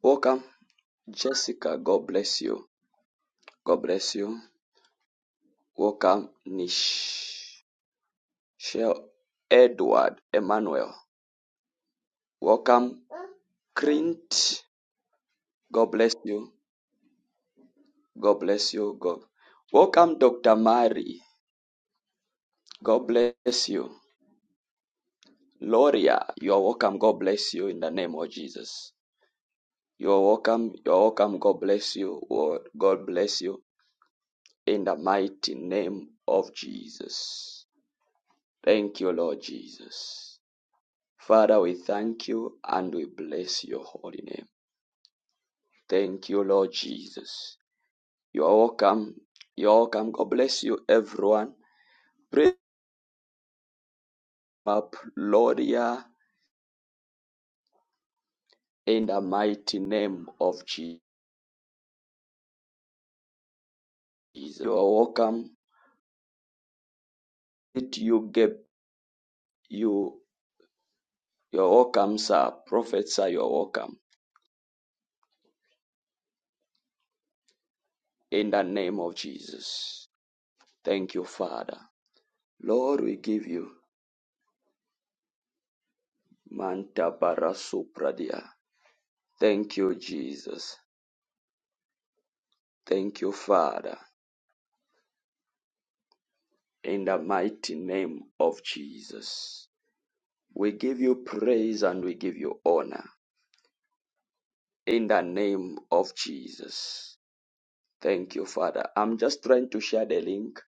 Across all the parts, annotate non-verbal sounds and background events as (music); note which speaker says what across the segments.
Speaker 1: Welcome, Jessica. God bless you. God bless you. Welcome, Nichelle Edward Emmanuel. Welcome, Crint. God bless you. God bless you. God. Welcome, Dr. Mary. God bless you. Loria, you are welcome. God bless you in the name of Jesus. You are welcome. You are welcome. God bless you. God bless you in the mighty name of Jesus. Thank you, Lord Jesus. Father, we thank you and we bless your holy name. Thank you, Lord Jesus. You are welcome. You are welcome. God bless you, everyone. Praise up, Lord, yeah, in the mighty name of Jesus. You are welcome. It you get you. You are welcome, sir. Prophet, sir, you are welcome. In the name of Jesus. Thank you, Father. Lord, we give you. Manta para supradia. Thank you, Jesus. Thank you, Father, in the mighty name of Jesus. We give you praise and we give you honor in the name of Jesus. Thank you, Father. I'm just trying to share the link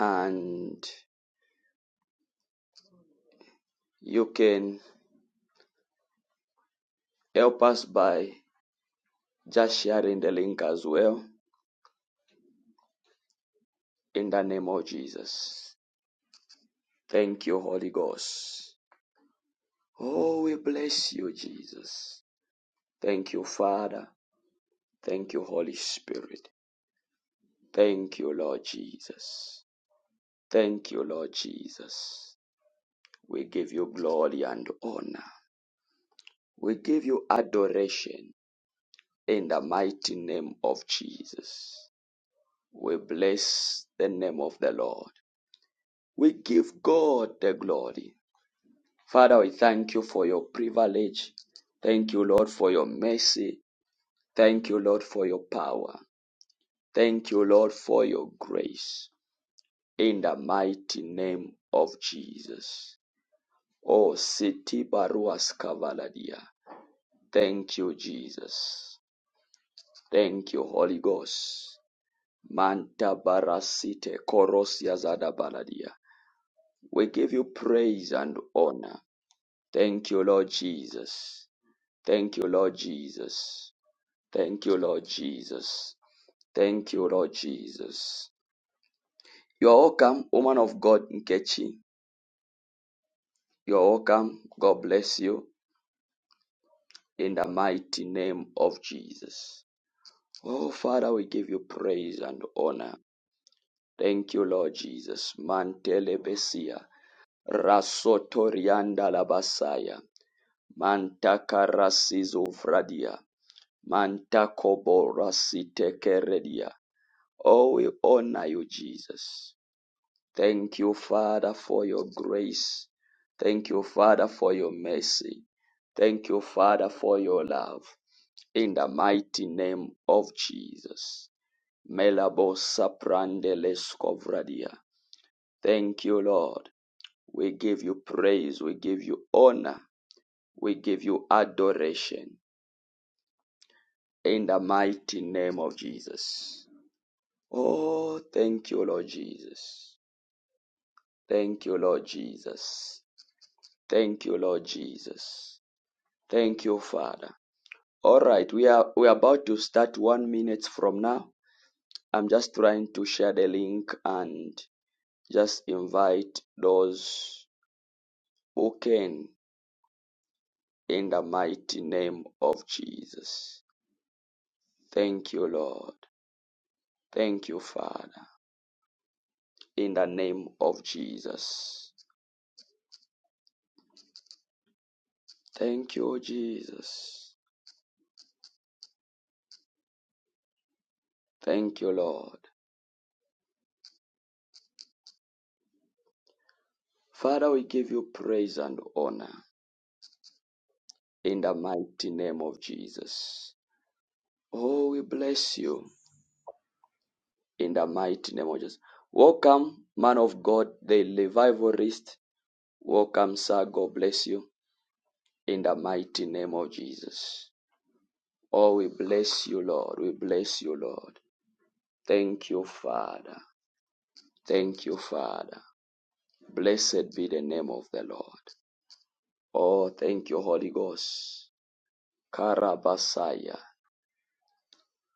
Speaker 1: and you can help us by just sharing the link as well in the name of Jesus. Thank you, Holy Ghost. Oh, we bless you, Jesus. Thank you, Father. Thank you, Holy Spirit. Thank you, Lord Jesus. Thank you, Lord Jesus. We give you glory and honor. We give you adoration in the mighty name of Jesus. We bless the name of the Lord. We give God the glory. Father, we thank you for your privilege. Thank you, Lord, for your mercy. Thank you, Lord, for your power. Thank you, Lord, for your grace. In the mighty name of Jesus. Oh, Siti Baruas Kavaladia. Thank you, Jesus. Thank you, Holy Ghost. Manta Barasite Korosia Zada Baladia. We give you praise and honor. Thank you, Lord Jesus. Thank you, Lord Jesus. Thank you, Lord Jesus. Thank you, Lord Jesus. You are welcome, woman of God, Nkechi. You are welcome. God bless you in the mighty name of Jesus. Oh, Father, we give you praise and honor. Thank you, Lord Jesus. Mantele besia, rasotorianda labasaya, mantaka rasizo vradia, mantakobo rasitekeredia. Oh, we honor you, Jesus. Thank you, Father, for your grace. Thank you, Father, for your mercy. Thank you, Father, for your love in the mighty name of Jesus. Melabo saprandeles kovradia. Thank you, Lord. We give you praise. We give you honor. We give you adoration in the mighty name of Jesus. Oh, thank you, Lord Jesus. Thank you, Lord Jesus. Thank you, Lord Jesus. Thank you, Father. All right, we are we are about to start one minute from now. I'm just trying to share the link and just invite those who can in the mighty name of Jesus. Thank you, Lord. Thank you, Father, in the name of Jesus. Thank you, Jesus. Thank you, Lord. Father, we give you praise and honor in the mighty name of Jesus. Oh, we bless you in the mighty name of Jesus. Welcome, man of God, the revivalist. Welcome, sir. God bless you in the mighty name of Jesus. Oh, we bless you, Lord. We bless you, Lord. Thank you, Father. Thank you, Father. Blessed be the name of the Lord. Oh, thank you, Holy Ghost. Karabasaya.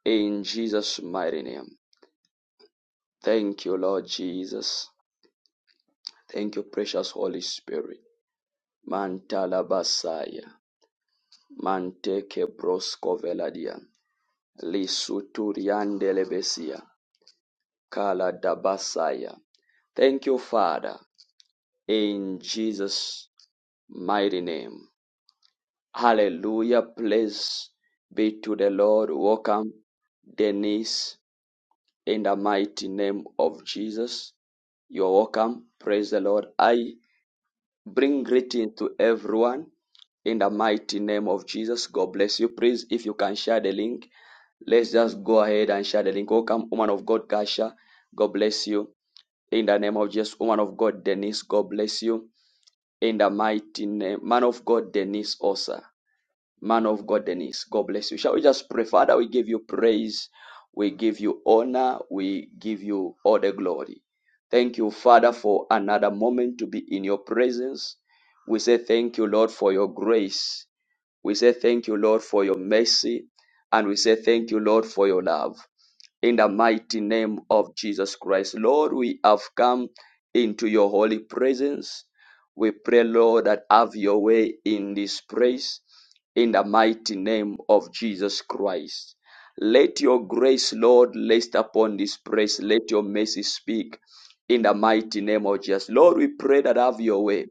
Speaker 1: In Jesus' mighty name. Thank you, Lord Jesus. Thank you, precious Holy Spirit. Mantalabasaya. Manteke broskoveladian. Lisuturiandelebesia. Kala Dabasaya, Thank you, Father, in Jesus' mighty name. Hallelujah. Praise be to the Lord. Welcome, Denise, in the mighty name of Jesus. You're welcome. Praise the Lord. I bring greeting to everyone in the mighty name of Jesus. God bless you. Please, if you can share the link, let's just go ahead and share the link. Welcome, woman of God, Kasha. God bless you. In the name of Jesus, woman of God, Denise, God bless you. In the mighty name, man of God, Denise, Osa. Man of God, Denise, God bless you. Shall we just pray? Father, we give you praise. We give you honor. We give you all the glory. Thank you, Father, for another moment to be in your presence. We say thank you, Lord, for your grace. We say thank you, Lord, for your mercy. And we say thank you, Lord, for your love. In the mighty name of Jesus Christ. Lord, we have come into your holy presence. We pray, Lord, that have your way in this place. In the mighty name of Jesus Christ. Let your grace, Lord, rest upon this place. Let your mercy speak in the mighty name of Jesus. Lord, we pray that have your way.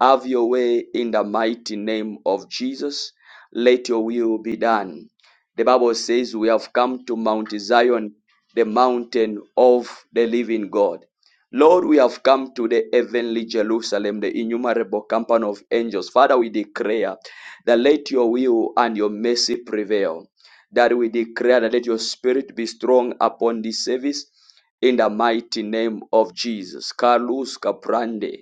Speaker 1: Have your way in the mighty name of Jesus. Let your will be done. The Bible says, We have come to Mount Zion, the mountain of the living God. Lord, we have come to the heavenly Jerusalem, the innumerable company of angels. Father, we declare that let your will and your mercy prevail. That we declare that let your spirit be strong upon this service in the mighty name of Jesus. Carlos Caprande.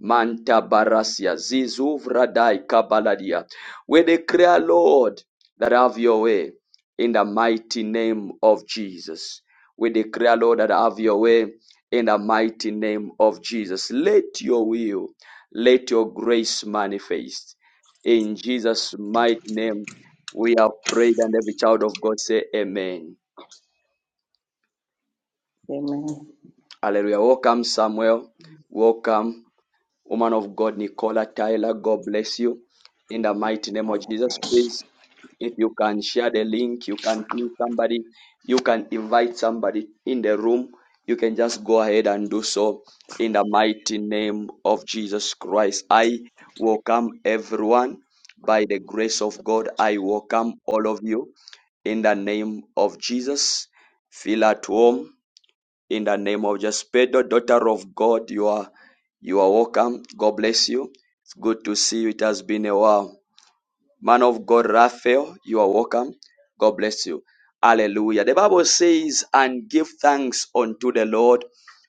Speaker 1: Manta Barasia, Zizu Vradai Kabaladia. We declare, Lord, that have your way in the mighty name of Jesus. We declare, Lord, that have your way in the mighty name of Jesus. Let your will, let your grace manifest. In Jesus' mighty name, we have prayed, and every child of God say, Amen.
Speaker 2: Amen.
Speaker 1: Hallelujah. Welcome, Samuel. Welcome. Woman of God, Nicola Tyler, God bless you. In the mighty name of Jesus, please, if you can share the link, you can pin somebody, you can invite somebody in the room. You can just go ahead and do so in the mighty name of Jesus Christ. I welcome everyone by the grace of God. I welcome all of you in the name of Jesus. Feel at home in the name of Jesus. Pedro, daughter of God, you are you are welcome. God bless you. It's good to see you. It has been a while. Man of God, Raphael, you are welcome. God bless you. Hallelujah. The Bible says, and give thanks unto the Lord,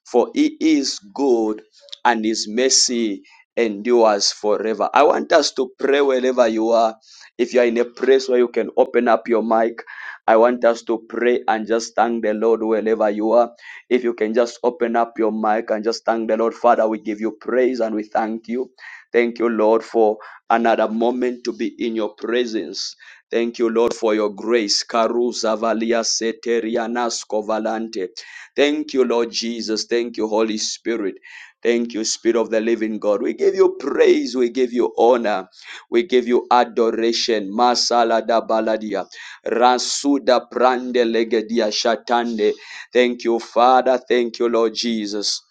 Speaker 1: for he is good and his mercy endures forever. I want us to pray wherever you are. If you are in a place where you can open up your mic, I want us to pray and just thank the Lord wherever you are. If you can just open up your mic and just thank the Lord, Father, we give you praise and we thank you. Thank you, Lord, for another moment to be in your presence. Thank you, Lord, for your grace. Karuza valia seterianasko valante. Thank you, Lord Jesus. Thank you, Holy Spirit. Thank you, Spirit of the Living God. We give you praise. We give you honor. We give you adoration. Masala da baladia. Rasuda prande legedia shatande. Thank you, Father. Thank you, Lord Jesus.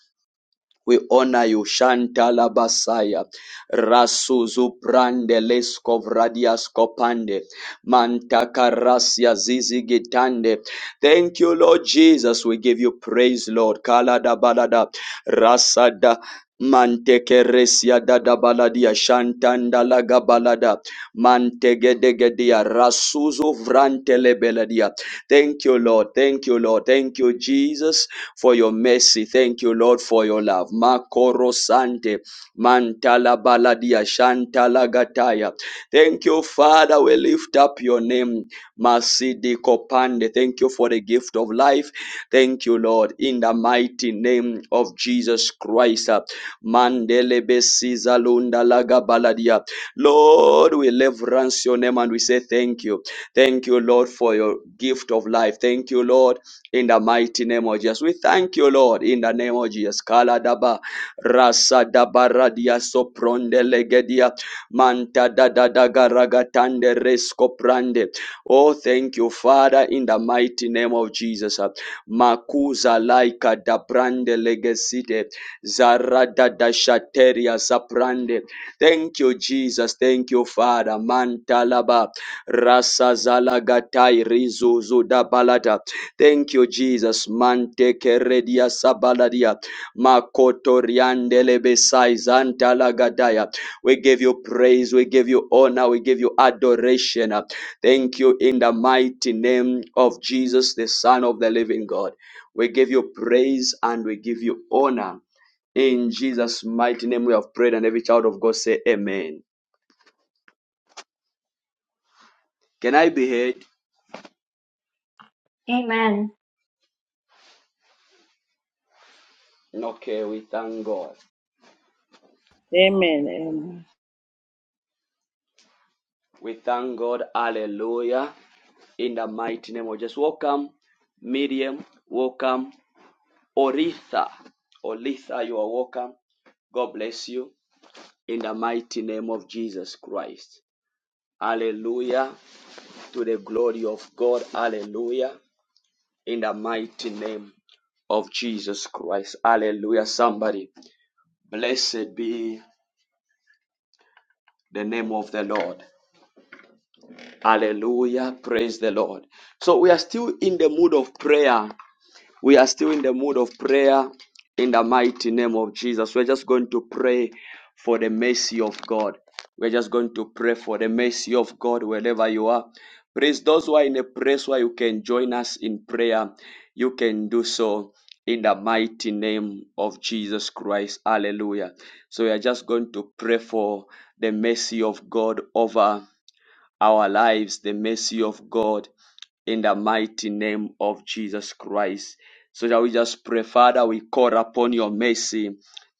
Speaker 1: We honor you, Shantala Basaya, Rasuzu Prande Leskov Radias Kopande, Mantakarasia Zizi Gitande. Thank you, Lord Jesus. We give you praise, Lord. Kalada Balada, Rasada. Mantekeresia dada baladia shantanda laga balada mantegedegedia rasuzu vrantele beladia. Thank you, Lord. Thank you, Lord. Thank you, Jesus for your mercy. Thank you, Lord, for your love. Makoro Sante, Mantala Baladia, Shantala Gataya. Thank you, Father. We lift up your name, Masidi Kopande. Thank you for the gift of life. Thank you, Lord, in the mighty name of Jesus Christ. Mandele Besiza Lunda Laga Baladia. Lord, we reverence your name and we say thank you. Thank you, Lord, for your gift of life. Thank you, Lord in the mighty name of Jesus. We thank you, Lord, in the name of Jesus. Kaladaba rasa dabaradia sopronde legedia manta dadadagaragatande rescoprande. Oh, thank you, Father, in the mighty name of Jesus. Makuza laika da dabrande legesite zaradadashateria saprande. Thank you, Jesus. Thank you, Father. Mantalaba rasa zalagatai rizuzu dabalata. Thank you, Jesus. Mante keredia sabaladia. Makoto riandelebe saizanta lagadaya. We give you praise. We give you honor. We give you adoration. Thank you in the mighty name of Jesus, the Son of the living God. We give you praise and we give you honor. In Jesus' mighty name we have prayed and every child of God say amen. Can I be heard?
Speaker 3: Amen.
Speaker 1: Okay, we thank God.
Speaker 2: Amen. Amen.
Speaker 1: We thank God. Hallelujah. In the mighty name of Jesus. Welcome, Miriam. Welcome, Oritha. Oritha, you are welcome. God bless you. In the mighty name of Jesus Christ. Hallelujah. To the glory of God. Hallelujah. In the mighty name of Jesus Christ. Hallelujah. Somebody. Blessed be the name of the Lord. Hallelujah. Praise the Lord. So we are still in the mood of prayer. We are still in the mood of prayer in the mighty name of Jesus. We're just going to pray for the mercy of God. We're just going to pray for the mercy of God wherever you are. Praise those who are in a place where you can join us in prayer. You can do so in the mighty name of Jesus Christ. Hallelujah. So we are just going to pray for the mercy of God over our lives the mercy of God in the mighty name of Jesus Christ. So shall we just pray, Father, we call upon your mercy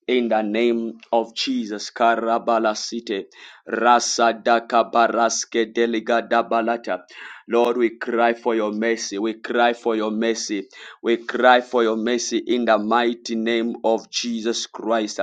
Speaker 1: in the name of Jesus. Karabala City. Rasa Daka Baraske Deliga Dabalata. Lord, we cry for your mercy. We cry for your mercy. We cry for your mercy in the mighty name of Jesus Christ.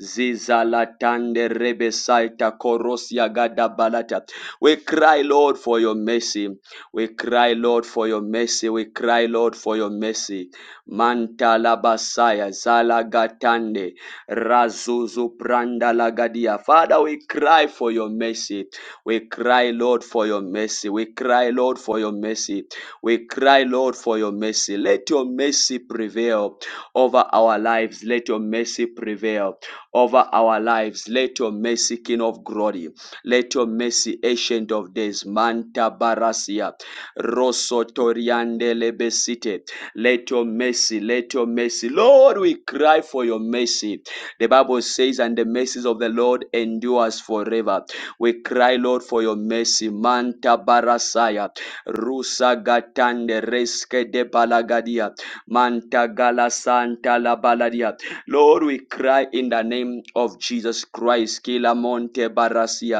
Speaker 1: Zizalatande Rebesaita Korosia Gada Balata. We cry, Lord, for your mercy. We cry, Lord, for your mercy. We cry, Lord, for your mercy. Manta labasaya, zalagatande, razuzu pranda lagadia. Father, we cry for your mercy. We cry, Lord, for your mercy. We cry, Lord, for your mercy. We cry, Lord, for your mercy. Let your mercy prevail over our lives. Let your mercy prevail over our lives. Let your mercy, King of glory. Let your mercy, ancient of days, Manta Barasia, Rosotoriande Lebesite. Let your mercy, let your mercy. Lord, we cry for your mercy. The Bible says, and the mercies of the Lord endures forever. We cry, Lord, for your mercy. Manta Barasaya, Rusa Gatande Reske de Balagadia, Manta Gala Santa La Baladia. Lord, we cry in the name of Jesus Christ. Kila Monte Barasia.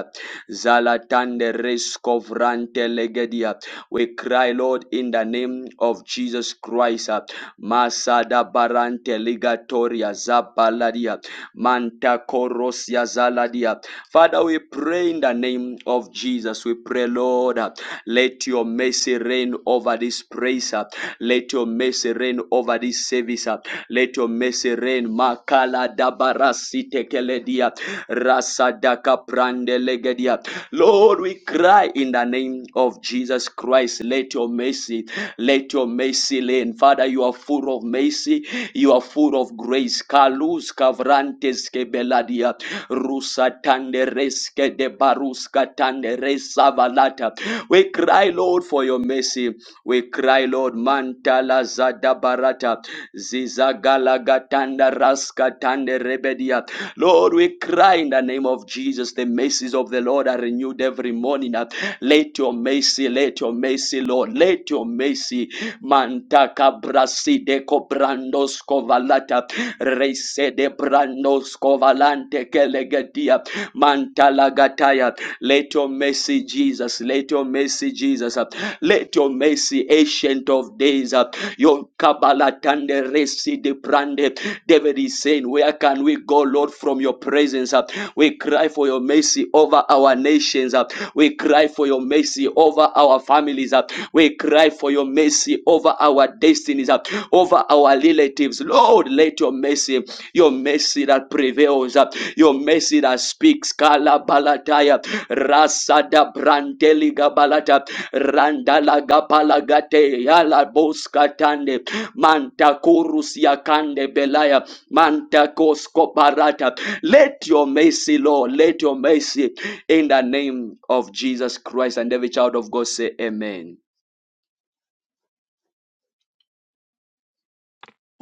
Speaker 1: Zalatande Rescovrante Legedia. We cry, Lord, in the name of Jesus Christ. uh, Masada Barante Ligatoria Zabaladia. Manta Korosia Zaladia. Father, we pray in the name of Jesus. We pray, Lord, uh, let your mercy reign over this praise. uh, Let your mercy reign over this service. uh, let your mercy reign. Makala dabarasi tekeledia. Rasadaka prandelegedia. Lord, we cry in the name of Jesus Christ. Let your mercy, let your mercy reign. Father, you are full of mercy. You are full of grace. Kalus kavrantes kebeladia. Rusa tandereske de baruska tanderesa valata. We cry, Lord, for your mercy. We cry, Lord, Mantala Zadabarata, Zizagalagatanda Raskatande Rebedia. Lord, we cry in the name of Jesus. The mercies of the Lord are renewed every morning. Let your mercy, let your mercy, Lord, let your mercy. Mantaka brasi de cobrandos covalata, rese de brandos covalante kelegedia, mantala gataya. Let your mercy, Jesus, let your mercy, Jesus. Let your mercy, ancient of days, uh, your Kabbalah Tande Resi de Brande. David is saying, Where can we go, Lord, from your presence? uh? We cry for your mercy over our nations. uh. We cry for your mercy over our families. uh. We cry for your mercy over our destinies, uh, over our relatives. Lord, let your mercy your mercy that prevails, uh, your mercy that speaks. Kala balataya, rasada brandeliga balata, randala gapalagate, yala boskatande, manta kurus yakande belaya, manta kosko barata. Let your mercy, Lord, let your mercy in the name of Jesus Christ and every child of God say amen.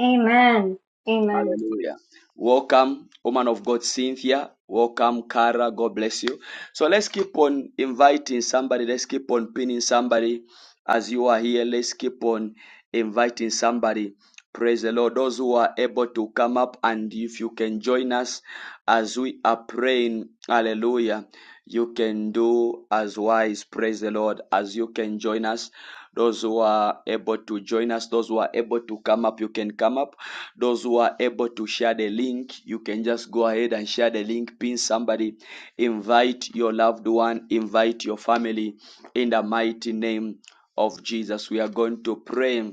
Speaker 3: Amen. Amen.
Speaker 1: Hallelujah. Welcome, woman of God, Cynthia. Welcome, Cara. God bless you. So let's keep on inviting somebody. Let's keep on pinning somebody as you are here. Let's keep on inviting somebody. Praise the Lord. Those who are able to come up and if you can join us as we are praying, hallelujah, you can do as wise. Praise the Lord. As you can join us, those who are able to join us, those who are able to come up, you can come up. Those who are able to share the link, you can just go ahead and share the link, pin somebody, invite your loved one, invite your family in the mighty name of Jesus. We are going to pray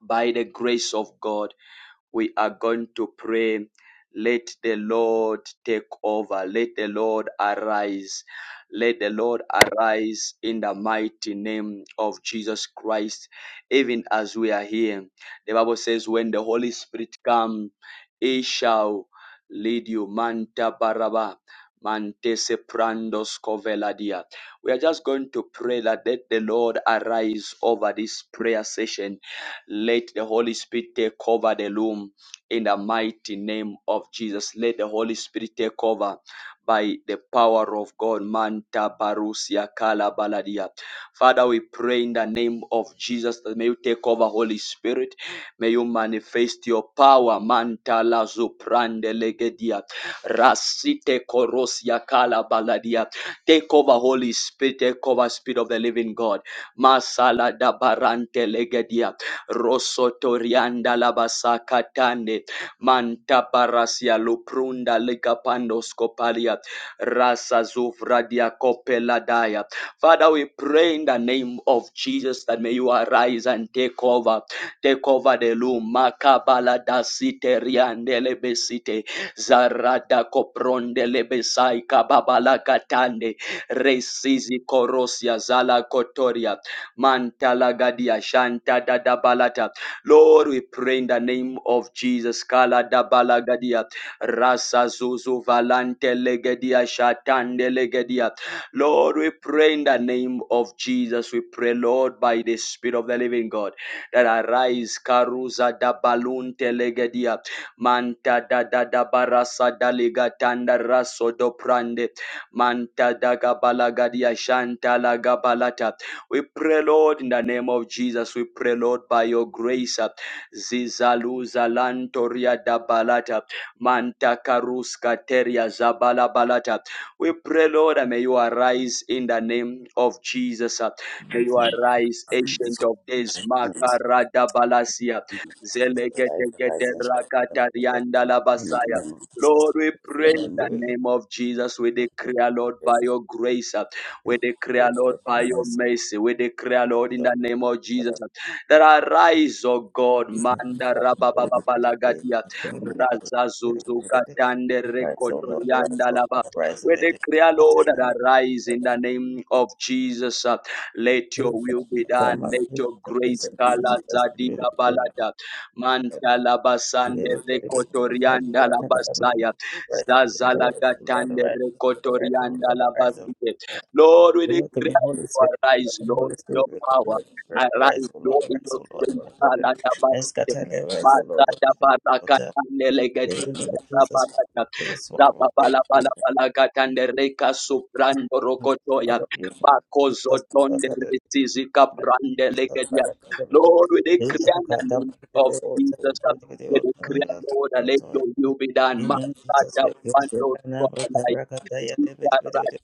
Speaker 1: by the grace of God, we are going to pray. Let the Lord take over. Let the Lord arise. Let the Lord arise in the mighty name of Jesus Christ. Even as we are here, the Bible says, when the Holy Spirit comes, he shall lead you. Manta baraba. Mantese prandos coveladia. We are just going to pray that let the Lord arise over this prayer session let the Holy Spirit take over the room in the mighty name of Jesus. Let the Holy Spirit take over by the power of God. Manta Barusia Kala Baladia. Father, we pray in the name of Jesus that may you take over, Holy Spirit. May you manifest your power. Manta la zuprande legedia. Rasite korosia kala baladia. Take over, Holy Spirit. Take over, Spirit of the living God. Masala da barante legedia rosotorianda labasakatande mantabarasia luprunda ligapandoskopalia rasa zuvradia copeladaya father we pray in the name of jesus that may you arise and take over take over the loom makabaladasiteriandelebesite zarada koprondele besai kababala kababalakatande resizi korosia zala kotoria Mantalagadia Shanta Dada Balata. Lord, we pray in the name of Jesus. Kala Dabalagadia Rasa Zuzu Valante Legedia Shatande Legedia. Lord, we pray in the name of Jesus. We pray, Lord, by the Spirit of the Living God, that arise Karuza Dabalunte Legedia Manta Dada Dabarasa tanda Raso do prande, Manta Dagabala Gadia Shanta Lagabalata we pray, Lord, in the name of Jesus. We pray, Lord, by your grace. uh, Zizaluza lantoria da balata. Manta karuska teria zabala balata. We pray, Lord, and may you arise in the name of Jesus. uh, May you arise,
Speaker 4: This
Speaker 1: ancient of days.
Speaker 4: is
Speaker 1: Makarada balasia.
Speaker 4: the life of life
Speaker 1: Zelegedegede
Speaker 4: and shine from the
Speaker 1: rakatarianda
Speaker 4: Come in
Speaker 1: labasaya.
Speaker 4: the name of Jesus.
Speaker 1: Lord, we
Speaker 4: If
Speaker 1: pray
Speaker 4: your
Speaker 1: in
Speaker 4: name be
Speaker 1: the
Speaker 4: revealed,
Speaker 1: name of Jesus. We
Speaker 4: your prayer
Speaker 1: declare, Lord, by
Speaker 4: yes,
Speaker 1: your grace.
Speaker 4: it
Speaker 1: We
Speaker 4: is
Speaker 1: declare,
Speaker 4: very
Speaker 1: Lord, by your
Speaker 4: recognize
Speaker 1: mercy, we declare, Lord, in
Speaker 4: yourself
Speaker 1: the name of
Speaker 4: for
Speaker 1: Jesus,
Speaker 4: that.
Speaker 1: that arise, O God, Manda
Speaker 4: Not only with the day,
Speaker 1: Rabababalagadia,
Speaker 4: but your man about the day, with the day.
Speaker 1: Razazuzukatande
Speaker 4: Rise, O Lord, rise,
Speaker 1: Rekotorianda
Speaker 4: O
Speaker 1: Laba.
Speaker 4: Lord, rise, O
Speaker 1: We
Speaker 4: Lady.
Speaker 1: declare,
Speaker 4: Scatter
Speaker 1: Lord,
Speaker 4: in the name
Speaker 1: that arise
Speaker 4: of
Speaker 1: in
Speaker 4: the
Speaker 1: the
Speaker 4: Lord.
Speaker 1: name of Jesus. uh, Let your
Speaker 4: Who
Speaker 1: will
Speaker 4: shall
Speaker 1: be done.
Speaker 4: Come, out
Speaker 1: Let
Speaker 4: of this?
Speaker 1: your
Speaker 4: The place
Speaker 1: grace,
Speaker 4: of
Speaker 1: Kala
Speaker 4: Jesus, we will be
Speaker 1: Zadida
Speaker 4: there.
Speaker 1: Balada, Manta Labasande
Speaker 4: Welcome your
Speaker 1: Rekotorianda Labasaya, Zazalagatande Rekotorianda Labasaya. Lord, we declare
Speaker 4: Holy
Speaker 1: you
Speaker 4: Spirit.
Speaker 1: arise,
Speaker 4: Welcome
Speaker 1: Lord,
Speaker 4: Holy Spirit.
Speaker 1: in your
Speaker 4: Welcome
Speaker 1: power.
Speaker 4: Holy Spirit.
Speaker 1: Arise,
Speaker 4: Rise, O Lord.
Speaker 1: Lord, in
Speaker 4: Rise,
Speaker 1: your
Speaker 4: O Lord. Rise,
Speaker 1: grace.
Speaker 4: O Lord. And
Speaker 1: Alakabasite.
Speaker 4: scatter the rise, O Lord. And the water. In
Speaker 1: Masadabarakatanelegete.
Speaker 4: the name of Jesus.
Speaker 1: Rabakata.
Speaker 4: Jesus, swallow of every
Speaker 1: Rababalabalabalagatandreka suprando rokotoya.
Speaker 4: Father, you. Jesus,
Speaker 1: Bakozotonde
Speaker 4: Father, God.
Speaker 1: retizika
Speaker 4: Jesus, Father,
Speaker 1: brandelegedia.
Speaker 4: God. everything. Jesus, Father, God. everything.
Speaker 1: Lord, we declare
Speaker 4: Jesus,
Speaker 1: in
Speaker 4: Father,
Speaker 1: the name
Speaker 4: God.
Speaker 1: of Jesus. We declare, Lord, let
Speaker 4: everything.
Speaker 1: your will be done.
Speaker 4: Amen. Jesus, we praise
Speaker 1: Masadabandotoya.
Speaker 4: you right now. Rakarakataya, debedebedebede.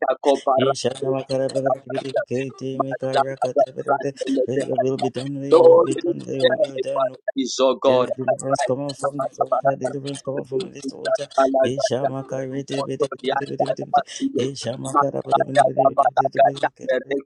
Speaker 4: Ishanamakarabarakibidikiti, mikarakatebedebede. Let Your will be done, let your will be done, let your will be done.
Speaker 1: Is oh
Speaker 4: Let the
Speaker 1: God, I
Speaker 4: Deliverance
Speaker 1: pray.
Speaker 4: come out from this altar, deliverance come out from this altar. Ishamakaridibidibidibidibidibidi. Ishamakarabaribidibidibidibidibidi.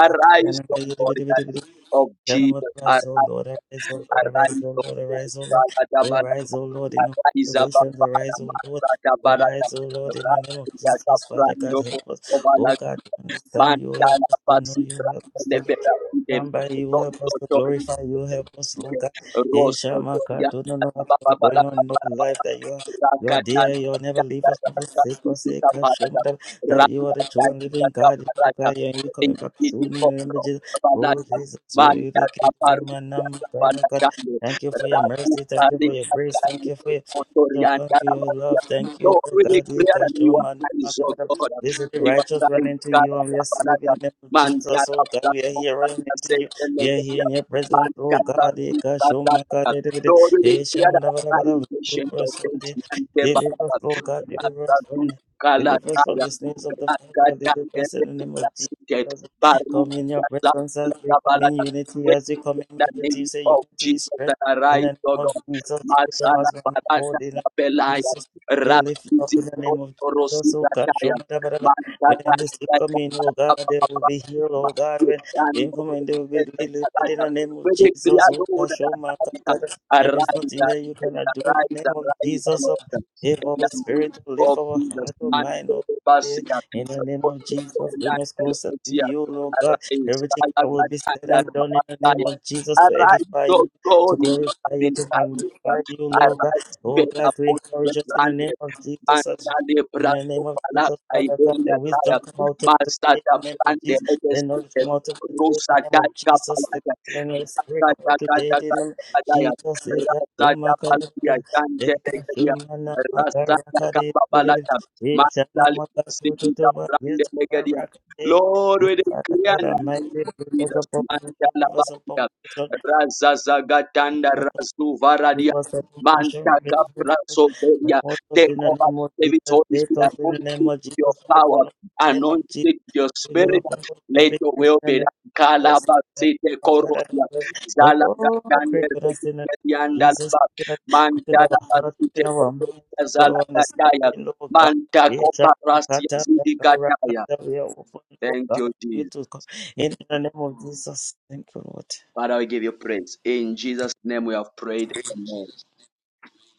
Speaker 1: arise, O God, in the name of Jesus,
Speaker 4: Gentlemen, rise, O
Speaker 1: arise,
Speaker 4: Lord, arise, O Lord, arise,
Speaker 1: arise,
Speaker 4: O
Speaker 1: O
Speaker 4: Lord,
Speaker 1: Lord,
Speaker 4: arise, O Lord, O
Speaker 1: Rakadabara,
Speaker 4: rise, O Lord, in all
Speaker 1: arise above
Speaker 4: situations,
Speaker 1: Father,
Speaker 4: arise, O Lord, O
Speaker 1: Rakadabara,
Speaker 4: rise, O Lord, in the name of
Speaker 1: arise,
Speaker 4: Jesus, Father God, help us, oh
Speaker 1: Yakabrando,
Speaker 4: God, to understand you, help
Speaker 1: Mandala
Speaker 4: us to know you,
Speaker 1: Basitra
Speaker 4: help us to
Speaker 1: Lebera
Speaker 4: Come by you, help us to
Speaker 1: Rostotori
Speaker 4: glorify you, help us, Lord God. Hey, Shama,
Speaker 1: Rostotori
Speaker 4: God, do not know what's
Speaker 1: Baba la baba la
Speaker 4: going on in our life,
Speaker 1: baba
Speaker 4: that you are,
Speaker 1: la
Speaker 4: you are
Speaker 1: kata la
Speaker 4: there, you'll never
Speaker 1: kata
Speaker 4: leave us,
Speaker 1: la
Speaker 4: never
Speaker 1: kata
Speaker 4: forsake us, Hey,
Speaker 1: la
Speaker 4: God, show
Speaker 1: kata
Speaker 4: me that,
Speaker 1: la
Speaker 4: that you are the true and living God, you
Speaker 1: kata la
Speaker 4: are
Speaker 1: kata
Speaker 4: God, and you
Speaker 1: di
Speaker 4: coming back soon
Speaker 1: di
Speaker 4: in the name of
Speaker 1: popro
Speaker 4: Jesus.
Speaker 1: Bala Rakatan Parada Rakatan Parada Indidu Kopro
Speaker 4: Oh,
Speaker 1: Balata
Speaker 4: Jesus, really,
Speaker 1: Manda
Speaker 4: the kid is in
Speaker 1: Kaparu
Speaker 4: my number,
Speaker 1: Yakabana
Speaker 4: God.
Speaker 1: Dando
Speaker 4: Thank you for your
Speaker 1: Raku
Speaker 4: mercy. Thank you
Speaker 1: Kali
Speaker 4: for your grace. Thank
Speaker 1: Katani
Speaker 4: you for your.
Speaker 1: Otorianda
Speaker 4: Thank you, your
Speaker 1: Rabatia
Speaker 4: love. Thank you,
Speaker 1: Lord,
Speaker 4: Lord
Speaker 1: we
Speaker 4: God. You
Speaker 1: declare
Speaker 4: can
Speaker 1: that you
Speaker 4: show
Speaker 1: are
Speaker 4: my-
Speaker 1: nice, O God.
Speaker 4: This is the
Speaker 1: They were
Speaker 4: righteous
Speaker 1: trying
Speaker 4: running to you, and we are
Speaker 1: to
Speaker 4: saving in
Speaker 1: Balaja,
Speaker 4: the name of
Speaker 1: Man
Speaker 4: Jesus. Oh God,
Speaker 1: Kata,
Speaker 4: we are here running into
Speaker 1: said
Speaker 4: you. We are
Speaker 1: the
Speaker 4: here in your presence. Oh God, you can show my God.
Speaker 1: Lord, we
Speaker 4: Hey,
Speaker 1: declare
Speaker 4: Shama,
Speaker 1: that
Speaker 4: da, ba, da,
Speaker 1: I
Speaker 4: ba, da.
Speaker 1: am patient
Speaker 4: deliver
Speaker 1: of
Speaker 4: us from the
Speaker 1: faith and the
Speaker 4: deliver us,
Speaker 1: Barabbas.
Speaker 4: oh God, deliver us from
Speaker 1: Rastaman,
Speaker 4: deliver us from
Speaker 1: Galataya,
Speaker 4: the snares of the Father.
Speaker 1: Rakata,
Speaker 4: Deliver us in the name of
Speaker 1: Erected,
Speaker 4: Jesus.
Speaker 1: Barum,
Speaker 4: Come in your presence as we come in
Speaker 1: Gazabalaya.
Speaker 4: unity,
Speaker 1: We
Speaker 4: as we
Speaker 1: in
Speaker 4: come in
Speaker 1: the
Speaker 4: unity.
Speaker 1: name
Speaker 4: Say
Speaker 1: of
Speaker 4: unity
Speaker 1: Jesus
Speaker 4: is strength.
Speaker 1: that
Speaker 4: In
Speaker 1: arise,
Speaker 4: the
Speaker 1: O
Speaker 4: name of
Speaker 1: God.
Speaker 4: Jesus, you put them
Speaker 1: Masana
Speaker 4: as one
Speaker 1: Baraka
Speaker 4: accord. In the name of
Speaker 1: Belaya,
Speaker 4: Jesus, we lift you up
Speaker 1: Rapizi,
Speaker 4: in the name of Jesus. Oh God,
Speaker 1: Rosigataya.
Speaker 4: show me that.
Speaker 1: Arise,
Speaker 4: brother. When the
Speaker 1: arise,
Speaker 4: sick come in, oh God, they will be healed. Oh God, when they come in, they will be delivered. In the name of Jesus, oh God, show me that. There is nothing that you cannot do in the name of
Speaker 1: arise,
Speaker 4: Jesus. Oh,
Speaker 1: Lord,
Speaker 4: if
Speaker 1: in
Speaker 4: our
Speaker 1: the name
Speaker 4: spirit to lift
Speaker 1: of
Speaker 4: our
Speaker 1: Jesus.
Speaker 4: heart or
Speaker 1: Man,
Speaker 4: mind, oh,
Speaker 1: Basia,
Speaker 4: in the name of Jesus, bring us closer to you, Lord God.
Speaker 1: Arise,
Speaker 4: Everything that will be said
Speaker 1: Kalagata,
Speaker 4: and done in the name
Speaker 1: Rabbataya.
Speaker 4: of Jesus to
Speaker 1: Arise,
Speaker 4: edify
Speaker 1: O
Speaker 4: you, to
Speaker 1: God, in your
Speaker 4: glorify you,
Speaker 1: loving
Speaker 4: to
Speaker 1: kindness.
Speaker 4: magnify you, Lord God.
Speaker 1: Arise,
Speaker 4: Oh
Speaker 1: better,
Speaker 4: God, to
Speaker 1: both the
Speaker 4: encourage us in the
Speaker 1: branded,
Speaker 4: name of Jesus
Speaker 1: and
Speaker 4: as in the name of
Speaker 1: the
Speaker 4: Jesus, Father God,
Speaker 1: Iberia
Speaker 4: the wisdom
Speaker 1: Tire,
Speaker 4: come out of
Speaker 1: Mazda
Speaker 4: today. In the name of
Speaker 1: Brande
Speaker 4: Jesus, the
Speaker 1: Legacy,
Speaker 4: knowledge come out of today. In
Speaker 1: Rosa
Speaker 4: the name of
Speaker 1: Data
Speaker 4: Jesus, the
Speaker 1: Palaya,
Speaker 4: the spirit come out
Speaker 1: Rata
Speaker 4: today. In
Speaker 1: Data
Speaker 4: the
Speaker 1: Palaya,
Speaker 4: name of Jesus, the God, the
Speaker 1: Rata
Speaker 4: Makara,
Speaker 1: Palaya,
Speaker 4: the
Speaker 1: Dante
Speaker 4: God,
Speaker 1: Legaria,
Speaker 4: the Mana,
Speaker 1: Rasta
Speaker 4: Makara,
Speaker 1: Capabalata,
Speaker 4: it's
Speaker 1: Mazda
Speaker 4: anamaka
Speaker 1: Legacy,
Speaker 4: tutuba.
Speaker 1: Brande
Speaker 4: It's
Speaker 1: Legaria.
Speaker 4: marakate.
Speaker 1: Lord,
Speaker 4: It's
Speaker 1: we decree and
Speaker 4: another
Speaker 1: name
Speaker 4: mighty
Speaker 1: of
Speaker 4: reverse
Speaker 1: Jesus,
Speaker 4: upon motion,
Speaker 1: Mandala
Speaker 4: reverse upon
Speaker 1: Bakia,
Speaker 4: motion,
Speaker 1: Raza Zagatanda Razu Varadia,
Speaker 4: reverse upon motion,
Speaker 1: Mantaka
Speaker 4: reverse upon motion. My
Speaker 1: Prasoveria,
Speaker 4: motors
Speaker 1: take
Speaker 4: in the
Speaker 1: over,
Speaker 4: name of
Speaker 1: David
Speaker 4: Jesus,
Speaker 1: Holy
Speaker 4: Betos in the
Speaker 1: Spirit,
Speaker 4: name of
Speaker 1: your
Speaker 4: Jesus, the Paul
Speaker 1: power,
Speaker 4: in the name of
Speaker 1: anointed
Speaker 4: Jesus.
Speaker 1: with your
Speaker 4: You are
Speaker 1: spirit.
Speaker 4: born with the
Speaker 1: Let your
Speaker 4: victory in
Speaker 1: will
Speaker 4: the
Speaker 1: be
Speaker 4: name of
Speaker 1: done.
Speaker 4: those
Speaker 1: Kalaba
Speaker 4: that
Speaker 1: sete
Speaker 4: are God and
Speaker 1: korosia.
Speaker 4: the Lord.
Speaker 1: Zala
Speaker 4: Oh, pray
Speaker 1: gagande
Speaker 4: for us in the name of
Speaker 1: rekete yanda
Speaker 4: Jesus.
Speaker 1: laba.
Speaker 4: Quicken us- quicken
Speaker 1: Manda
Speaker 4: our
Speaker 1: laba
Speaker 4: heart, quicken
Speaker 1: sete
Speaker 4: our mind,
Speaker 1: korosia.
Speaker 4: quicken
Speaker 1: Zala
Speaker 4: our
Speaker 1: gataya.
Speaker 4: understanding, Lord God.
Speaker 1: Manda
Speaker 4: We shall not
Speaker 1: koparasia
Speaker 4: cut out that
Speaker 1: zidi
Speaker 4: corrupt God
Speaker 1: gataya.
Speaker 4: that we are open, Lord
Speaker 1: Thank
Speaker 4: God,
Speaker 1: you,
Speaker 4: for you
Speaker 1: Jesus.
Speaker 4: to come. In the name of Jesus. Thank you, Lord.
Speaker 1: Father, we give you praise. In Jesus' name we have prayed. Amen.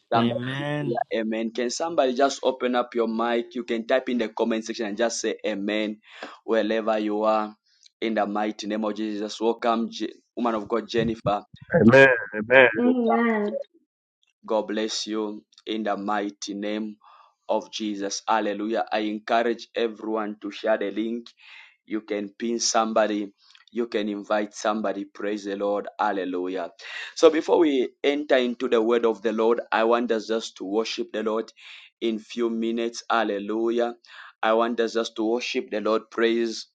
Speaker 1: Somebody
Speaker 4: Amen.
Speaker 1: say "Yeah, amen. Can somebody just open up your mic? You can type in the comment section and just say amen wherever you are. In the mighty name of Jesus. Welcome, Je- woman of God, Jennifer.
Speaker 5: Amen. Amen.
Speaker 1: Welcome.
Speaker 3: Amen.
Speaker 1: God bless you in the mighty name of Jesus. Hallelujah. I encourage everyone to share the link you can pin somebody you can invite somebody praise the lord hallelujah so before we enter into the word of the lord i want us just to worship the lord in few minutes hallelujah i want us just to worship the lord praise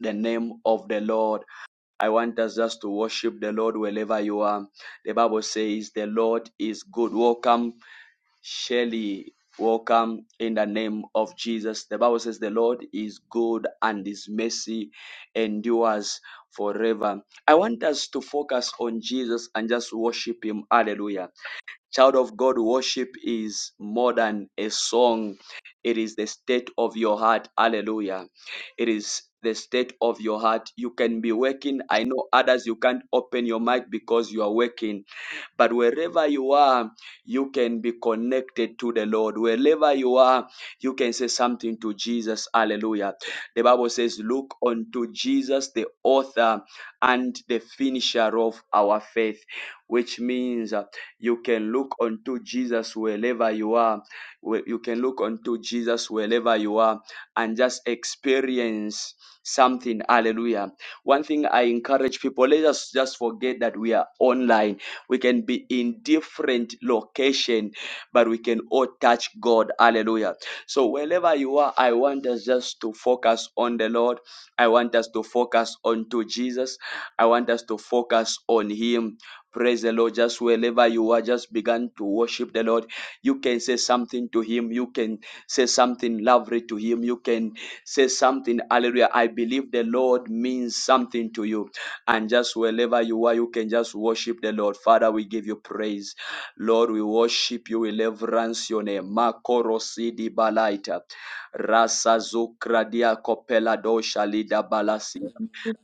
Speaker 1: the name of the lord i want us just to worship the lord wherever you are the bible says the lord is good welcome Shelley, welcome in the name of Jesus. The Bible says the Lord is good and his mercy endures forever. I want us to focus on Jesus and just worship him. Hallelujah. Child of God, worship is more than a song. It is the state of your heart. Hallelujah. It is the state of your heart. You can be working. I know others, you can't open your mic because you are working. But wherever you are, you can be connected to the Lord. Wherever you are, you can say something to Jesus. Hallelujah. The Bible says, Look unto Jesus, the author and the finisher of our faith, which means uh, you can look unto Jesus wherever you are. Wh- You can look unto Jesus wherever you are and just experience something. Hallelujah. One thing I encourage people, let us just forget that we are online. We can be in different location, but we can all touch God. Hallelujah. So wherever you are, I want us just to focus on the Lord. I want us to focus onto Jesus. I want us to focus on Him. Praise the Lord. Just wherever you are, just began to worship the Lord. You can say something to Him. You can say something lovely to Him. You can say something, hallelujah. I believe the Lord means something to you. And just wherever you are, you can just worship the Lord. Father, we give you praise. Lord, we worship you. We reverence your name. Makoro sidi balaita. Rasa zukra dia kopela dosha lida balasi.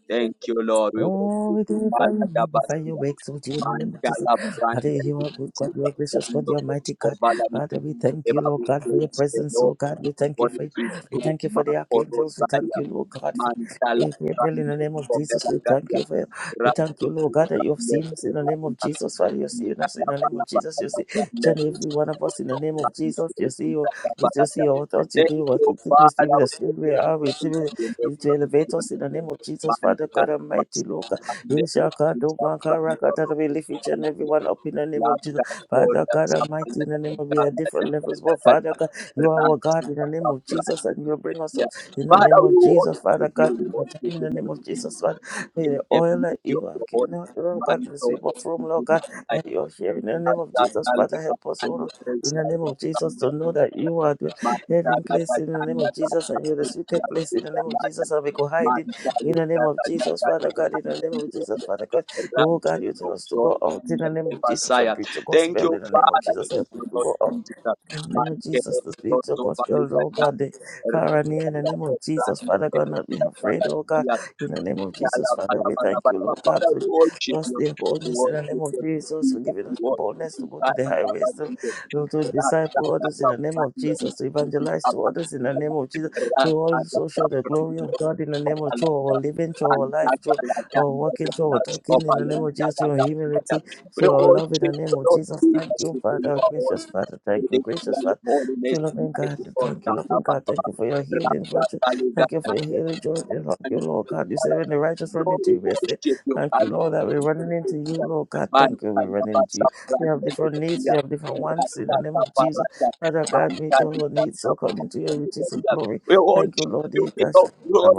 Speaker 1: Thank you, Lord. We
Speaker 4: Oh,
Speaker 1: worship
Speaker 4: we
Speaker 1: you.
Speaker 4: glorify you, magnify
Speaker 1: Father,
Speaker 4: your works, O Lord, in the name of Jesus.
Speaker 1: Mandala branda
Speaker 4: Hallelujah, you are good God,
Speaker 1: lisiba
Speaker 4: you are gracious God,
Speaker 1: brando
Speaker 4: you are mighty God.
Speaker 1: skobala ni
Speaker 4: Father, we thank you,
Speaker 1: eva
Speaker 4: Lord God, for your
Speaker 1: ustedes
Speaker 4: presence,
Speaker 1: no
Speaker 4: oh God. We thank you
Speaker 1: body
Speaker 4: for
Speaker 1: in
Speaker 4: we
Speaker 1: go
Speaker 4: thank you
Speaker 1: ma
Speaker 4: for the
Speaker 1: oro
Speaker 4: archangels. We thank
Speaker 1: daya
Speaker 4: you, Lord God, for
Speaker 1: mandala
Speaker 4: Gabriel, in the
Speaker 1: brando
Speaker 4: name of Jesus.
Speaker 1: skobala
Speaker 4: We thank
Speaker 1: gaya
Speaker 4: you for we thank
Speaker 1: rasu
Speaker 4: you, Lord God, that you have
Speaker 1: brande
Speaker 4: seen us in the name of
Speaker 1: skobala
Speaker 4: Jesus. Father, you have seen us
Speaker 1: mandala
Speaker 4: in the name
Speaker 1: bala
Speaker 4: of Jesus.
Speaker 1: bala
Speaker 4: You
Speaker 1: bala
Speaker 4: see each
Speaker 1: branda
Speaker 4: and every one of us in the name of Jesus. You see you
Speaker 1: lisiba bala
Speaker 4: you
Speaker 1: gaya
Speaker 4: see our thoughts, you
Speaker 1: Thank
Speaker 4: do what
Speaker 1: you,
Speaker 4: you see
Speaker 1: Father,
Speaker 4: with us.
Speaker 1: for
Speaker 4: We
Speaker 1: your
Speaker 4: are, we see
Speaker 1: grace and your
Speaker 4: is to elevate us in
Speaker 1: mercy.
Speaker 4: the name of Jesus, Father
Speaker 1: Mandala
Speaker 4: God Almighty, Lord. God. Yes, I can do my God, I
Speaker 1: brando
Speaker 4: can do my life, each and
Speaker 1: skobala
Speaker 4: everyone up in the name
Speaker 1: La
Speaker 4: of Jesus, Father
Speaker 1: vittoria
Speaker 4: God Almighty, in the name of we are different levels, but Father God, you are our God in the name of Jesus, and you will bring us up in the name
Speaker 1: Father, we
Speaker 4: of
Speaker 1: want
Speaker 4: Jesus,
Speaker 1: to
Speaker 4: Father
Speaker 1: be
Speaker 4: God,
Speaker 1: we
Speaker 4: in
Speaker 1: want
Speaker 4: the,
Speaker 1: to
Speaker 4: in
Speaker 1: be
Speaker 4: the name of Jesus, Father, may
Speaker 1: in
Speaker 4: the
Speaker 1: the
Speaker 4: oil that
Speaker 1: beauty of
Speaker 4: you
Speaker 1: your
Speaker 4: have given
Speaker 1: holy
Speaker 4: us, Lord God,
Speaker 1: man,
Speaker 4: the sweep of from Lord God,
Speaker 1: Lord,
Speaker 4: that you are here in the name of Jesus, Father, help us, oh Lord, in the name of Jesus, to know that you are. there hiding place in the name of Jesus and you're the secret place in the name of Jesus and we go hiding in the name of Jesus, Father God, in the name of Jesus, Father God. Oh God, you tell us to go out in the name of Jesus and preach the
Speaker 1: Thank you,
Speaker 4: gospel in the name of
Speaker 1: Father.
Speaker 4: Jesus.
Speaker 1: Thank
Speaker 4: Help us
Speaker 1: you,
Speaker 4: to
Speaker 1: Lord
Speaker 4: go out.
Speaker 1: Jesus.
Speaker 4: In the name
Speaker 1: Man,
Speaker 4: of
Speaker 1: que me
Speaker 4: Jesus, the
Speaker 1: dio
Speaker 4: spirit of gospel, oh God, the far and near, in the name of Jesus, Father God, not being afraid, oh God, in the name of Jesus, Father, we thank you, Lord God,
Speaker 1: Father,
Speaker 4: for
Speaker 1: we worship
Speaker 4: us
Speaker 1: you.
Speaker 4: the
Speaker 1: We
Speaker 4: boldness in
Speaker 1: worship
Speaker 4: the name
Speaker 1: you.
Speaker 4: of Jesus,
Speaker 1: We
Speaker 4: for giving us the
Speaker 1: worship
Speaker 4: boldness to
Speaker 1: you.
Speaker 4: go to the
Speaker 1: Father, Father,
Speaker 4: highways,
Speaker 1: Jesus.
Speaker 4: to
Speaker 1: Rasta,
Speaker 4: disciple others in
Speaker 1: Rasta,
Speaker 4: the name
Speaker 1: Father,
Speaker 4: of
Speaker 1: we
Speaker 4: Jesus, to
Speaker 1: worship you.
Speaker 4: evangelize to
Speaker 1: Rasta,
Speaker 4: others in the name of Jesus, to
Speaker 1: Rasta,
Speaker 4: also show the
Speaker 1: Father, we
Speaker 4: glory of
Speaker 1: worship
Speaker 4: God in the
Speaker 1: you.
Speaker 4: name of joy, our living, joy, our
Speaker 1: And
Speaker 4: life,
Speaker 1: that
Speaker 4: joy,
Speaker 1: I am
Speaker 4: our
Speaker 1: the
Speaker 4: walking, joy, our
Speaker 1: result of
Speaker 4: talking in
Speaker 1: a
Speaker 4: the name
Speaker 1: long
Speaker 4: of Jesus, through our
Speaker 1: time.
Speaker 4: humility,
Speaker 1: We
Speaker 4: through our
Speaker 1: all
Speaker 4: love in the
Speaker 1: change the
Speaker 4: name of
Speaker 1: Lord
Speaker 4: Jesus. Thank
Speaker 1: Jesus
Speaker 4: you,
Speaker 1: before you
Speaker 4: Father,
Speaker 1: are all.
Speaker 4: gracious Father.
Speaker 1: We
Speaker 4: Thank you,
Speaker 1: declare
Speaker 4: gracious Father.
Speaker 1: your
Speaker 4: Thank you,
Speaker 1: holiness
Speaker 4: loving
Speaker 1: tonight
Speaker 4: God.
Speaker 1: because
Speaker 4: Thank you,
Speaker 1: that
Speaker 4: loving
Speaker 1: love us.
Speaker 4: God. Thank you for your healing
Speaker 1: Rasta,
Speaker 4: virtue.
Speaker 1: Rasta, you got
Speaker 4: Thank you for your healing joy. And Thank you, Lord God. You say
Speaker 1: that.
Speaker 4: when the righteous run
Speaker 1: Lord,
Speaker 4: into
Speaker 1: we
Speaker 4: you, we say,
Speaker 1: worship you.
Speaker 4: Thank you, Lord, that we're running into you,
Speaker 1: Hallelujah.
Speaker 4: Lord God.
Speaker 1: Man,
Speaker 4: Thank you,
Speaker 1: man,
Speaker 4: we're running into
Speaker 1: man,
Speaker 4: you.
Speaker 1: sab-
Speaker 4: We
Speaker 1: man,
Speaker 4: have different needs, we
Speaker 1: hallelujah.
Speaker 4: have different
Speaker 1: Man,
Speaker 4: wants in the name of Jesus. Father God, meet all our
Speaker 1: hallelujah.
Speaker 4: needs according to your riches and glory.
Speaker 1: We
Speaker 4: Thank you,
Speaker 1: worship
Speaker 4: Lord.
Speaker 1: you, Lord. of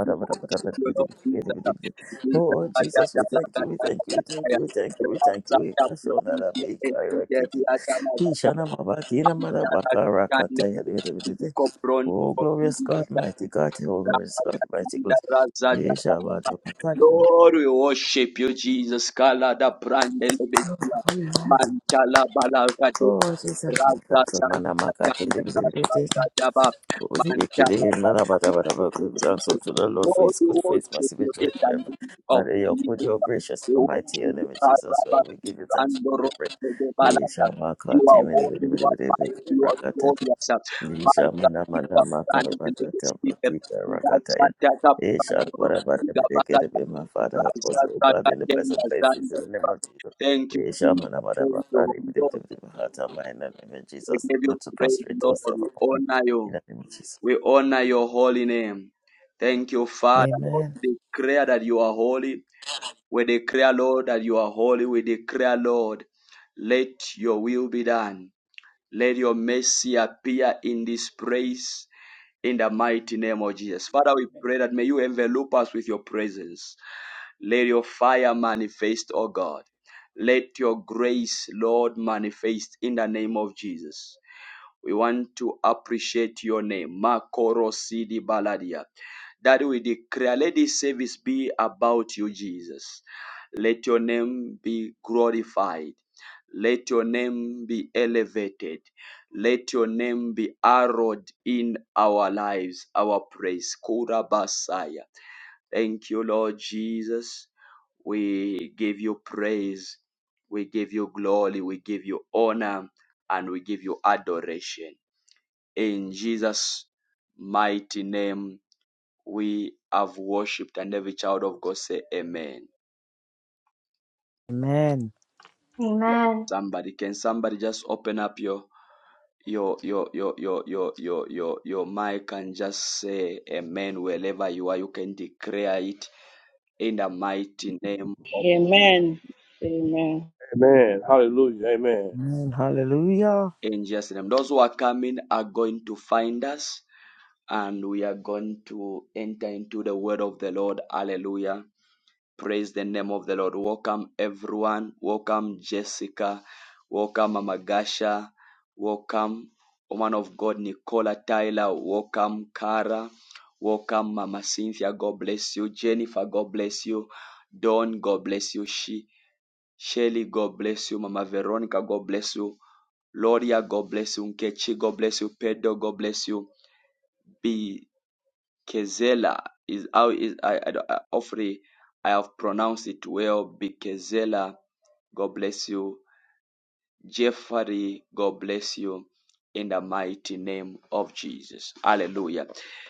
Speaker 1: We worship you, Lord Jesus. Jesus,
Speaker 4: Oh,
Speaker 1: Raja,
Speaker 4: Jesus, we
Speaker 1: Jala,
Speaker 4: thank you, we
Speaker 1: Gata,
Speaker 4: thank you,
Speaker 1: Laga,
Speaker 4: we thank
Speaker 1: Jaya.
Speaker 4: you, we thank you, we thank
Speaker 1: Raja,
Speaker 4: you. We thank you.
Speaker 1: Jala, Brahma, Raja. Raja,
Speaker 4: We thank you. Oh, glorious God, mighty God, oh, glorious God, mighty God.
Speaker 1: Lord, we worship you, Jesus. Kala da brande lebetia. Mantala balaga de
Speaker 4: Oh,
Speaker 1: raza zalakatanda
Speaker 4: Jesus,
Speaker 1: razadaba. Mantala balaga
Speaker 4: Lord for
Speaker 1: Lord,
Speaker 4: his
Speaker 1: we
Speaker 4: good, for his
Speaker 1: worship
Speaker 4: mercy,
Speaker 1: you
Speaker 4: which
Speaker 1: in
Speaker 4: wait
Speaker 1: the
Speaker 4: forever.
Speaker 1: name of
Speaker 4: And your good,
Speaker 1: Jesus.
Speaker 4: your gracious,
Speaker 1: We
Speaker 4: almighty, your
Speaker 1: worship you,
Speaker 4: name is Jesus,
Speaker 1: Araba,
Speaker 4: Lord, we give you thanks, we give
Speaker 1: Sandoro,
Speaker 4: you praise.
Speaker 1: de
Speaker 4: He
Speaker 1: Balata.
Speaker 4: shall mark our
Speaker 1: You are
Speaker 4: team in
Speaker 1: holy, you are mighty, you are
Speaker 4: the
Speaker 1: glorious.
Speaker 4: Nisa
Speaker 1: Father,
Speaker 4: mana
Speaker 1: we
Speaker 4: mana maka
Speaker 1: come
Speaker 4: rata
Speaker 1: and
Speaker 4: tapatika
Speaker 1: Thank
Speaker 4: rakataya. Isha whatever dedicated by my father help us, O God, in the pleasant places in the name of Jesus.
Speaker 1: you,
Speaker 4: Isha mana
Speaker 1: Jesus.
Speaker 4: mana
Speaker 1: Thank you,
Speaker 4: maka
Speaker 1: Holy Ghost.
Speaker 4: ribidibidibidi hata my name in
Speaker 1: We
Speaker 4: Jesus,
Speaker 1: give you
Speaker 4: not to
Speaker 1: praise,
Speaker 4: prostrate
Speaker 1: Lord.
Speaker 4: ourselves
Speaker 1: We
Speaker 4: upon him.
Speaker 1: honor you.
Speaker 4: In the name of Jesus.
Speaker 1: We honor your holy name. Thank you, Father. Lord,
Speaker 4: Amen.
Speaker 1: we declare that you are holy. We declare, Lord, that you are holy. We declare, Lord, let your will be done. Let your mercy appear in this place in the mighty name of Jesus. Father, we pray that may you envelop us with your presence. Let your fire manifest, O God. Let your grace, Lord, manifest in the name of Jesus. We want to appreciate your name. Makoro Sidi Baladia. That we declare, let this service be about you, Jesus. Let your name be glorified. Let your name be elevated. Let your name be arrowed in our lives, our praise. Kurabasaya. Thank you, Lord Jesus. We give you praise. We give you glory. We give you honor. And we give you adoration. In Jesus' mighty name, we have worshipped, and every child of God say Amen.
Speaker 4: Amen.
Speaker 3: Amen.
Speaker 1: Somebody, can somebody just open up your your your your your your your your, your mic and just say amen wherever you are you can declare it in the mighty name of
Speaker 2: Amen. Amen.
Speaker 5: Amen. Hallelujah. Amen.
Speaker 4: Amen. Hallelujah.
Speaker 1: angels name those who are coming are going to find us and we are going to enter into the word of the Lord. Hallelujah. Praise the name of the Lord. Welcome everyone. Welcome Jessica. Welcome Mama Gasha. Welcome woman of God Nicola Tyler. Welcome Cara. Welcome Mama Cynthia. God bless you. Jennifer, God bless you. Dawn. God bless you. She Shelly, God bless you. Mama Veronica, God bless you. Loria, God bless you. Nkechi, God bless you. Pedro, God bless you. B Bezalel is how is I, I, don't- I hopefully I have pronounced it well. Bezalel, God bless you. Jeffrey, God bless you. In the mighty name of Jesus, Hallelujah.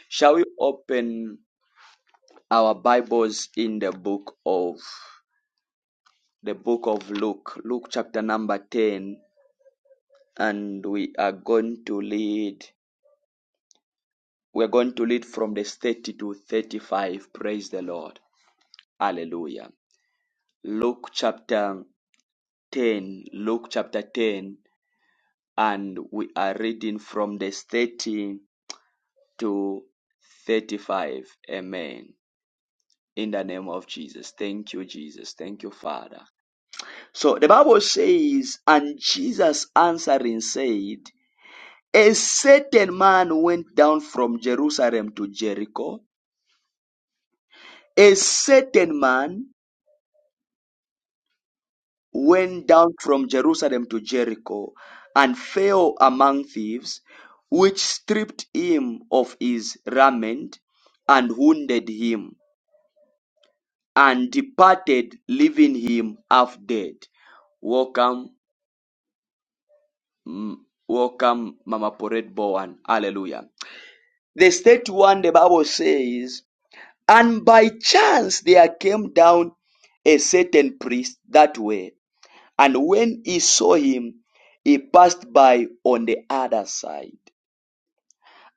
Speaker 1: Shall we open our Bibles in the book of the book of Luke, Luke chapter number ten, and we are going to lead. We're going to lead from the 30 to 35. Praise the Lord. Hallelujah. Luke chapter 10, Luke chapter 10, and we are reading from the 13 to 35. Amen. In the name of Jesus. Thank you, Jesus. Thank you, Father. So the Bible says, and Jesus answering said, A certain man went down from Jerusalem to Jericho, a certain man went down from Jerusalem to Jericho, and fell among thieves, which stripped him of his raiment and wounded him, and departed, leaving him half dead. Welcome, mm, welcome, Mama Poret Bowen. Hallelujah. The state one, the Bible says, and by chance there came down a certain priest that way And when he saw him, he passed by on the other side.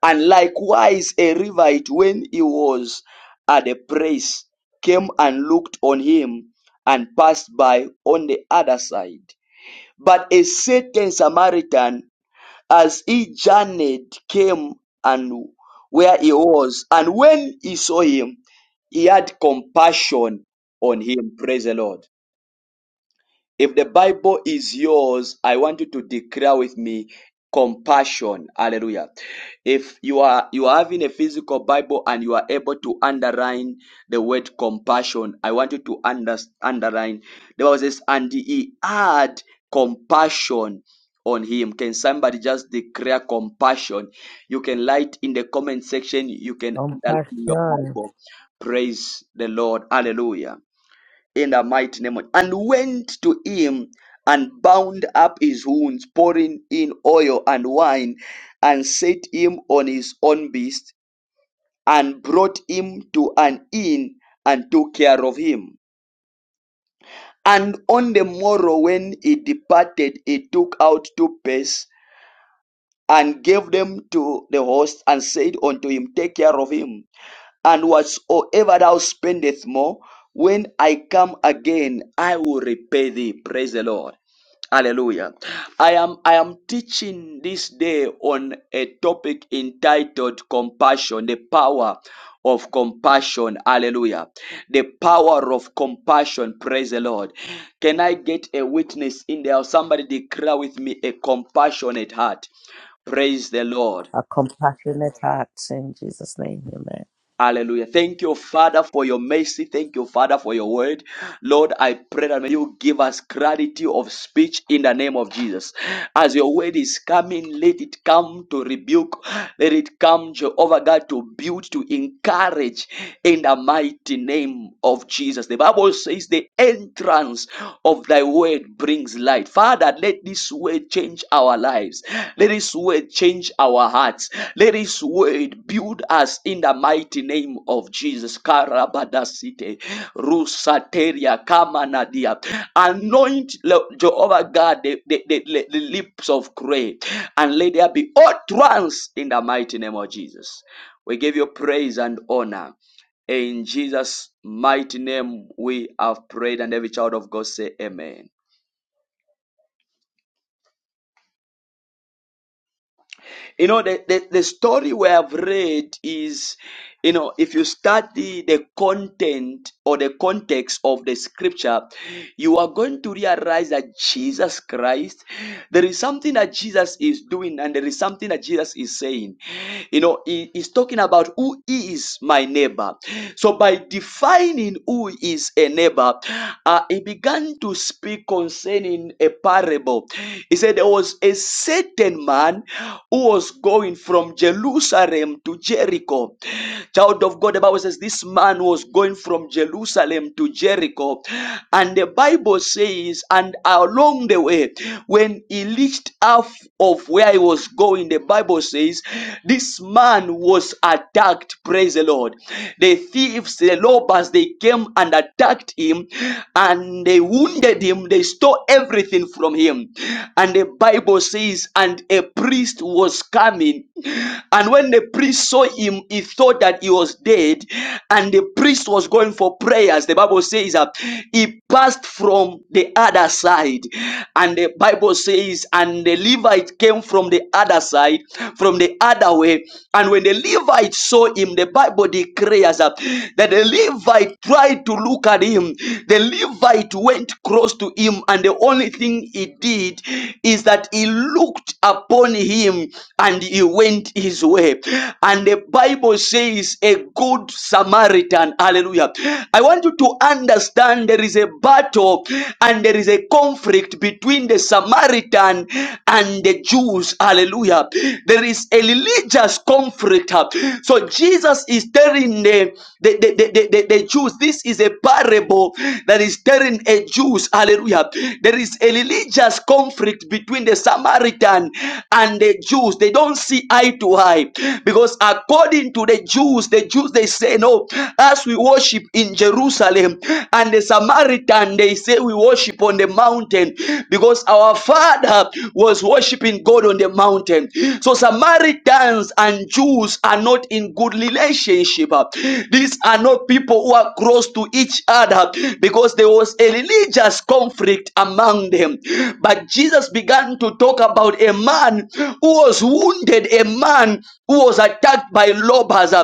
Speaker 1: And likewise, a Levite, when he was at the place, came and looked on him and passed by on the other side. But a certain Samaritan, as he journeyed, came and where he was, and when he saw him, he had compassion on him. Praise the Lord. If the Bible is yours, I want you to declare with me compassion. Hallelujah. If you are you are having a physical Bible and you are able to underline the word compassion, I want you to under, underline the Bible says, and he had compassion on him. Can somebody just declare compassion? You can write in the comment section, you can underline your
Speaker 4: Compassion.
Speaker 1: Bible. Praise the Lord. Hallelujah in the mighty name of and went to him and bound up his wounds pouring in oil and wine and set him on his own beast and brought him to an inn and took care of him and on the morrow when he departed he took out two pence and gave them to the host and said unto him take care of him And whatsoever thou spendest more, when I come again, I will repay thee. Praise the Lord. Hallelujah. I am I am teaching this day on a topic entitled compassion, the power of compassion. Hallelujah. The power of compassion. Praise the Lord. Can I get a witness in there? Somebody declare with me a compassionate heart. Praise the Lord.
Speaker 4: A compassionate heart. In Jesus' name, amen.
Speaker 1: Hallelujah. Thank you, Father, for your mercy. Thank you, Father, for your word. Lord, I pray that may you give us clarity of speech in the name of Jesus. As your word is coming, let it come to rebuke. Let it come, Jehovah God, to build, to encourage in the mighty name of Jesus. The Bible says the entrance of thy word brings brings light. Father, let this word change our lives. Let this word change our hearts. Let this word build us in the mighty name of Jesus. Karabadasite, Rusateria, Kamanadia. Anoint, Lo- Jehovah God, the, the, the, the lips of clay, and let there be utterance in the mighty name of Jesus. We give you praise and honor. In Jesus' mighty name, we have prayed, and every child of God say, Amen. You know, the, the, the story we have read is, you know, if you study the content or the context of the scripture, you are going to realize that Jesus Christ, there is something that Jesus is doing and there is something that Jesus is saying. You know, he is talking about who is my neighbor. So by defining who is a neighbor, uh, he began to speak concerning a parable. He said there was a certain man who was going from Jerusalem to Jericho. Child of God, the Bible says this man was going from Jerusalem to Jericho. And the Bible says, and along the way, when he reached half of where he was going, the Bible says, this man was attacked. Praise the Lord. The thieves, the robbers, they came and attacked him and and they wounded him, they stole everything from him. And the Bible says, and a priest was coming. And when the priest saw him, he thought that he was dead. And the priest was going for prayers. The Bible says that he passed from the other side. And the Bible says, and the Levite came from the other side, from the other way. And when the Levite saw him, the Bible declares that, that the the Levite tried to look at him. The Levite went close to him, and the only thing he did is that he looked upon him and he went his way. And the Bible says, a good Samaritan. Hallelujah. I want you to understand there is a battle and there is a conflict between the Samaritan and the Jews. Hallelujah. There is a religious conflict later. So Jesus is telling the, the, the, the, the, the Jews, this is a parable that is telling a Jews, hallelujah. There is a religious conflict between the Samaritan and the Jews. They don't see eye to eye because according to the Jews, the Jews, they say, no, as we worship in Jerusalem and the Samaritan, they say we worship on the mountain because our father was worshiping God on the on the mountain. So Samaritans and Jews are not in good relationship. These are not people who are close to each other because there was a religious conflict among them. But Jesus began to talk about a man who was wounded, a man who was attacked by robbers.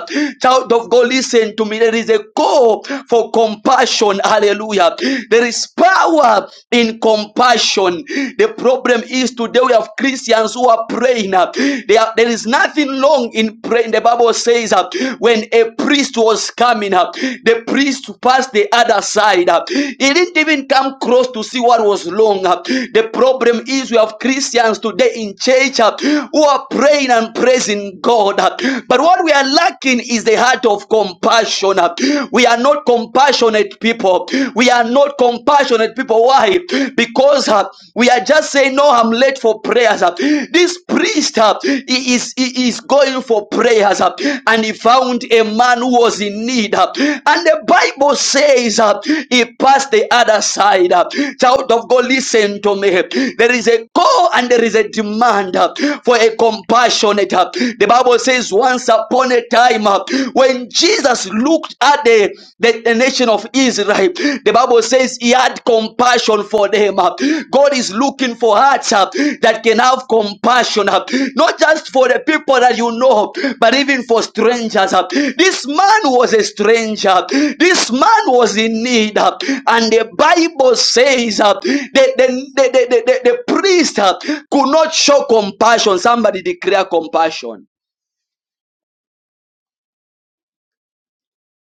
Speaker 1: Child of God, listen to me. There is a call for compassion. Hallelujah. There is power in compassion passion. The problem is today we have Christians who are praying. uh, They are, there is nothing wrong in praying. The Bible says uh, when a priest was coming up, uh, the priest passed the other side. uh, He didn't even come close to see what was wrong. uh. The problem is we have Christians today in church uh, who are praying and praising God. uh. But what we are lacking is the heart of compassion. uh. We are not compassionate people people. We are not compassionate people. Why? Because uh, we are just saying, No, I'm late for prayers. uh. This priest uh, he is, he is going for prayers uh, and he found a man who was in need. uh. And the Bible says uh, he passed the other side. uh. Child of God, listen to me. There is a call and there is a demand uh, for a compassionate. uh. The Bible says, Once upon a time, uh, when Jesus Jesus looked at the, the, the nation of Israel. The Bible says he had compassion for them. God is looking for hearts uh, that can have compassion, uh, not just for the people that you know, but even for strangers. uh. This man was a stranger. This man was in need. uh, And the Bible says uh, the, the, the, the, the, the priest uh, could not show compassion. Somebody declare compassion.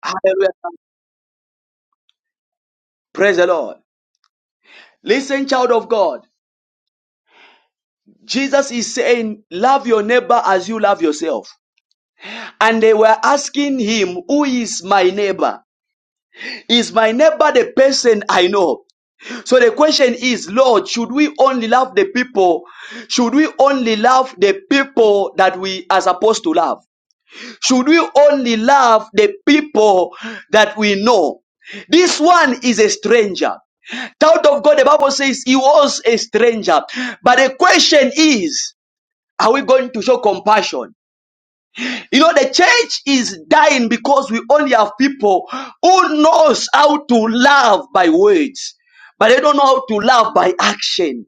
Speaker 1: Hallelujah. Praise the Lord. Listen, child of God. Jesus is saying, love your neighbor as you love yourself. And they were asking him, who is my neighbor? Is my neighbor the person I know? So the question is, Lord, should we only love the people? Should we only love the people that we are supposed to love? Should we only love the people that we know? This one is a stranger. Child of God, the Bible says he was a stranger. But the question is, Are we going to show compassion? You know, the church is dying because we only have people who knows how to love by words, but they don't know how to love by action.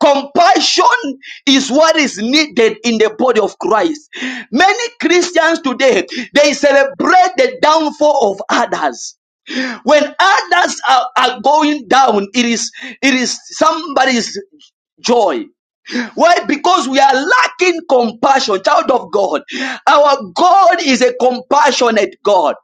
Speaker 1: Compassion is what is needed in the body of Christ. Many Christians today, they celebrate the downfall of others. When others are, are going down, it is, it is somebody's joy. Why? Because we are lacking compassion, child of God. Our God is a compassionate God.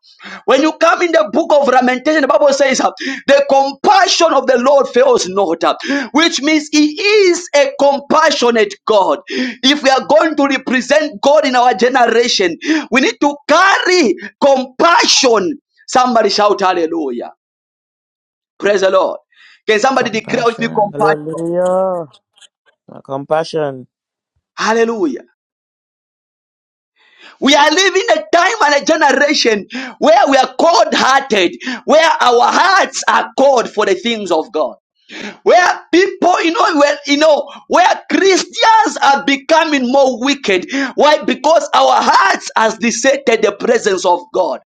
Speaker 1: When you come in the book of Lamentation, the Bible says, uh, The compassion of the Lord fails not, uh, which means He is a compassionate God. If we are going to represent God in our generation, we need to carry compassion. Somebody shout hallelujah. Praise the Lord. Can somebody declare with me
Speaker 4: Compassion.
Speaker 1: compassion?
Speaker 4: Hallelujah. A compassion.
Speaker 1: Hallelujah. We are living a time and a generation where we are cold hearted, where our hearts are cold for the things of God. Where people, you know, where, you know, where Christians are becoming more wicked. Why? Because our hearts has deserted the presence of God.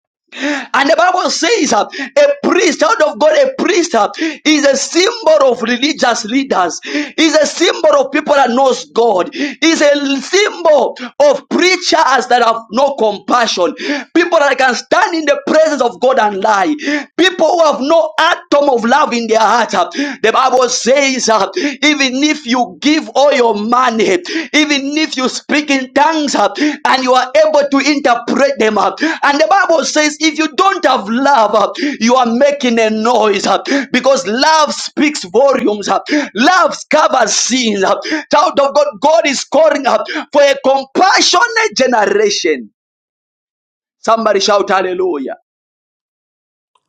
Speaker 1: And the Bible says uh, a priest, child of God, a priest uh, is a symbol of religious leaders, is a symbol of people that knows God, is a symbol of preachers that have no compassion, people that can stand in the presence of God and lie, people who have no atom of love in their heart. uh. The Bible says uh, even if you give all your money, even if you speak in tongues uh, and you are able to interpret them. uh, And the Bible says, if you don't have love, uh, you are making a noise uh, because love speaks volumes, uh, love covers sins. uh. Child of God, God is calling up for a compassionate generation. Somebody shout hallelujah.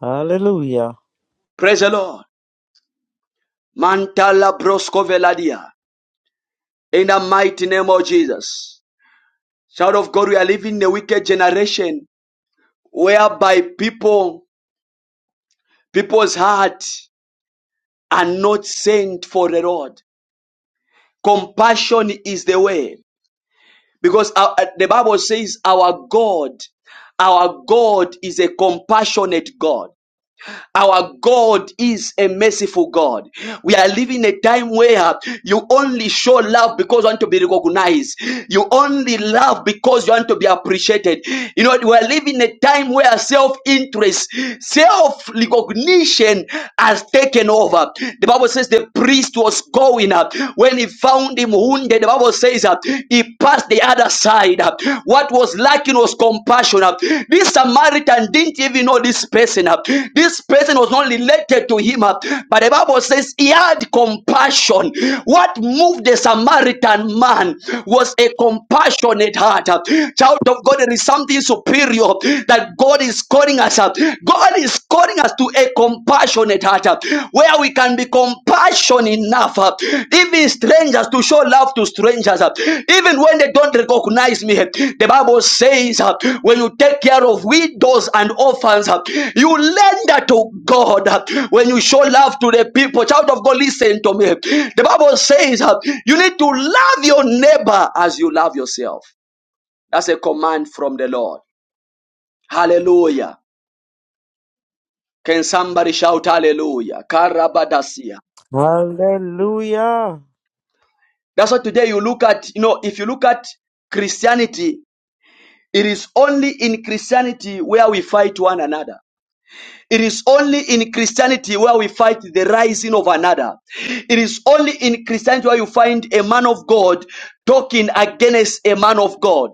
Speaker 4: Hallelujah.
Speaker 1: Praise the Lord. Mantala brosko veladia. In the mighty name of Jesus. Child of God, we are living in a wicked generation whereby people, people's hearts are not sent for the Lord. Compassion is the way. Because uh, uh, the Bible says our God, our God is a compassionate God. Our God is a merciful God. We are living a time where you only show love because you want to be recognized. You only love because you want to be appreciated. You know, we are living a time where self-interest, self-recognition has taken over. The Bible says the priest was going up when he found him wounded. The Bible says that he passed passed the other side. What was lacking was compassion. This Samaritan didn't even know this person. This person was not related to him. But the Bible says he had compassion. What moved the Samaritan man was a compassionate heart. Child of God, there is something superior that God is calling us up. God is calling us to a compassion compassionate heart, uh, where we can be compassionate enough, uh, even strangers, to show love to strangers, uh, even when they don't recognize me. The Bible says, uh, when you take care of widows and orphans, uh, you lend to God uh, when you show love to the people. Child of God, listen to me. The Bible says, uh, you need to love your neighbor as you love yourself. That's a command from the Lord. Hallelujah. Can somebody shout hallelujah? Karabadasia.
Speaker 4: Hallelujah.
Speaker 1: That's why today you look at, you know, if you look at Christianity, it is only in Christianity where we fight one another. It is only in Christianity where we fight the rising of another. It is only in Christianity where you find a man of God talking against a man of God.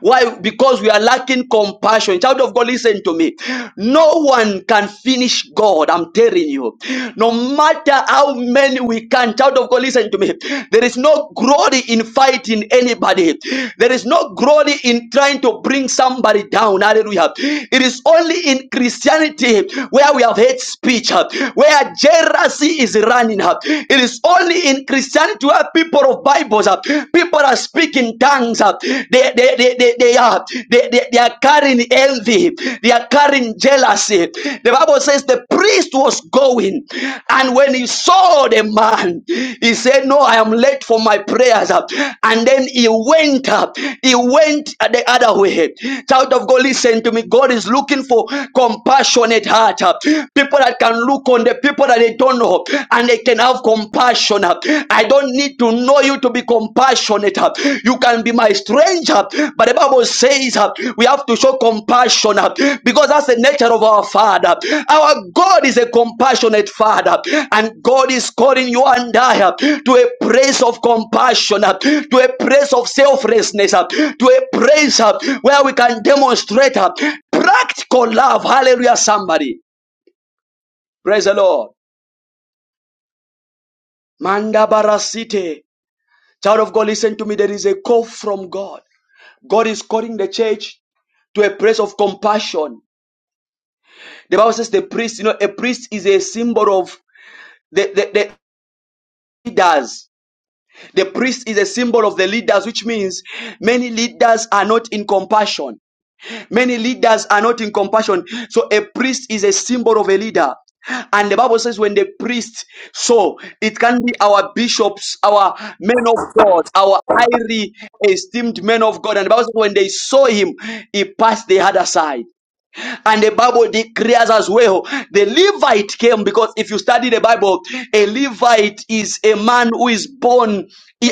Speaker 1: Why? Because we are lacking compassion. Child of God, listen to me. No one can finish God. I'm telling you. No matter how many we can, child of God, listen to me. There is no glory in fighting anybody. There is no glory in trying to bring somebody down. Hallelujah. It is only in Christianity where we have hate speech, uh, where jealousy is running. uh. It is only in Christianity where people of Bibles, uh, people are speaking tongues. uh. They, they, they, they, they are they, they, they are carrying envy, they are carrying jealousy. The Bible says the priest was going, and when he saw the man, he said, No, I am late for my prayers. uh. And then he went up, he went the other way. Child of God, listen to me. God is looking for compassionate heart heart. uh, People that can look on the people that they don't know and they can have compassion. uh. I don't need to know you to be compassionate. uh. You can be my stranger. But the Bible says uh, we have to show compassion uh, because that's the nature of our Father. Our God is a compassionate Father, and God is calling you and I uh, to a place of compassion, uh, to a place of selflessness, uh, to a place uh, where we can demonstrate uh, practical love. Hallelujah, somebody. Praise the Lord. MandaBara City. Child of God, listen to me. There is a call from God. God is calling the church to a place of compassion. The Bible says the priest, you know, a priest is a symbol of the, the, the leaders. The priest is a symbol of the leaders, which means many leaders are not in compassion. Many leaders are not in compassion. So a priest is a symbol of a leader. And the Bible says, when the priest, so it can be our bishops, our men of God, our highly esteemed men of God. And the Bible says, when they saw him, he passed the other side. And the Bible declares as well the Levite came because if you study the Bible, a Levite is a man who is born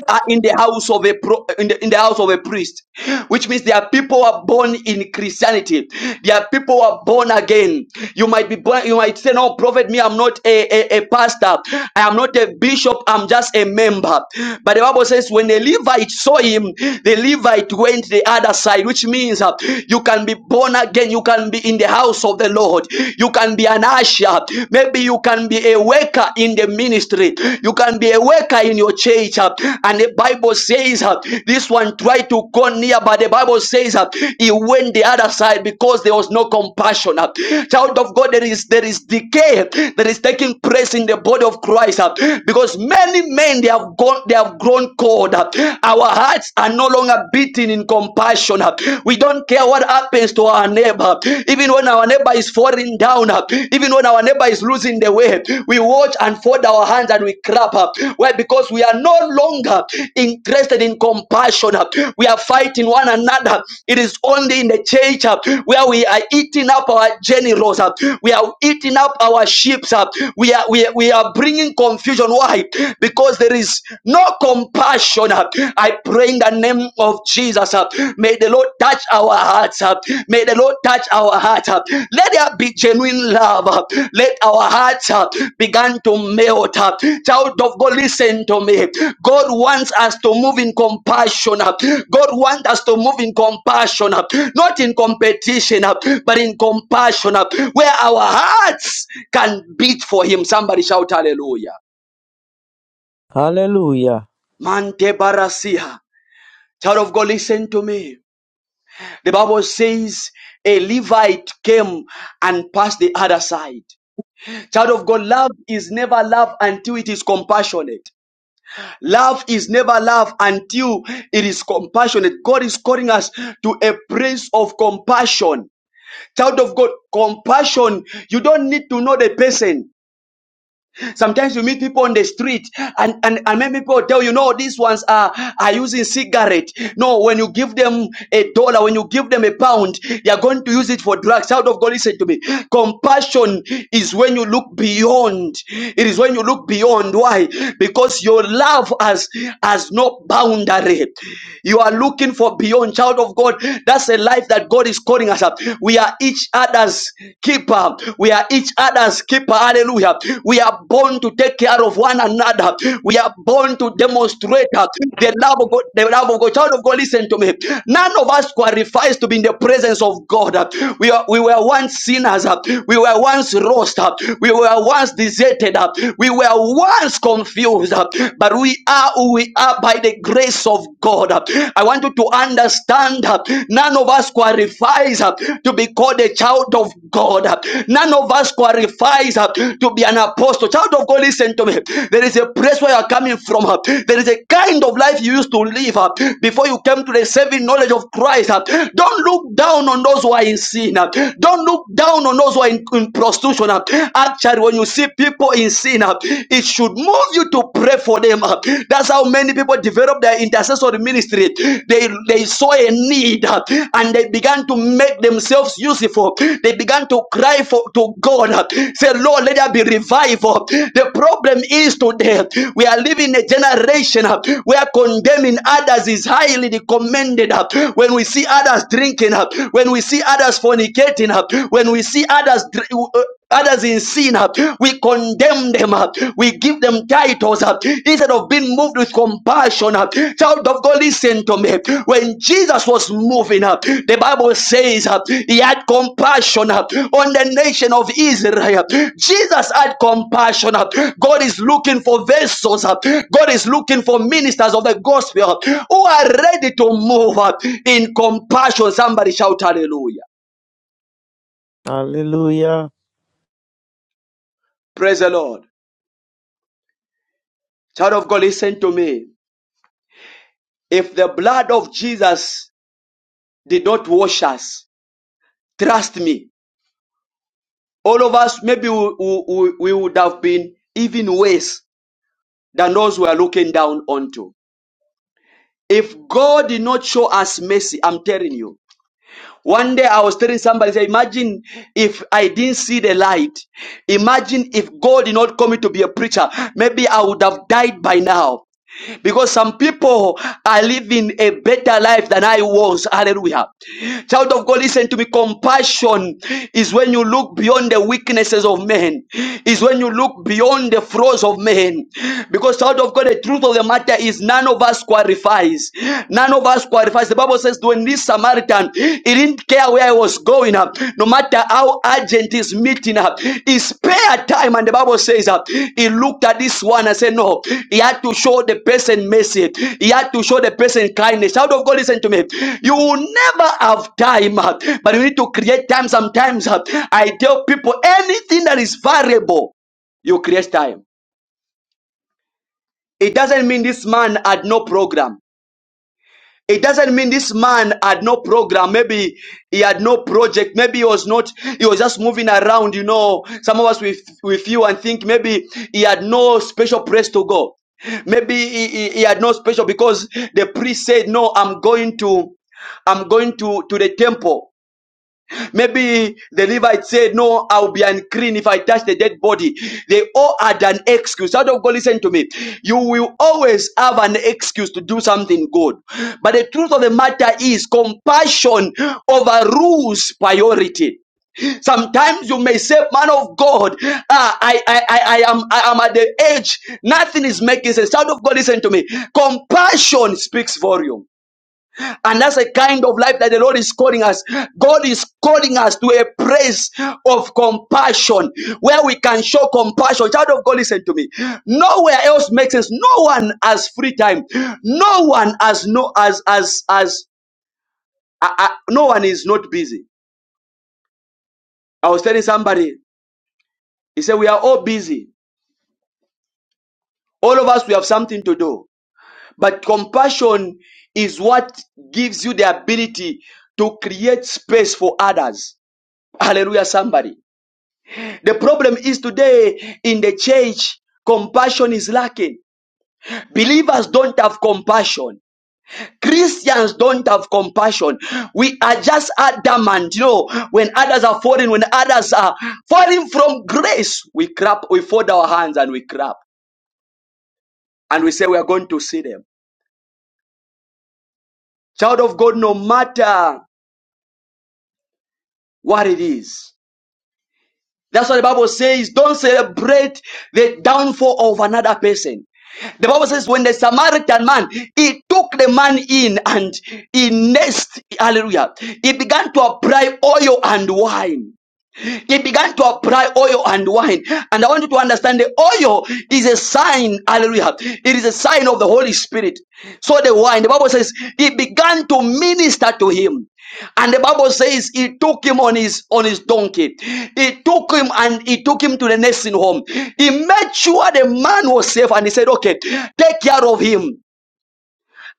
Speaker 1: uh, in the house of a pro, in, the, in the house of a priest, which means there are people who are born in Christianity. There are people who are born again. You might be born. You might say, "No, prophet, me, I'm not a, a, a pastor. I am not a bishop. I'm just a member." But the Bible says, when the Levite saw him, the Levite went the other side, which means means uh, you can be born again, you can be in the house of the Lord, you can be an usher, maybe you can be a worker in the ministry, you can be a worker in your church. uh, and the Bible says, uh, This one tried to go near, but the Bible says uh, he went the other side because there was no compassion. uh. Child of God, there is there is decay that is taking place in the body of Christ uh, because many men they have gone they have grown cold. uh. Our hearts are not are no longer beaten in compassion. We don't care what happens to our neighbor. Even when our neighbor is falling down, even when our neighbor is losing the way, we watch and fold our hands and we clap. Why? Because we are no longer interested in compassion. We are fighting one another. It is only in the church where we are eating up our generals. We are eating up our sheep. We are, we are, we are bringing confusion. Why? Because there is no compassion. I pray in the name of Jesus. May the Lord touch our hearts. May the Lord touch our hearts. Let there be genuine love. Let our hearts begin to melt. Child of God, listen to me. God wants us to move in compassion. God wants us to move in compassion, not in competition, but in compassion, where our hearts can beat for Him. Somebody shout hallelujah. Mante barasia. Child of God, listen to me. The Bible says a Levite came and passed the other side. Child of God, love is never love until it is compassionate. Love is never love until it is compassionate. God is calling us to a place of compassion. Child of God, compassion. You don't need to know the person. Sometimes you meet people on the street and, and, and many people tell you, no, these ones are, are using cigarette. No, when you give them a dollar, when you give them a pound, they are going to use it for drugs. Child of God, listen to me. Compassion is when you look beyond. It is when you look beyond. Why? Because your love has, has no boundary. You are looking for beyond, child of God. That's a life that God is calling us up. We are each other's other's keeper. We are each other's keeper. Hallelujah. We are born to take care of one another. We are born to demonstrate uh, the love of God. The love of God. Child of God, listen to me. None of us qualifies to be in the presence of God. uh. We are, we were once sinners. uh. We were once lost. uh. We were once deserted. uh. We were once confused. uh. But we are who we are by the grace of God. Uh, I want you to understand understand. uh, None of us qualifies uh, to be called a child of God. uh, None of us qualifies uh, to be an apostle. Child of God, listen to me. There is a place where you are coming from. uh, There is a kind of life you used to live uh, before you came to the saving knowledge of Christ. uh. Don't look down on those who are in sin. uh. Don't look down on those who are in, in prostitution. uh. Actually, when you see people in sin, uh, it should move you to pray for them. uh, uh, that's how many people develop their intercessory ministry they they saw a need uh, and they began to make themselves useful they began to cry for to god uh, say lord let there be revival the problem is today we are living in a generation uh, where condemning others is highly commended uh, when we see others drinking uh, when we see others fornicating uh, when we see others dr- uh, others in sin, uh, we condemn them, uh, we give them titles uh, instead of being moved with compassion. uh, Child of God, listen to me. When Jesus was moving, uh, the Bible says uh, he had compassion uh, on the nation of Israel. Jesus had compassion. uh, God is looking for vessels, uh, God is looking for ministers of the gospel uh, who are ready to move uh, in compassion. Somebody shout hallelujah.
Speaker 4: Hallelujah.
Speaker 1: Praise the Lord. Child of God, listen to me. If the blood of Jesus did not wash us, trust me, all of us, maybe we, we, we would have been even worse than those we are looking down onto. If God did not show us mercy, I'm telling you. One day I was telling somebody, say, imagine if I didn't see the light. Imagine if God did not call me to be a preacher. Maybe I would have died by now. because some people are living a better life than I was. Hallelujah. Child of God, listen to me. Compassion is when you look beyond the weaknesses of men, is when you look beyond the flaws of men. Because, child of God, the truth of the matter is none of us qualifies. None of us qualifies. The Bible says, when this Samaritan, he didn't didn't care where I was going, uh, no matter how urgent his meeting, uh, he spared time. And the Bible says, uh, he looked at this one and said, No, he had to show the person mercy, he had to show the person kindness. Child of God, listen to me. You will never have time, uh, but you need to create time. Sometimes uh, I tell people anything that is variable, you create time. It doesn't mean this man had no program. It doesn't mean this man had no program. Maybe he had no project. Maybe he was not, he was just moving around, you know. Some of us with, with you and think maybe he had no special place to go. Maybe he, he, he had no special because the priest said, no, I'm going to, I'm going to, to the temple. Maybe the Levite said, No, I'll be unclean if I touch the dead body. They all had an excuse. Out of God, listen to me. You will always have an excuse to do something good. But the truth of the matter is, compassion overrules priority. Sometimes you may say, Man of God, ah, I, I, I, I, am, I am at the edge. Nothing is making sense. Child of God, listen to me. Compassion speaks volume. And that's a kind of life that the Lord is calling us. God is calling us to a place of compassion where we can show compassion. Child of God, listen to me. Nowhere else makes sense. No one has free time. No one has no as as as uh, uh, no one is not busy. I was telling somebody, he said, We are all busy. All of us we have something to do. But compassion is what gives you the ability to create space for others. Hallelujah, somebody. The problem is today in the church, compassion is lacking. Believers don't have compassion. Christians don't have compassion. We are just adamant, you know, when others are falling, when others are falling from grace, we clap, we fold our hands and we clap, And we say we are going to see them. Child of God, no matter what it is, That's what the Bible says, don't celebrate the downfall of another person. The Bible says, when the Samaritan man, he took the man in and he nursed, hallelujah, he began to apply oil and wine. He began to apply oil and wine. And I want you to understand the oil is a sign, hallelujah. It is a sign of the Holy Spirit. So the wine, the Bible says, he began to minister to him. And the Bible says he took him on his on his donkey. He took him and he took him to the nursing home. He made sure the man was safe and he said, Okay, take care of him.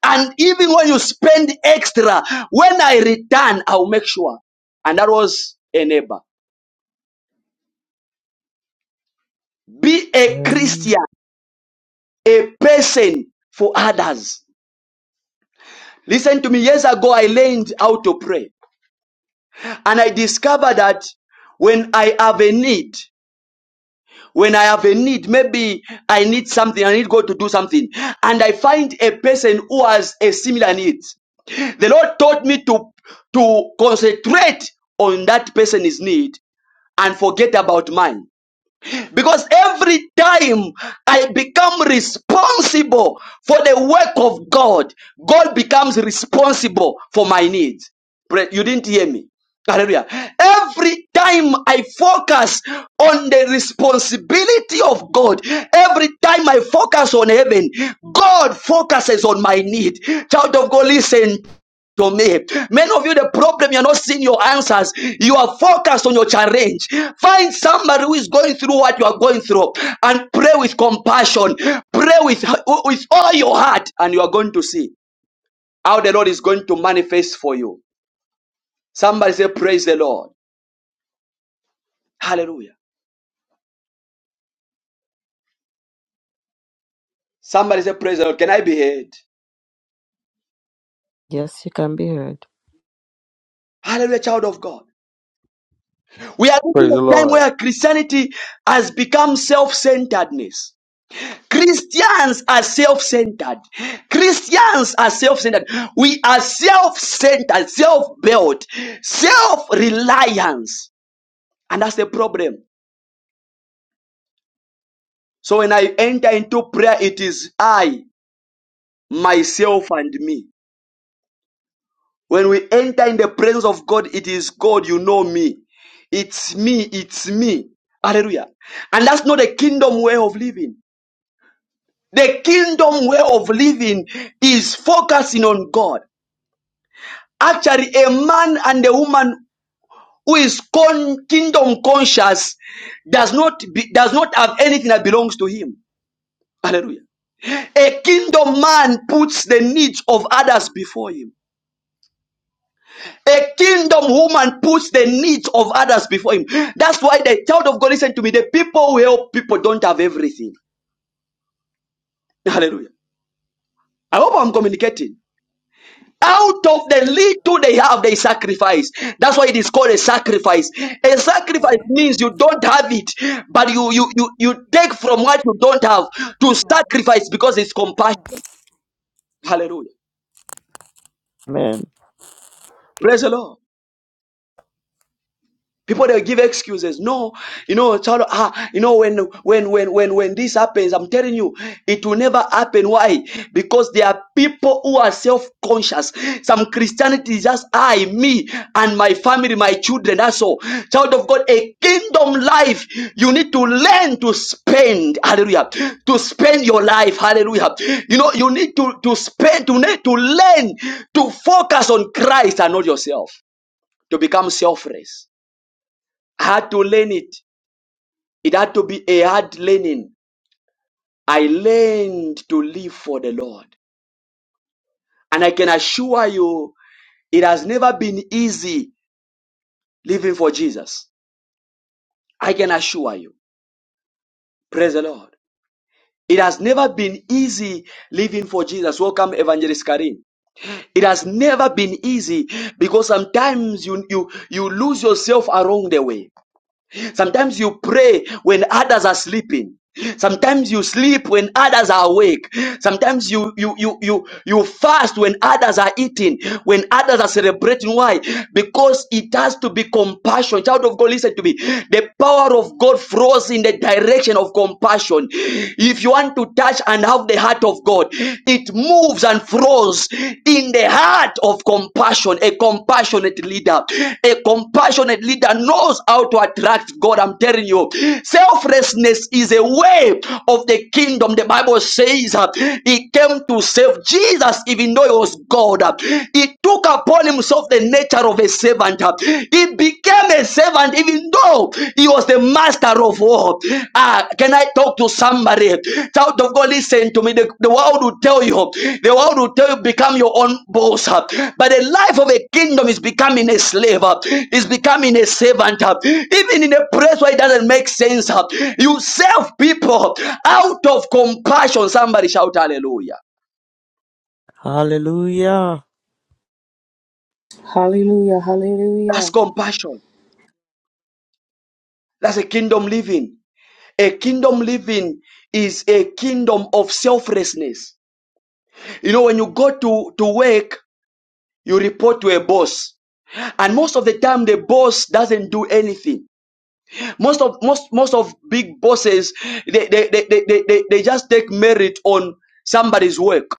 Speaker 1: And even when you spend extra, when I return, I'll make sure. And that was a neighbor. Be a
Speaker 4: Amen.
Speaker 1: Christian, a person for others. Listen to me. Years ago, I learned how to pray. And I discovered that when I have a need, when I have a need, maybe I need something, I need God to do something. And I find a person who has a similar need. The Lord taught me to, to concentrate on that person's need and forget about mine. Because every time I become responsible for the work of God, God becomes responsible for my needs. Pray- You didn't hear me. Hallelujah. Every time I focus on the responsibility of God, every time I focus on heaven, God focuses on my need. Child of God, listen to me. Many of you, the problem, you're not seeing your answers. You are focused on your challenge. Find somebody who is going through what you are going through and pray with compassion. Pray with, with all your heart, and you are going to see how the Lord is going to manifest for you. Somebody say, Praise the Lord. Hallelujah. Somebody say, Praise the Lord. Can I be heard?
Speaker 4: Yes, you can be heard.
Speaker 1: Hallelujah, child of God. We are living in
Speaker 5: Praise the
Speaker 1: a time
Speaker 5: Lord.
Speaker 1: where Christianity has become self centeredness. Christians are self-centered. Christians are self-centered. We are self-centered, self-built, self-reliance. And that's the problem. So when I enter into prayer, it is I, myself, and me. When we enter in the presence of God, it is God, you know me. It's me, it's me. Hallelujah. And that's not a kingdom way of living. The kingdom way of living is focusing on God. Actually, a man and a woman who is con- kingdom conscious does not be, does not have anything that belongs to him. Hallelujah. A kingdom man puts the needs of others before him. A kingdom woman puts the needs of others before him. That's why the child of God, listen to me, the people who help people don't have everything. Hallelujah. I hope I'm communicating. Out of the little they have, they sacrifice. That's why it is called a sacrifice. A sacrifice
Speaker 6: Yeah.
Speaker 1: means you don't have it, but you you you, you take from what you don't have to
Speaker 6: Oh,
Speaker 1: sacrifice because it's compassion.
Speaker 6: yeah.
Speaker 1: Hallelujah.
Speaker 4: Amen.
Speaker 1: Praise the Lord. People they give excuses. No, you know, child, ah, you know, when when when when when this happens, I'm telling you, it will never happen. Why? Because there are people who are self-conscious. Some Christianity is just I, me, and my family, my children. That's all. Child of God, a kingdom life. You need to learn to spend. Hallelujah. To spend your life. Hallelujah. You know, you need to to spend. You need to learn to focus on Christ and not yourself. To become selfless had to learn it. It had to be a hard learning. I learned to live for the Lord. And I can assure you, it has never been easy living for Jesus. I can assure you. Praise the Lord. It has never been easy living for Jesus. Welcome, Evangelist Karim. It has never been easy because sometimes you, you, you lose yourself along the way. Sometimes you pray when others are sleeping. Sometimes you sleep when others are awake. Sometimes you you you you you fast when others are eating, when others are celebrating. Why? Because it has to be compassion. Child of God, listen to me. The power of God flows in the direction of compassion. If you want to touch and have the heart of God, it moves moves and flows in the heart of compassion. A compassionate leader, a compassionate leader knows how to attract God. I'm telling you, selflessness is a way of the kingdom. The Bible says uh, he came to save Jesus, even though he was God. uh, He took upon himself the nature of a servant. uh, He became a servant, even though he was the master of war. Ah, can I talk to somebody? Child of God, listen to me. The, the world will tell you, the world will tell you, become your own boss. But the life of a kingdom is becoming a slave, is becoming a servant. Even in a place where it doesn't make sense, you serve people out of compassion. Somebody shout hallelujah.
Speaker 4: Hallelujah.
Speaker 7: Hallelujah,
Speaker 1: That's
Speaker 7: hallelujah,
Speaker 1: compassion. That's a kingdom living. A kingdom living is a kingdom of selflessness You know, when you go to, to work, you report to a boss. And most of the time the boss doesn't do anything. Most of most most of big bosses they they, they, they, they, they they just take merit on somebody's work.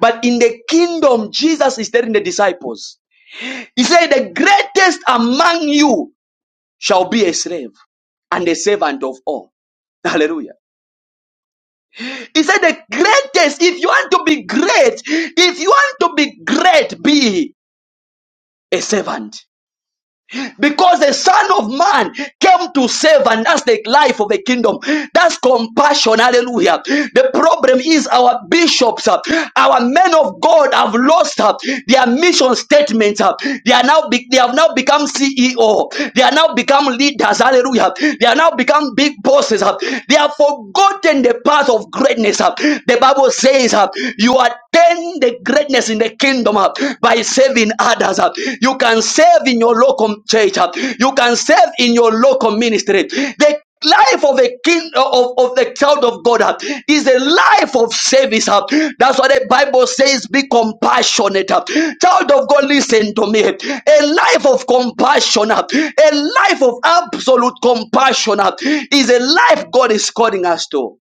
Speaker 1: But in the kingdom, Jesus is telling the disciples, He said, The greatest among you shall be a slave and a servant of all. (laughs) Hallelujah. He said, The greatest, if you want to be great, if you want to be great, be a servant. because the Son of Man came to save, and that's the life of a kingdom. That's compassion. Hallelujah. The problem is our bishops, uh, our men of God have lost uh, their mission statements. uh. They are now be- they have now become CEO. They are now become leaders. Hallelujah. They are now become big bosses. uh. They have forgotten the path of greatness. uh. The Bible says uh, you are attend the greatness in the kingdom uh, by saving others. uh. You can serve in your local church. uh. You can serve in your local ministry. The life of a king uh, of, of the child of God uh, is a life of service. uh. That's what the Bible says, be compassionate. uh. Child of God, listen to me. A life of compassion, uh, a life of absolute compassion uh, is a life God is calling us to.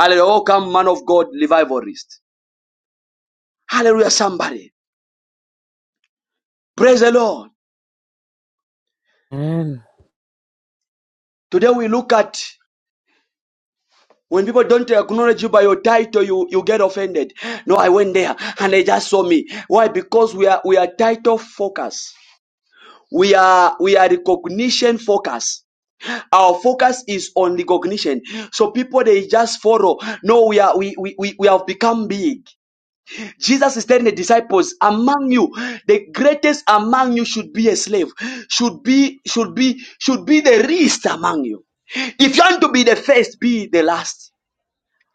Speaker 1: Hallelujah. Welcome, man of God, revivalist. Hallelujah, somebody. Praise the Lord.
Speaker 4: Amen.
Speaker 1: Today we look at when people don't acknowledge you by your title, you, you get offended. No, I went there and they just saw me. Why? Because we are we are title focused. We are we are recognition focused. Our focus is on recognition. So people they just follow. No, we are we we, we, we have become big. Jesus is telling the disciples, among you, the greatest among you should be a slave, should be, should be, should be the least among you. If you want to be the first, be the last.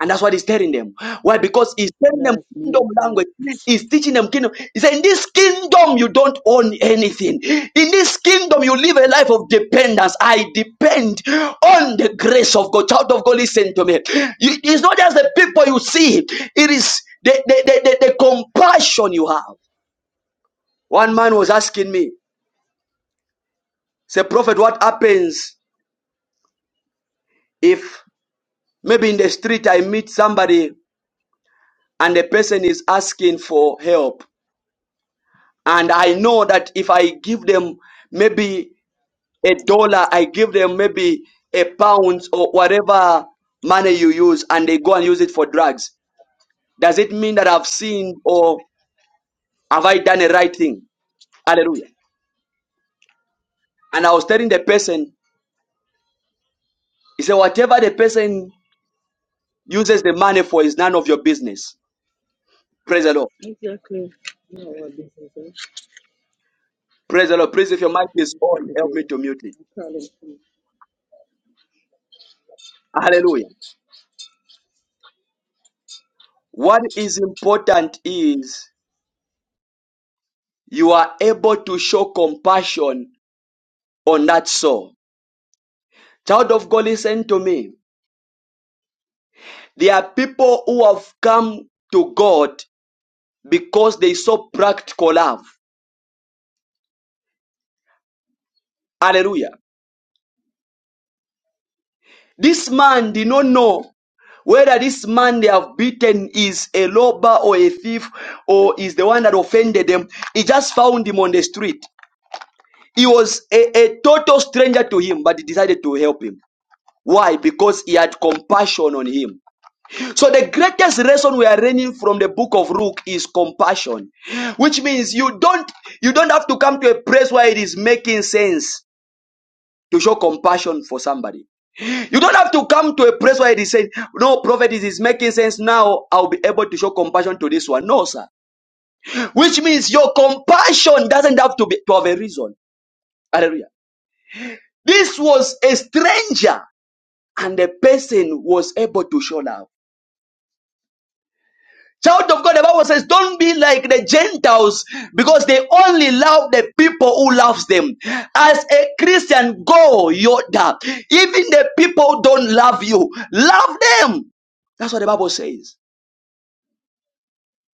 Speaker 1: And that's what he's telling them. Why? Because he's telling them
Speaker 2: That's
Speaker 1: kingdom
Speaker 2: beautiful.
Speaker 1: language. He's teaching them kingdom. He said, In this kingdom, you don't own anything. In this kingdom, you live a life of dependence. I depend on the grace of God. Child of God, listen to me. You- It's not just the people you see, it is the, the, the, the, the compassion you have. One man was asking me, say, Prophet, what happens if maybe in the street I meet somebody and the person is asking for help? and I know that if I give them maybe a dollar, I give them maybe a pound or whatever money you use, and they go and use it for drugs. Does it mean that I've sinned or have I done a right thing? Hallelujah. And I was telling the person, he said, whatever the person uses the money for is none of your business. Praise the Lord.
Speaker 2: Exactly. You know what this is. eh?
Speaker 1: Praise the Lord. Please, if your mic is
Speaker 2: You
Speaker 1: on,
Speaker 2: take the
Speaker 1: help me
Speaker 2: day.
Speaker 1: to mute it.
Speaker 2: I
Speaker 1: Hallelujah. What is important is you are able to show compassion on that so, Child of God, listen to me. There are people who have come to God because they saw practical love. Hallelujah. This man did not know whether this man they have beaten is a robber or a thief or is the one that offended them. He just found him on the street. He was a, a total stranger to him, but he decided to help him. Why? Because he had compassion on him. So the greatest lesson we are learning from the book of Luke is compassion, which means you don't you don't have to come to a place where it is making sense to show compassion for somebody. You don't have to come to a place where it is saying, "No, prophet, it is making sense now. I'll be able to show compassion to this one." No, sir. Which means your compassion doesn't have to be to have a reason. Hallelujah. This was a stranger, and the person was able to show love. Child of God, the Bible says, don't be like the Gentiles because they only love the people who loves them. As a Christian, go, Yoda. Even the people who don't love you, love them. That's what the Bible says.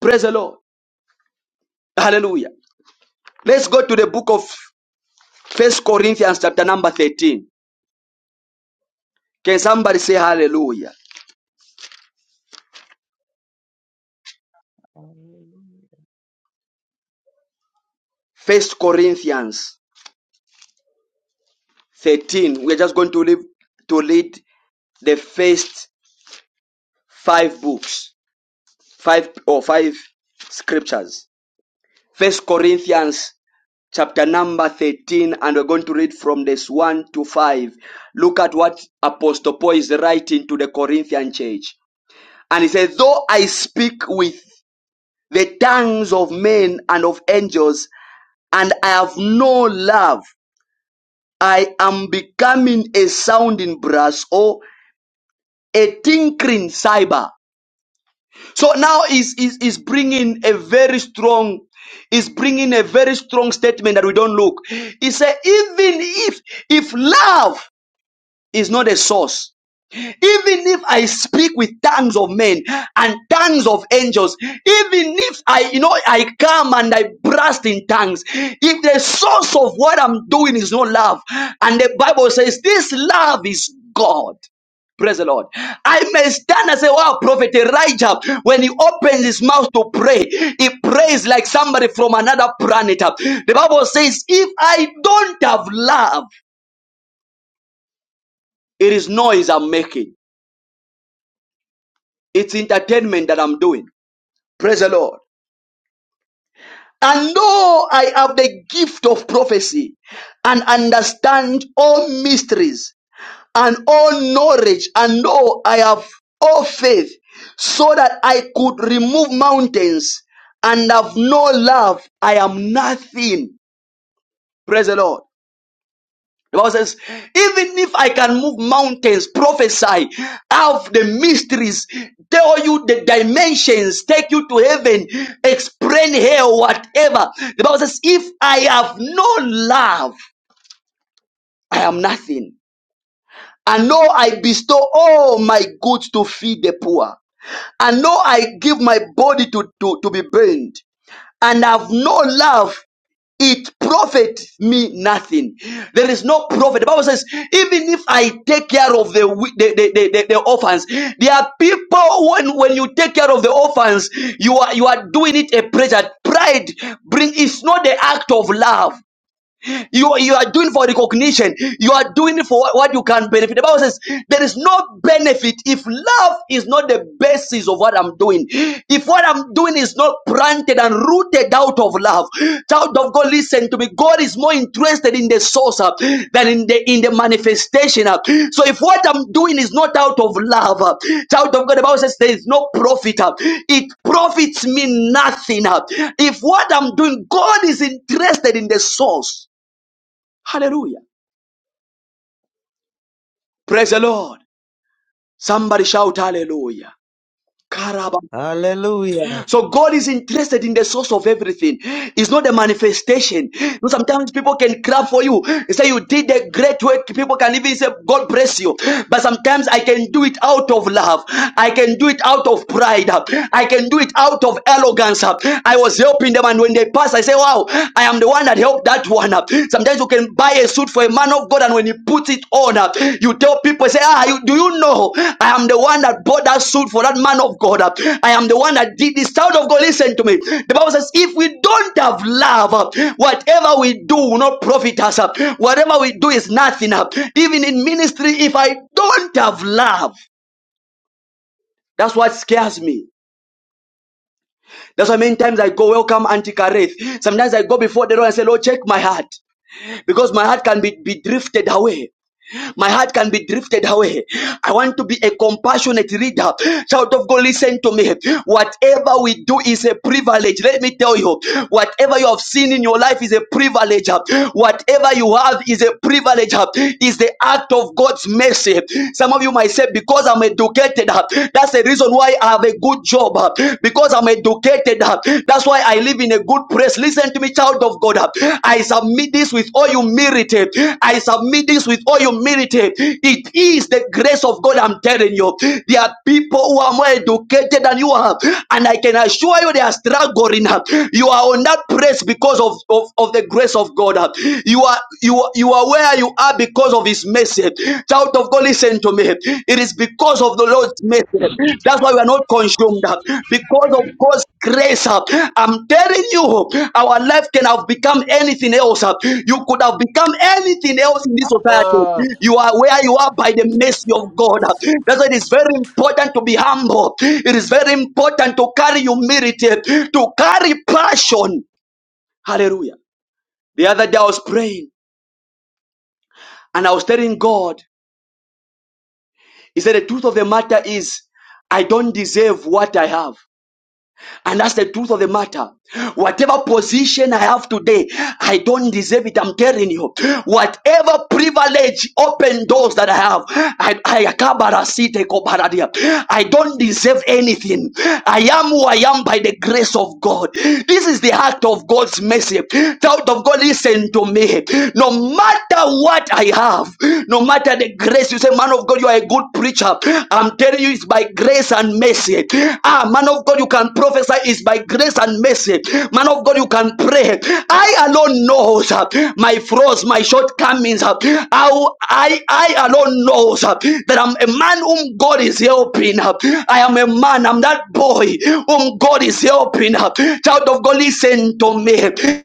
Speaker 1: Praise the Lord. Hallelujah. Let's go to the book of First Corinthians chapter number 13. Can somebody say hallelujah?
Speaker 8: Hallelujah.
Speaker 1: First Corinthians 13. We're just going to live to read the first five books. five or five scriptures. First Corinthians chapter number 13 and we're going to read from this 1 to 5 look at what apostle paul is writing to the corinthian church and he says though i speak with the tongues of men and of angels and i have no love i am becoming a sounding brass or a tinkling cymbal. So now is is is bringing a very strong, is bringing a very strong statement that we don't look. He said, even if if love is not a source, even if I speak with tongues of men and tongues of angels, even if I, you know, I come and I burst in tongues, if the source of what I'm doing is not love, and the Bible says this love is God. Praise the Lord. I may stand and say, Wow, Prophet Elijah, when he opens his mouth to pray, he prays like somebody from another planet. The Bible says, If I don't have love, it is noise I'm making, it's entertainment that I'm doing. Praise the Lord. And though I have the gift of prophecy and understand all mysteries and all knowledge, and though I have all faith so that I could remove mountains and have no love, I am nothing. Praise the Lord. The Bible says, even if I can move mountains, prophesy, have the mysteries, tell you the dimensions, take you to heaven, explain hell, whatever. The Bible says, if I have no love, I am nothing. And know I bestow all my goods to feed the poor. And know I give my body to, to, to be burned. And have no love. it profits me nothing. There is no profit. The Bible says, even if I take care of the wi- the, the, the, the, the orphans, there are people when, when you take care of the orphans, you are you are doing it a pleasure. Pride bring is not the act of love. You, you are doing for recognition. You are doing it for what what you can benefit. The Bible says there is no benefit if love is not the basis of what I'm doing. If what I'm doing is not planted and rooted out of love, child of God, listen to me. God is more interested in the source uh, than in the in the manifestation. uh. So if what I'm doing is not out of love, uh, child of God, the Bible says there is no profit. uh. It profits me nothing. uh. If what I'm doing, God is interested in the source. Hallelujah. Praise the Lord. Somebody shout hallelujah. Karaba.
Speaker 4: Hallelujah.
Speaker 1: So God is interested in the source of everything. It's not the manifestation. You know, sometimes people can clap for you. They say you did a great work. People can even say, God bless you. But sometimes I can do it out of love. I can do it out of pride. I can do it out of arrogance. I was helping them and when they pass, I say, wow, I am the one that helped that one. Sometimes you can buy a suit for a man of God, and when he puts it on, uh, you tell people, say, Ah, you, do you know I am the one that bought that suit for that man of God? uh, I am the one that did this. Child of God, listen to me. The Bible says, If we don't have love, uh, whatever we do will not profit us. uh, Whatever we do is nothing. uh, Even in ministry, if I don't have love, that's what scares me. That's why many times I go, welcome Auntie Kareth. Sometimes I go before the Lord and say, Lord, check my heart. Because my heart can be, be drifted away. My heart can be drifted away. I want to be a compassionate reader. Child of God, listen to me. Whatever we do is a privilege. Let me tell you, whatever you have seen in your life is a privilege. Whatever you have is a privilege. Is the act of God's mercy. Some of you might say, because I'm educated, that's the reason why I have a good job. Because I'm educated, that's why that's why I live in a good place. Listen to me, child of God. I submit this with all humility. I submit this with all humility. It is the grace of God, I'm telling you. There are people who are more educated than you are, and I can assure you they are struggling. You are on that place because of, of, of the grace of God. You are you are, you are where you are because of his mercy. Child of God, Listen to me. It is because of the Lord's mercy. That's why we are not consumed. Because of God's grace. I'm telling you, our life can have become anything else. You could have become anything else in this society.
Speaker 9: Uh,
Speaker 1: You are where you are by the mercy of God. That's why it is very important to be humble. It is very important to carry humility, to carry passion. Hallelujah. The other day I was praying and I was telling God, He said, The truth of the matter is, I don't deserve what I have. And that's the truth of the matter. Whatever position I have today, I don't deserve it. I'm telling you. Whatever privilege, open doors that I have, I, I, I don't deserve anything. I am who I am by the grace of God. This is the act of God's mercy. Child of God, listen to me. No matter what I have, no matter the grace you grace. you say, Man of God, you are a good preacher. I'm telling you, it's by grace and mercy. Ah, man of God, you can prophesy, it's by grace and mercy. Man of God, you can pray. I alone knows uh, my flaws, my shortcomings. uh, How I, I alone knows uh, that I'm a man whom God is helping. uh. I am a man, I'm that boy whom God is helping. uh. Child of God, listen to me.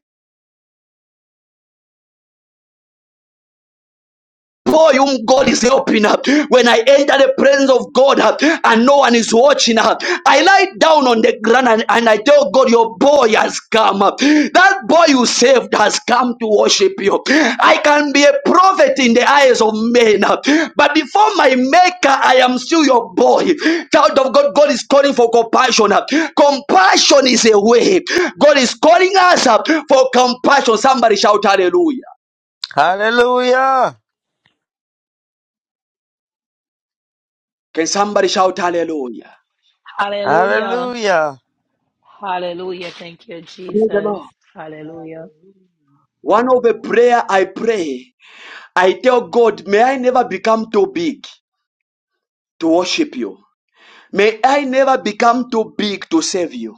Speaker 1: boy whom God is helping. uh, When I enter the presence of God uh, and no one is watching, uh, I lie down on the ground and, and I tell God, Your boy has come. uh, That boy you saved has come to worship you. I can be a prophet in the eyes of men, uh, but before my maker, I am still your boy. Child of God, God is calling for compassion. uh, Compassion is a way. God is calling us up for compassion. Somebody shout hallelujah.
Speaker 4: Ah,
Speaker 1: Can somebody shout hallelujah?
Speaker 10: Hallelujah.
Speaker 4: Hallelujah.
Speaker 10: Hallelujah. Thank you,
Speaker 1: Praise the
Speaker 10: Jesus.
Speaker 1: Lord.
Speaker 10: Hallelujah.
Speaker 8: Hallelujah.
Speaker 1: One of the
Speaker 8: Amen.
Speaker 1: prayer I pray, I tell God, may I never become too big to worship you. May I never become too big to serve you.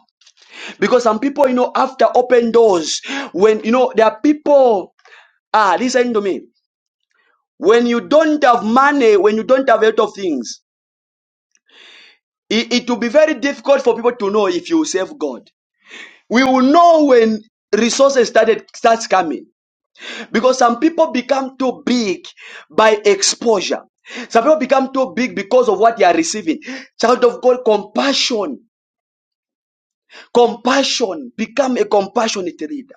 Speaker 1: Because some people, you know, after open doors, when, you know, there are people, ah, listen to me. When you don't have money, when you don't have a lot of things, it, it will be very difficult for people to know if you serve God. We will know when resources started starts coming. Because some people become too big by exposure. Some people become too big because of what they are receiving. Child of God, compassion. Compassion. Become a compassionate leader.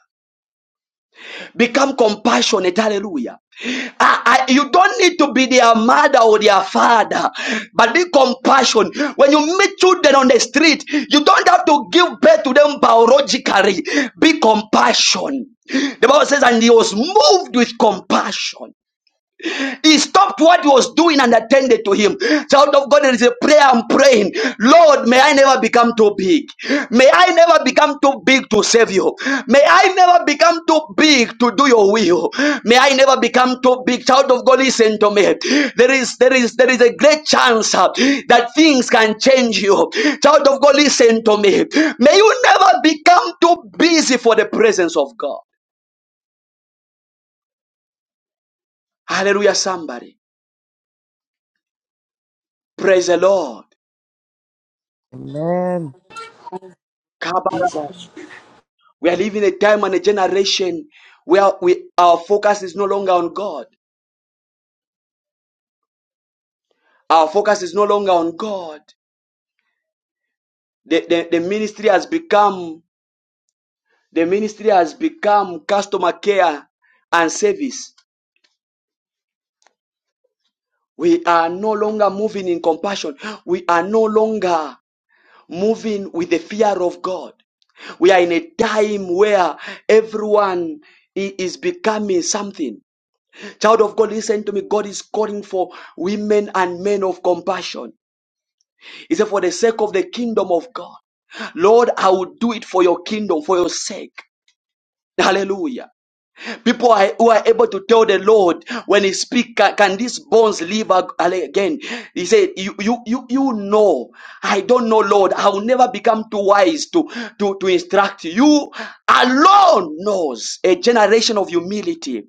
Speaker 1: Become compassionate. Hallelujah. I, I, you don't need to be their mother or their father, but be compassion. When you meet children on the street, you don't have to give birth to them biologically. Be compassion. The Bible says, and he was moved with compassion. He stopped what he was doing and attended to him. Child of God, there is a prayer I'm praying. Lord, may I never become too big. May I never become too big to save you. May I never become too big to do your will. May I never become too big. Child of God, listen to me. There is there is there is a great chance uh, that things can change you. Child of God, listen to me. May you never become too busy for the presence of God. Hallelujah, somebody. Praise the Lord.
Speaker 4: Amen.
Speaker 7: Jesus.
Speaker 1: We are living a time and a generation where we, our focus is no longer on God. Our focus is no longer on God. The, the, the ministry has become the ministry has become customer care and service. We are no longer moving in compassion. We are no longer moving with the fear of God. We are in a time where everyone is becoming something. Child of God, listen to me. God is calling for women and men of compassion. He said, For the sake of the kingdom of God, Lord, I will do it for your kingdom, for your sake. Hallelujah. People are, who are able to tell the Lord when he speak, can, can these bones live ag- again? He said, you, you, you, you know, I don't know, Lord. I will never become too wise to, to, to instruct you. You alone knows a generation of humility.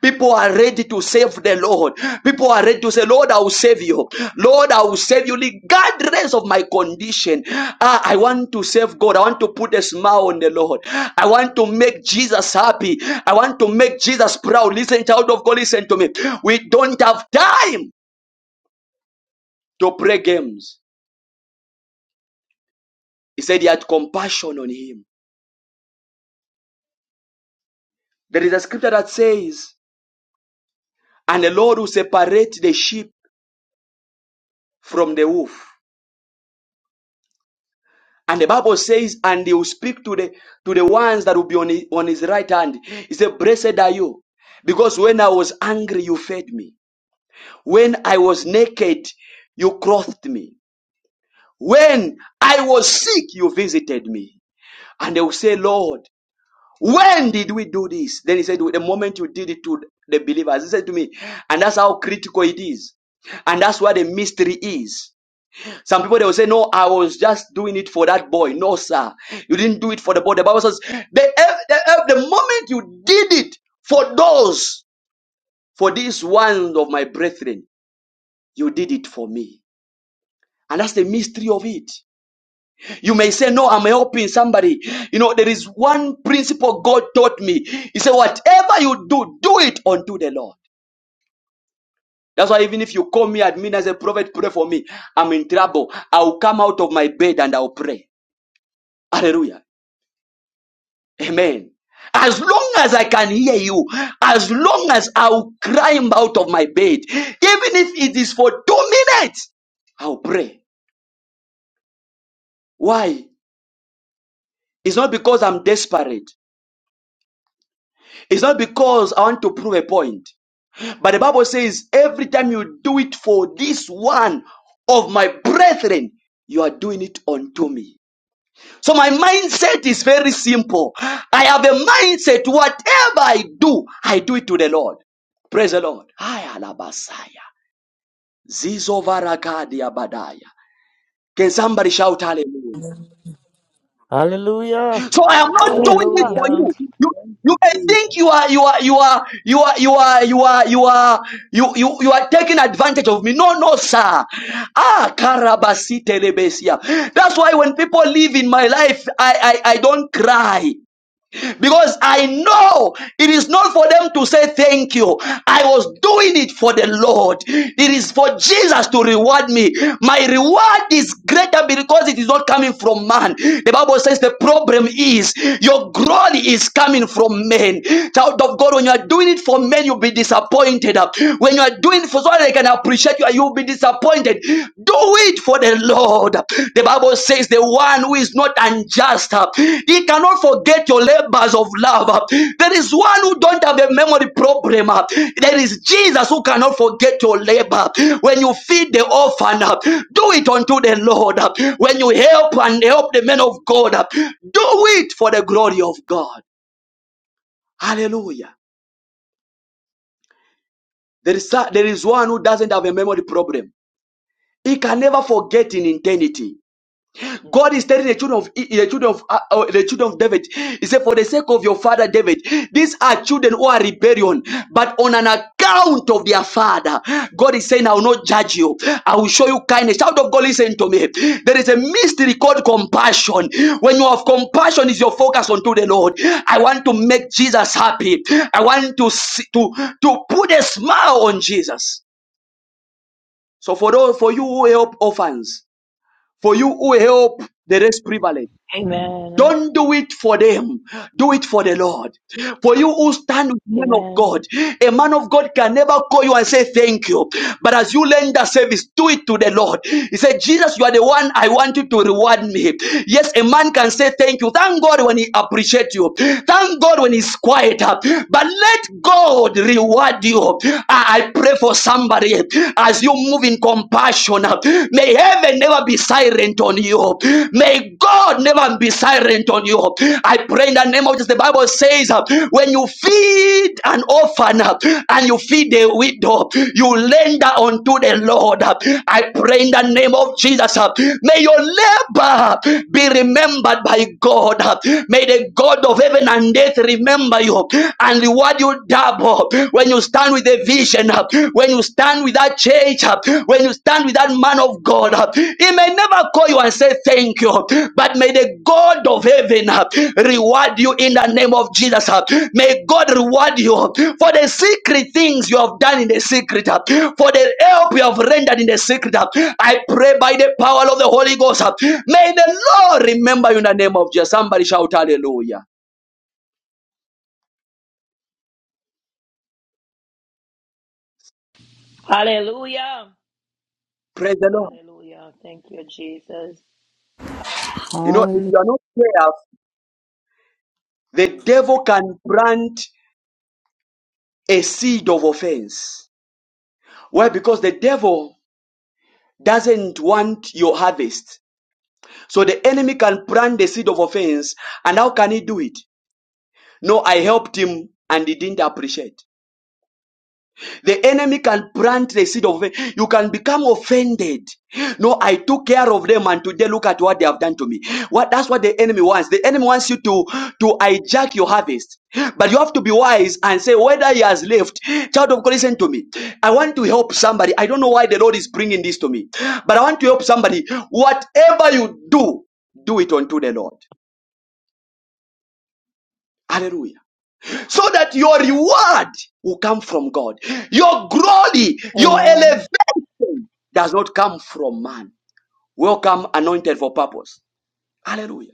Speaker 1: People are ready to save the Lord. People are ready to say, Lord, I will save you. Lord, I will save you regardless of my condition. Ah, I want to save God. I want to put a smile on the Lord. I want to make Jesus happy. I want to make Jesus proud. Listen, child of God, listen to me. We don't have time to play games. He said he had compassion on him. There is a scripture that says, and the Lord will separate the sheep from the wolf. And the Bible says, and he will speak to the to the ones that will be on his, on his right hand. He said, Blessed are you, because when I was angry, you fed me. When I was naked, you clothed me. When I was sick, you visited me. And they will say, Lord, when did we do this? Then he said, The moment you did it to the believers, he said to me, and that's how critical it is. And that's what the mystery is. Some people they will say, No, I was just doing it for that boy. No, sir. You didn't do it for the boy. The Bible says, The, the, the moment you did it for those, for these ones of my brethren, you did it for me. And that's the mystery of it. You may say, No, I'm helping somebody. You know, there is one principle God taught me. He said, Whatever you do, do it unto the Lord. That's why even if you call me at midnight as a prophet, pray for me. I'm in trouble. I'll come out of my bed and I'll pray. Hallelujah. Amen. As long as I can hear you, as long as I'll climb out of my bed, even if it is for two minutes, I'll pray. Why? It's not because I'm desperate. It's not because I want to prove a point. But the Bible says every time you do it for this one of my brethren, you are doing it unto me. So my mindset is very simple. I have a mindset, whatever I do, I do it to the Lord. Praise the Lord. Can somebody shout hallelujah?
Speaker 4: Hallelujah.
Speaker 1: So I am not
Speaker 11: Hallelujah.
Speaker 1: doing it for
Speaker 10: Hallelujah.
Speaker 1: you. You you may think you are you are you are you are you are you are you are you you, you are taking advantage of me. No, no, sir. Ah, karabasi telebesia. That's why when people live in my life, I I, I don't cry. because I know it is not for them to say thank you. I was doing it for the Lord. It is for Jesus to reward me. My reward is greater because it is not coming from man. The Bible says the problem is your glory is coming from men. Child of God, when you are doing it for men, you'll be disappointed. When you are doing it for so they can appreciate you, you'll be disappointed appointed, do it for the Lord. The Bible says, The one who is not unjust, uh, he cannot forget your labors of love. uh. There is one who don't have a memory problem. uh. There is Jesus who cannot forget your labor. When you feed the orphan, uh, do it unto the Lord. uh. When you help and help the men of God, uh, do it for the glory of God. Hallelujah. There is, there is one who doesn't have a memory problem. He can never forget in eternity. God is telling the children of the children of uh, uh, the children of David. He said, "For the sake of your father David, these are children who are rebellion, but on an account of their father, God is saying, I will not judge you. I will show you kindness." Child of God, listen to me. There is a mystery called compassion. When you have compassion, is your focus unto the Lord. I want to make Jesus happy. I want to see, to to put a smile on Jesus. So for those for you who help orphans, for you who help the rest privileged.
Speaker 10: Amen.
Speaker 1: Don't do it for them. Do it for the Lord. For you who stand with men of
Speaker 10: Amen.
Speaker 1: God, a man of God can never call you and say thank you. But as you lend the service, do it to the Lord. He said, Jesus, you are the one I want you to reward me. Yes, a man can say thank you. Thank God when he appreciates you. Thank God when he's quieter. But let God reward you. I I pray for somebody as you move in compassion. May heaven never be silent on you. May God never be silent on you. I pray in the name of Jesus. The Bible says, uh, when you feed an orphan uh, and you feed a widow, you lend unto the Lord. Uh, I pray in the name of Jesus. uh, May your labor be remembered by God. Uh, May the God of heaven and earth remember you and reward you double when you start stand with a vision, uh, when you stand with that church, uh, when you stand with that man of God, uh, he may never call you and say thank you, but may the God of heaven uh, reward you in the name of Jesus. uh. May God reward you for the secret things you have done in the secret, uh, for the help you have rendered in the secret. uh. I pray by the power of the Holy Ghost. uh, May the Lord remember you in the name of Jesus. Somebody shout hallelujah.
Speaker 10: Hallelujah.
Speaker 1: Praise the Lord.
Speaker 10: Hallelujah. Thank you, Jesus.
Speaker 1: You know, if
Speaker 7: hallelujah.
Speaker 1: you are not there The devil can plant a seed of offense. Why? Because the devil doesn't want your harvest. So the enemy can plant the seed of offense. And how can he do it? No, I helped him and he didn't appreciate. The enemy can plant the seed of it. You can become offended. No, I took care of them, and today look at what they have done to me. What that's what the enemy wants. The enemy wants you to to hijack your harvest. But you have to be wise and say whether he has left. Child of God, listen to me. I want to help somebody. I don't know why the Lord is bringing this to me, but I want to help somebody. Whatever you do, do it unto the Lord. Hallelujah so that your reward will come from God. Your glory, your
Speaker 10: Amen.
Speaker 1: elevation does not come from man. Welcome, anointed for purpose. Hallelujah.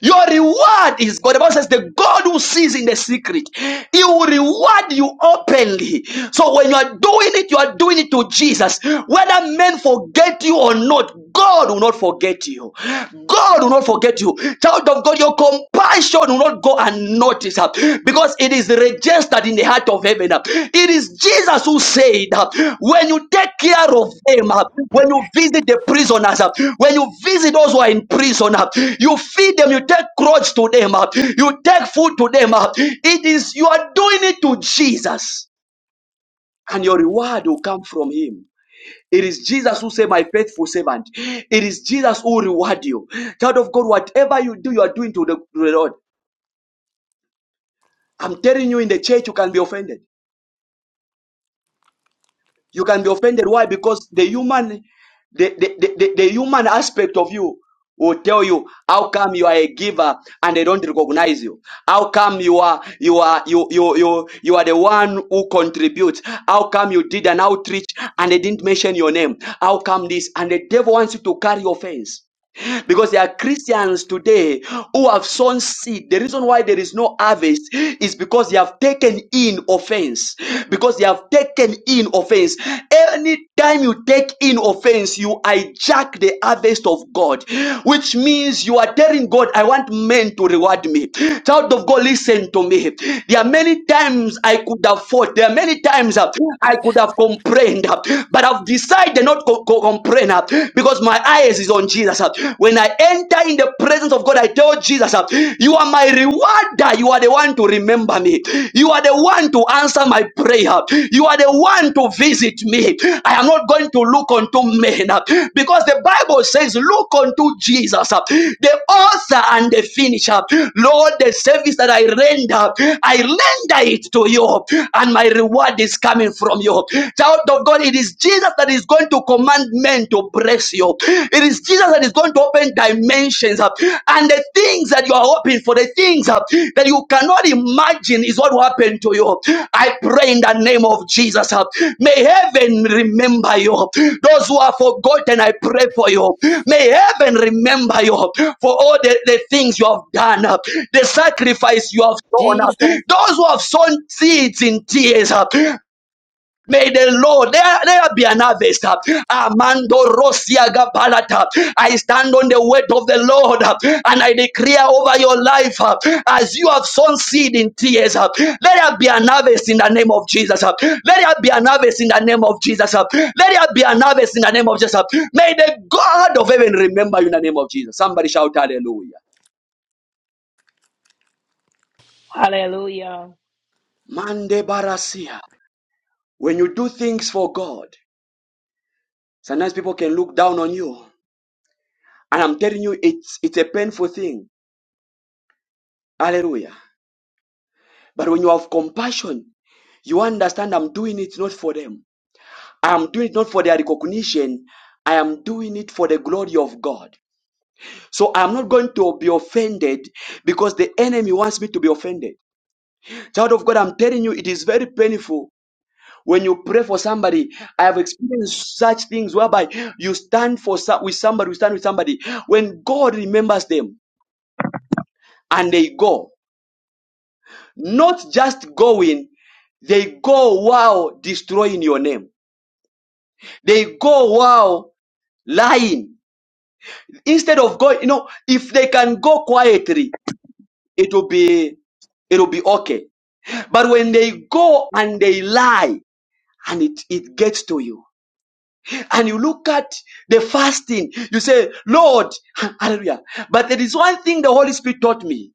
Speaker 1: Your reward is God. The Bible says, The God who sees in the secret, He will reward you openly. So when you are doing it, you are doing it to Jesus. Whether men forget you or not, God will not forget you. God will not forget you. Child of God, your compassion will not go unnoticed because it is registered in the heart of heaven. It is Jesus who said, When you take care of them, when you visit the prisoners, when you visit those who are in prison, you feed them, you take clothes to them, you take food to them. It is you are doing it to Jesus, and your reward will come from Him. It is Jesus who said, My faithful servant. It is Jesus who reward you. Child of God, whatever you do, you are doing to the to the Lord. I'm telling you, in the church, you can be offended. You can be offended. Why? Because the human, the, the, the, the, the human aspect of you will tell you how come you are a giver and they don't recognize you. How come you are you are you you you you are the one who contributes? How come you did an outreach and they didn't mention your name? How come this? And the devil wants you to carry offense because there are Christians today who have sown seed. The reason why there is no harvest is because they have taken in offense. Because they have taken in offense. Anytime you take in offense, you hijack the harvest of God, which means you are telling God, I want men to reward me. Child of God, listen to me. There are many times I could have fought, there are many times uh, I could have complained, uh, but I've decided not to co- co- complain. uh, uh, because my eyes is on Jesus. uh. When I enter in the presence of God, I tell Jesus, uh, you are my rewarder. You are the one to remember me. You are the one to answer my prayer. You are the one to visit me. I am not going to look unto men uh, because the Bible says, look unto Jesus, uh, the author and the finisher. Lord, the service that I render, I render it to you and my reward is coming from you. Child of God, it is is Jesus that is going to command men to bless you. It is Jesus that is going to open dimensions up. And the things that you are hoping for, the things uh, that you cannot imagine is what will happen to you. I pray in the name of Jesus. uh, May heaven remember you. Those who are forgotten, I pray for you. May heaven remember you for all the, the things you have done, uh, the sacrifice you have done. uh,
Speaker 7: Jesus.
Speaker 1: Those who have sown seeds in tears, uh, May the Lord, there, there be an harvest. Amando Rosia Gabalata. I stand on the word of the Lord uh, and I declare over your life uh, as you have sown seed in tears. uh, Let there be an harvest in the name of Jesus. uh, Let there be an harvest in the name of Jesus. uh, Let there be an harvest in the name of Jesus. uh, May the God of heaven remember you in the name of Jesus. Somebody shout hallelujah.
Speaker 10: Hallelujah.
Speaker 1: Mande Barasia. When you do things for God, sometimes people can look down on you. And I'm telling you, it's it's a painful thing. Hallelujah. But when you have compassion, you understand I'm doing it not for them. I am doing it not for their recognition. I am doing it for the glory of God. So I'm not going to be offended because the enemy wants me to be offended. Child of God, I'm telling you, it is very painful when you pray for somebody. I have experienced such things whereby you stand for so- with somebody, you stand with somebody. When God remembers them and they go, Not just going, they go wow destroying your name. They go wow lying. Instead of going, you know, if they can go quietly, it will be it'll be okay. But when they go and they lie and it, it gets to you, and you look at the fasting, you say, Lord, (laughs) hallelujah. But there is one thing the Holy Spirit taught me.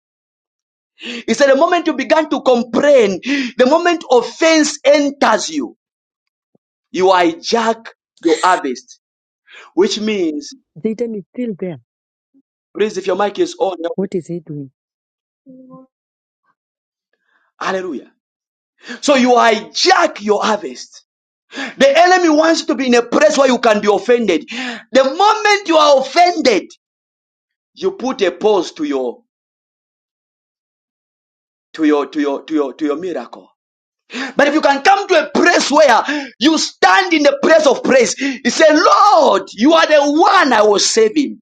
Speaker 1: He said, the moment you began to complain, the moment offense enters you. You hijack your harvest, which means,
Speaker 12: Satan is still there.
Speaker 1: please, if your mic is on,
Speaker 12: What is he doing?
Speaker 1: hallelujah. So you hijack your harvest. The enemy wants you to be in a place where you can be offended. The moment you are offended, you put a pause to your to your to your to your to your miracle. But if you can come to a place where you stand in the place of praise, you say, Lord, you are the one I was saving.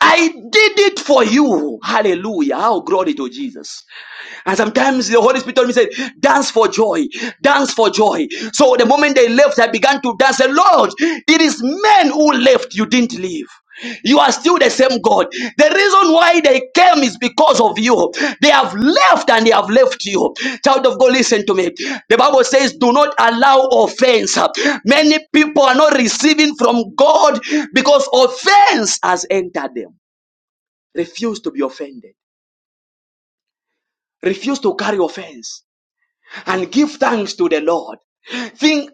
Speaker 1: I did it for you. Hallelujah. How glory to Jesus. And sometimes the Holy Spirit told me, said, dance for joy, dance for joy. So the moment they left, I began to dance. And Lord, it is men who left, you didn't leave. You are still the same God. The reason why they came is because of you. They have left and they have left you. Child of God, listen to me. The Bible says, Do not allow offense. Many people are not receiving from God because offense has entered them. Refuse to be offended, refuse to carry offense. and give thanks to the Lord. Think,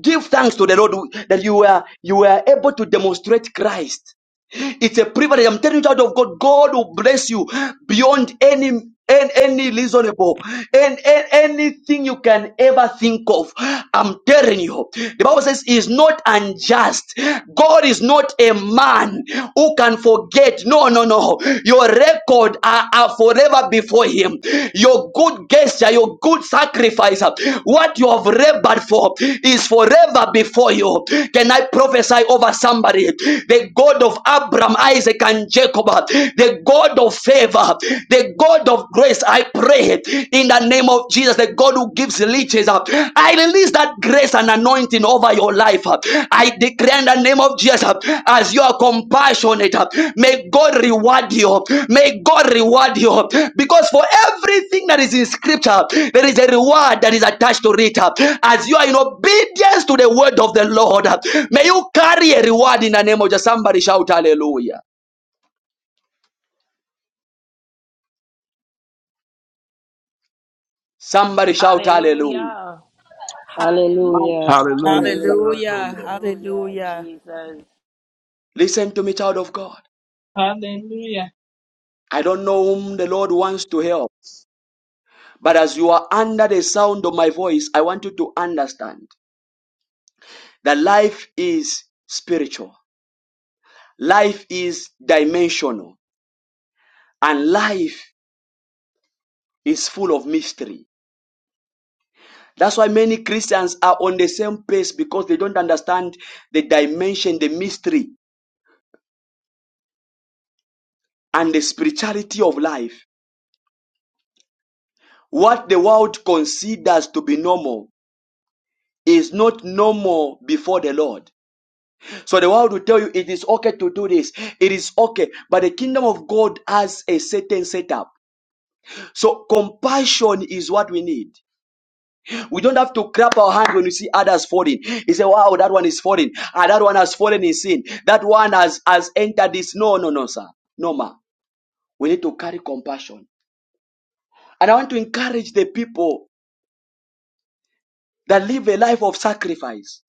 Speaker 1: give thanks to the Lord that you were you were able to demonstrate Christ. It's a privilege. I'm telling you, child of God, God will bless you beyond any and any reasonable and, and anything you can ever think of. I'm telling you, the Bible says he is not unjust. God is not a man who can forget. No, no, no. Your record are, are forever before him. Your good gesture, your good sacrifice, uh, what you have labored for is forever before you. Can I prophesy over somebody? The God of Abraham, Isaac, and Jacob, uh, the God of favor, the God of grace, I pray in the name of Jesus, the God who gives riches. uh, I release that grace and anointing anointing over your life. I declare in the name of Jesus, as you are compassionate, may God reward you. May God reward you. Because for everything that is in scripture, there is a reward that is attached to it. As you are in obedience to the word of the Lord, may you carry a reward in the name of Jesus. Somebody shout hallelujah. Somebody shout hallelujah.
Speaker 10: Hallelujah.
Speaker 2: Hallelujah.
Speaker 10: Hallelujah.
Speaker 5: Hallelujah.
Speaker 2: Hallelujah.
Speaker 13: Hallelujah.
Speaker 5: Hallelujah.
Speaker 10: Hallelujah,
Speaker 13: Hallelujah.
Speaker 10: Jesus.
Speaker 1: Listen to me, child of God.
Speaker 14: Hallelujah.
Speaker 1: I don't know whom the Lord wants to help. But as you are under the sound of my voice, I want you to understand that life is spiritual, life is dimensional, and life is full of mystery. That's why many Christians are on the same place because they don't understand the dimension, the mystery, and the spirituality of life. What the world considers to be normal is not normal before the Lord. So the world will tell you it is okay to do this. It is okay. But the kingdom of God has a certain setup. So compassion is what we need. We don't have to clap our hands when we see others falling. You say, wow, that one is falling. Ah, that one has fallen in sin. That one has, has entered this. No, no, no, sir. No, ma. We need to carry compassion. And I want to encourage the people that live a life of sacrifice.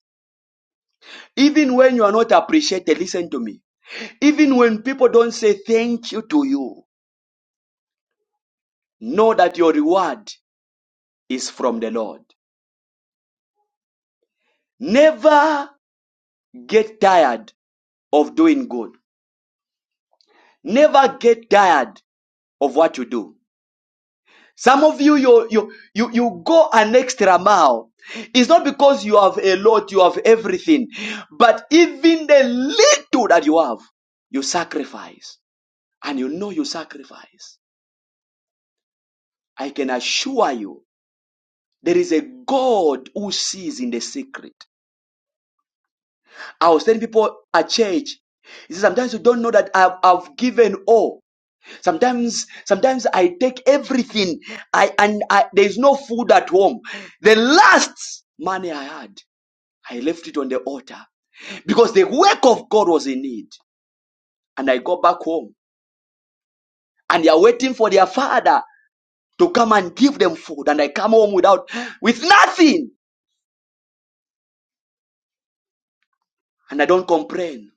Speaker 1: Even when you are not appreciated, listen to me. Even when people don't say thank you to you, Know that your reward is from the Lord. Never get tired of doing good. Never get tired of what you do. Some of you, you, you, you, you go an extra mile. It's not because you have a lot, you have everything, but even the little that you have, you sacrifice. And you know you sacrifice. I can assure you, there is a God who sees in the secret. I was telling people at church. He says, sometimes you don't know that I've, I've given all. Sometimes, sometimes I take everything. I and I, there's no food at home. The last money I had, I left it on the altar because the work of God was in need. And I go back home, and they are waiting for their father to come and give them food. And I come home without, with nothing, and I don't complain.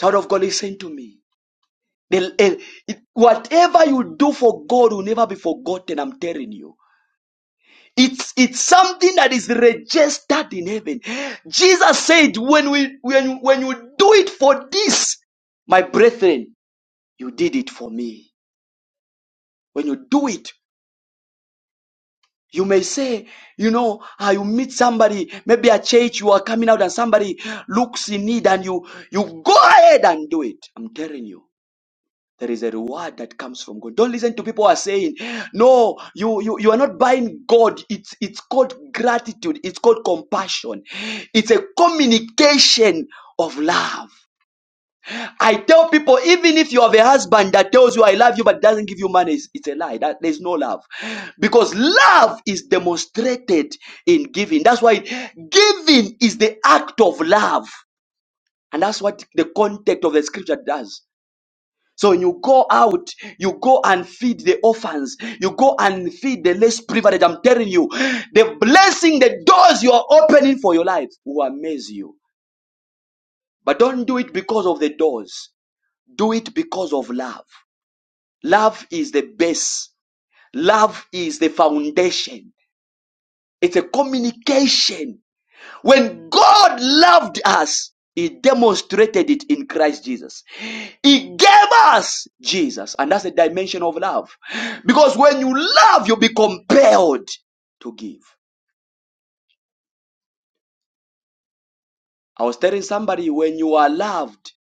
Speaker 1: Child of God, listen to me. The- eh, it- whatever you do for God will never be forgotten, I'm telling you. It's, it's something that is registered in heaven. Jesus said, when, we, when, when you do it for this, my brethren, you did it for me. When you do it, you may say, you know, ah, you meet somebody, maybe a church, you are coming out and somebody looks in need and you, you go ahead and do it. I'm telling you. There is a reward that comes from God. Don't listen to people who are saying, no, you, you, you are not buying God. It's, it's called gratitude. It's called compassion. It's a communication of love. I tell people, even if you have a husband that tells you, I love you, but doesn't give you money, it's, it's a lie. That, there's no love. Because love is demonstrated in giving. That's why giving is the act of love. And that's what the context of the scripture does. So you go out, you go and feed the orphans, you go and feed the less privileged. I'm telling you, the blessing, the doors you are opening for your life will amaze you. But don't do it because of the doors. Do it because of love. Love is the base. Love is the foundation. It's a communication When God loved us, He demonstrated it in Christ Jesus. He gave us Jesus. And that's a dimension of love. Because when you love, you'll be compelled to give. I was telling somebody, when you are loved,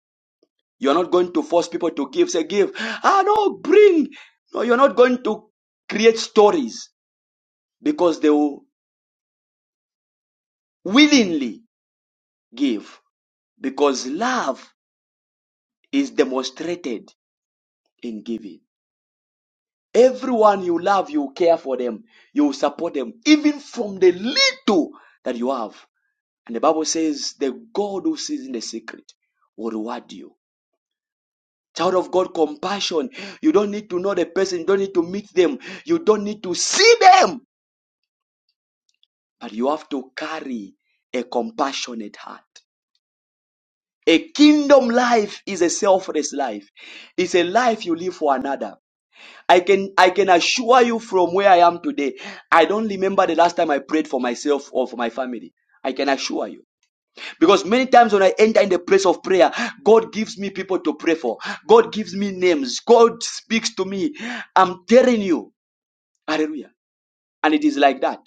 Speaker 1: you're not going to force people to give. Say, give. Ah, no, bring. No, you're not going to create stories because they will willingly give. Because love is demonstrated in giving. Everyone you love, you care for them, you support them, even from the little that you have. And the Bible says, the God who sees in the secret will reward you. Child of God, compassion. You don't need to know the person, you don't need to meet them, you don't need to see them, but you have to carry a compassionate heart. A kingdom life is a selfless life, it's a life you live for another. I can I can assure you from where I am today, I don't remember the last time I prayed for myself or for my family. I can assure you. Because many times when I enter in the place of prayer, God gives me people to pray for. God gives me names. God speaks to me. I'm telling you. Hallelujah. And it is like that.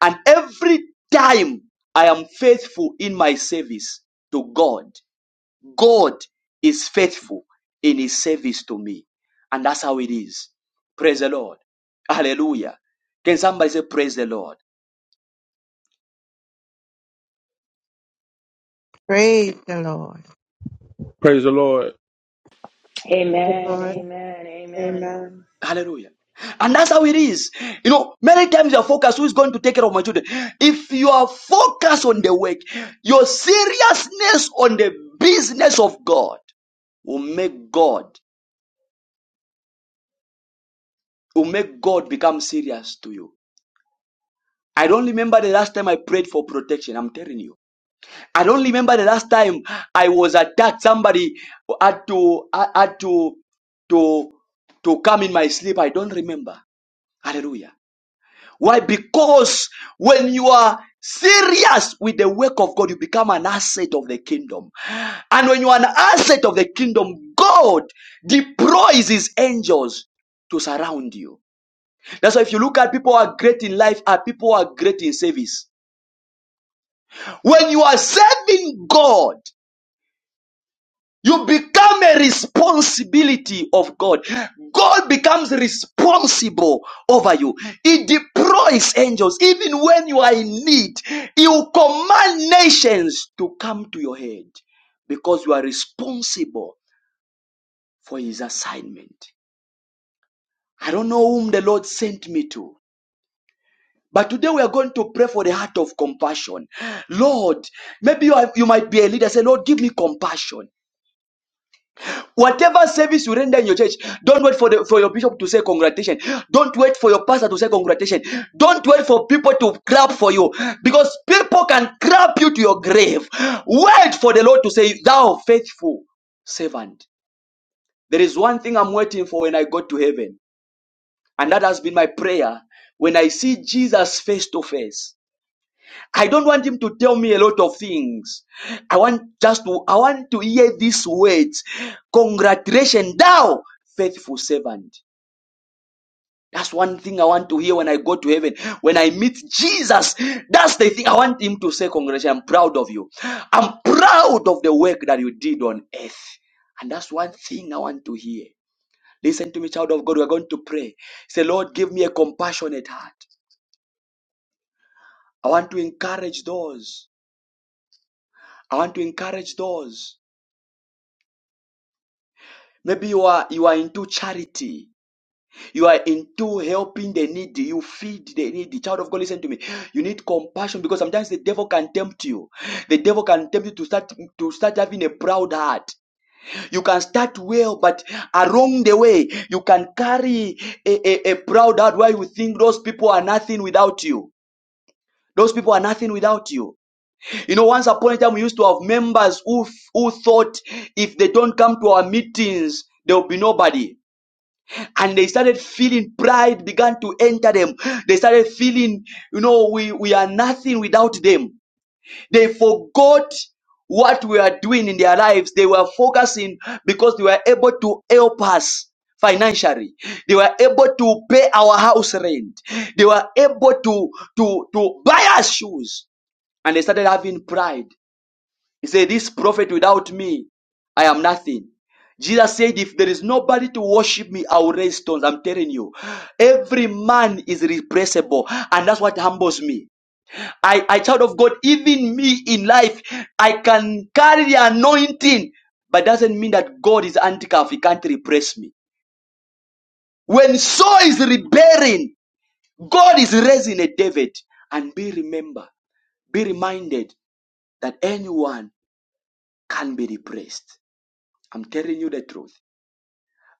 Speaker 1: And every time I am faithful in my service to God, God is faithful in his service to me. And that's how it is. Praise the Lord. Hallelujah. Can somebody say, Praise the Lord?
Speaker 11: Praise the Lord.
Speaker 5: Praise the Lord.
Speaker 10: Amen.
Speaker 15: Lord.
Speaker 10: Amen. Amen.
Speaker 15: Amen.
Speaker 1: Hallelujah. And that's how it is. You know, many times you're focused, who is going to take care of my children? If you are focused on the work, your seriousness on the business of God will make God, will make God become serious to you. I don't remember the last time I prayed for protection. I'm telling you. I don't remember the last time I was attacked. Somebody had to had to to to come in my sleep. I don't remember. Hallelujah. Why? Because when you are serious with the work of God, you become an asset of the kingdom. And when you are an asset of the kingdom, God deploys his angels to surround you. That's why if you look at people who are great in life, are people who are great in service. When you are serving God, You become a responsibility of God. God becomes responsible over you. He deploys angels even when you are in need. He will command nations to come to your head because you are responsible for his assignment. I don't know whom the Lord sent me to. But today we are going to pray for the heart of compassion. Lord, maybe you, are, you might be a leader. Say, Lord, give me compassion. Whatever service you render in your church, don't wait for the, for your bishop to say congratulations. Don't wait for your pastor to say congratulations. Don't wait for people to clap for you because people can clap you to your grave. Wait for the Lord to say, "Thou faithful servant." There is one thing I'm waiting for when I go to heaven, and that has been my prayer. When I see Jesus face to face, I don't want him to tell me a lot of things. I want just to, I want to hear these words. Congratulations, thou faithful servant. That's one thing I want to hear when I go to heaven. When I meet Jesus, that's the thing I want him to say, Congratulations, I'm proud of you. I'm proud of the work that you did on earth. And that's one thing I want to hear. Listen to me, child of God. We're going to pray. Say, Lord, give me a compassionate heart. I want to encourage those. I want to encourage those. Maybe you are you are into charity. You are into helping the needy. You feed the needy. Child of God, listen to me. You need compassion because sometimes the devil can tempt you. The devil can tempt you to start to start having a proud heart. You can start well, but along the way, you can carry a, a, a proud heart where you think those people are nothing without you. Those people are nothing without you. You know, once upon a time, we used to have members who, who thought if they don't come to our meetings, there will be nobody. and they started feeling pride began to enter them they started feeling you know we we are nothing without them they forgot what we are doing in their lives they were focusing because they were able to help us financially they were able to pay our house rent they were able to to to buy us shoes and they started having pride he said, This prophet without me, I am nothing. Jesus said, If there is nobody to worship me, I will raise stones. I'm telling you, every man is replaceable, and that's what humbles me. I, I child of God, even me in life, I can carry the anointing, but doesn't mean that God is handcuffed. He can't repress me. When Saul is rebelling, God is raising a David. And be remember, be reminded that anyone can be repressed. I'm telling you the truth.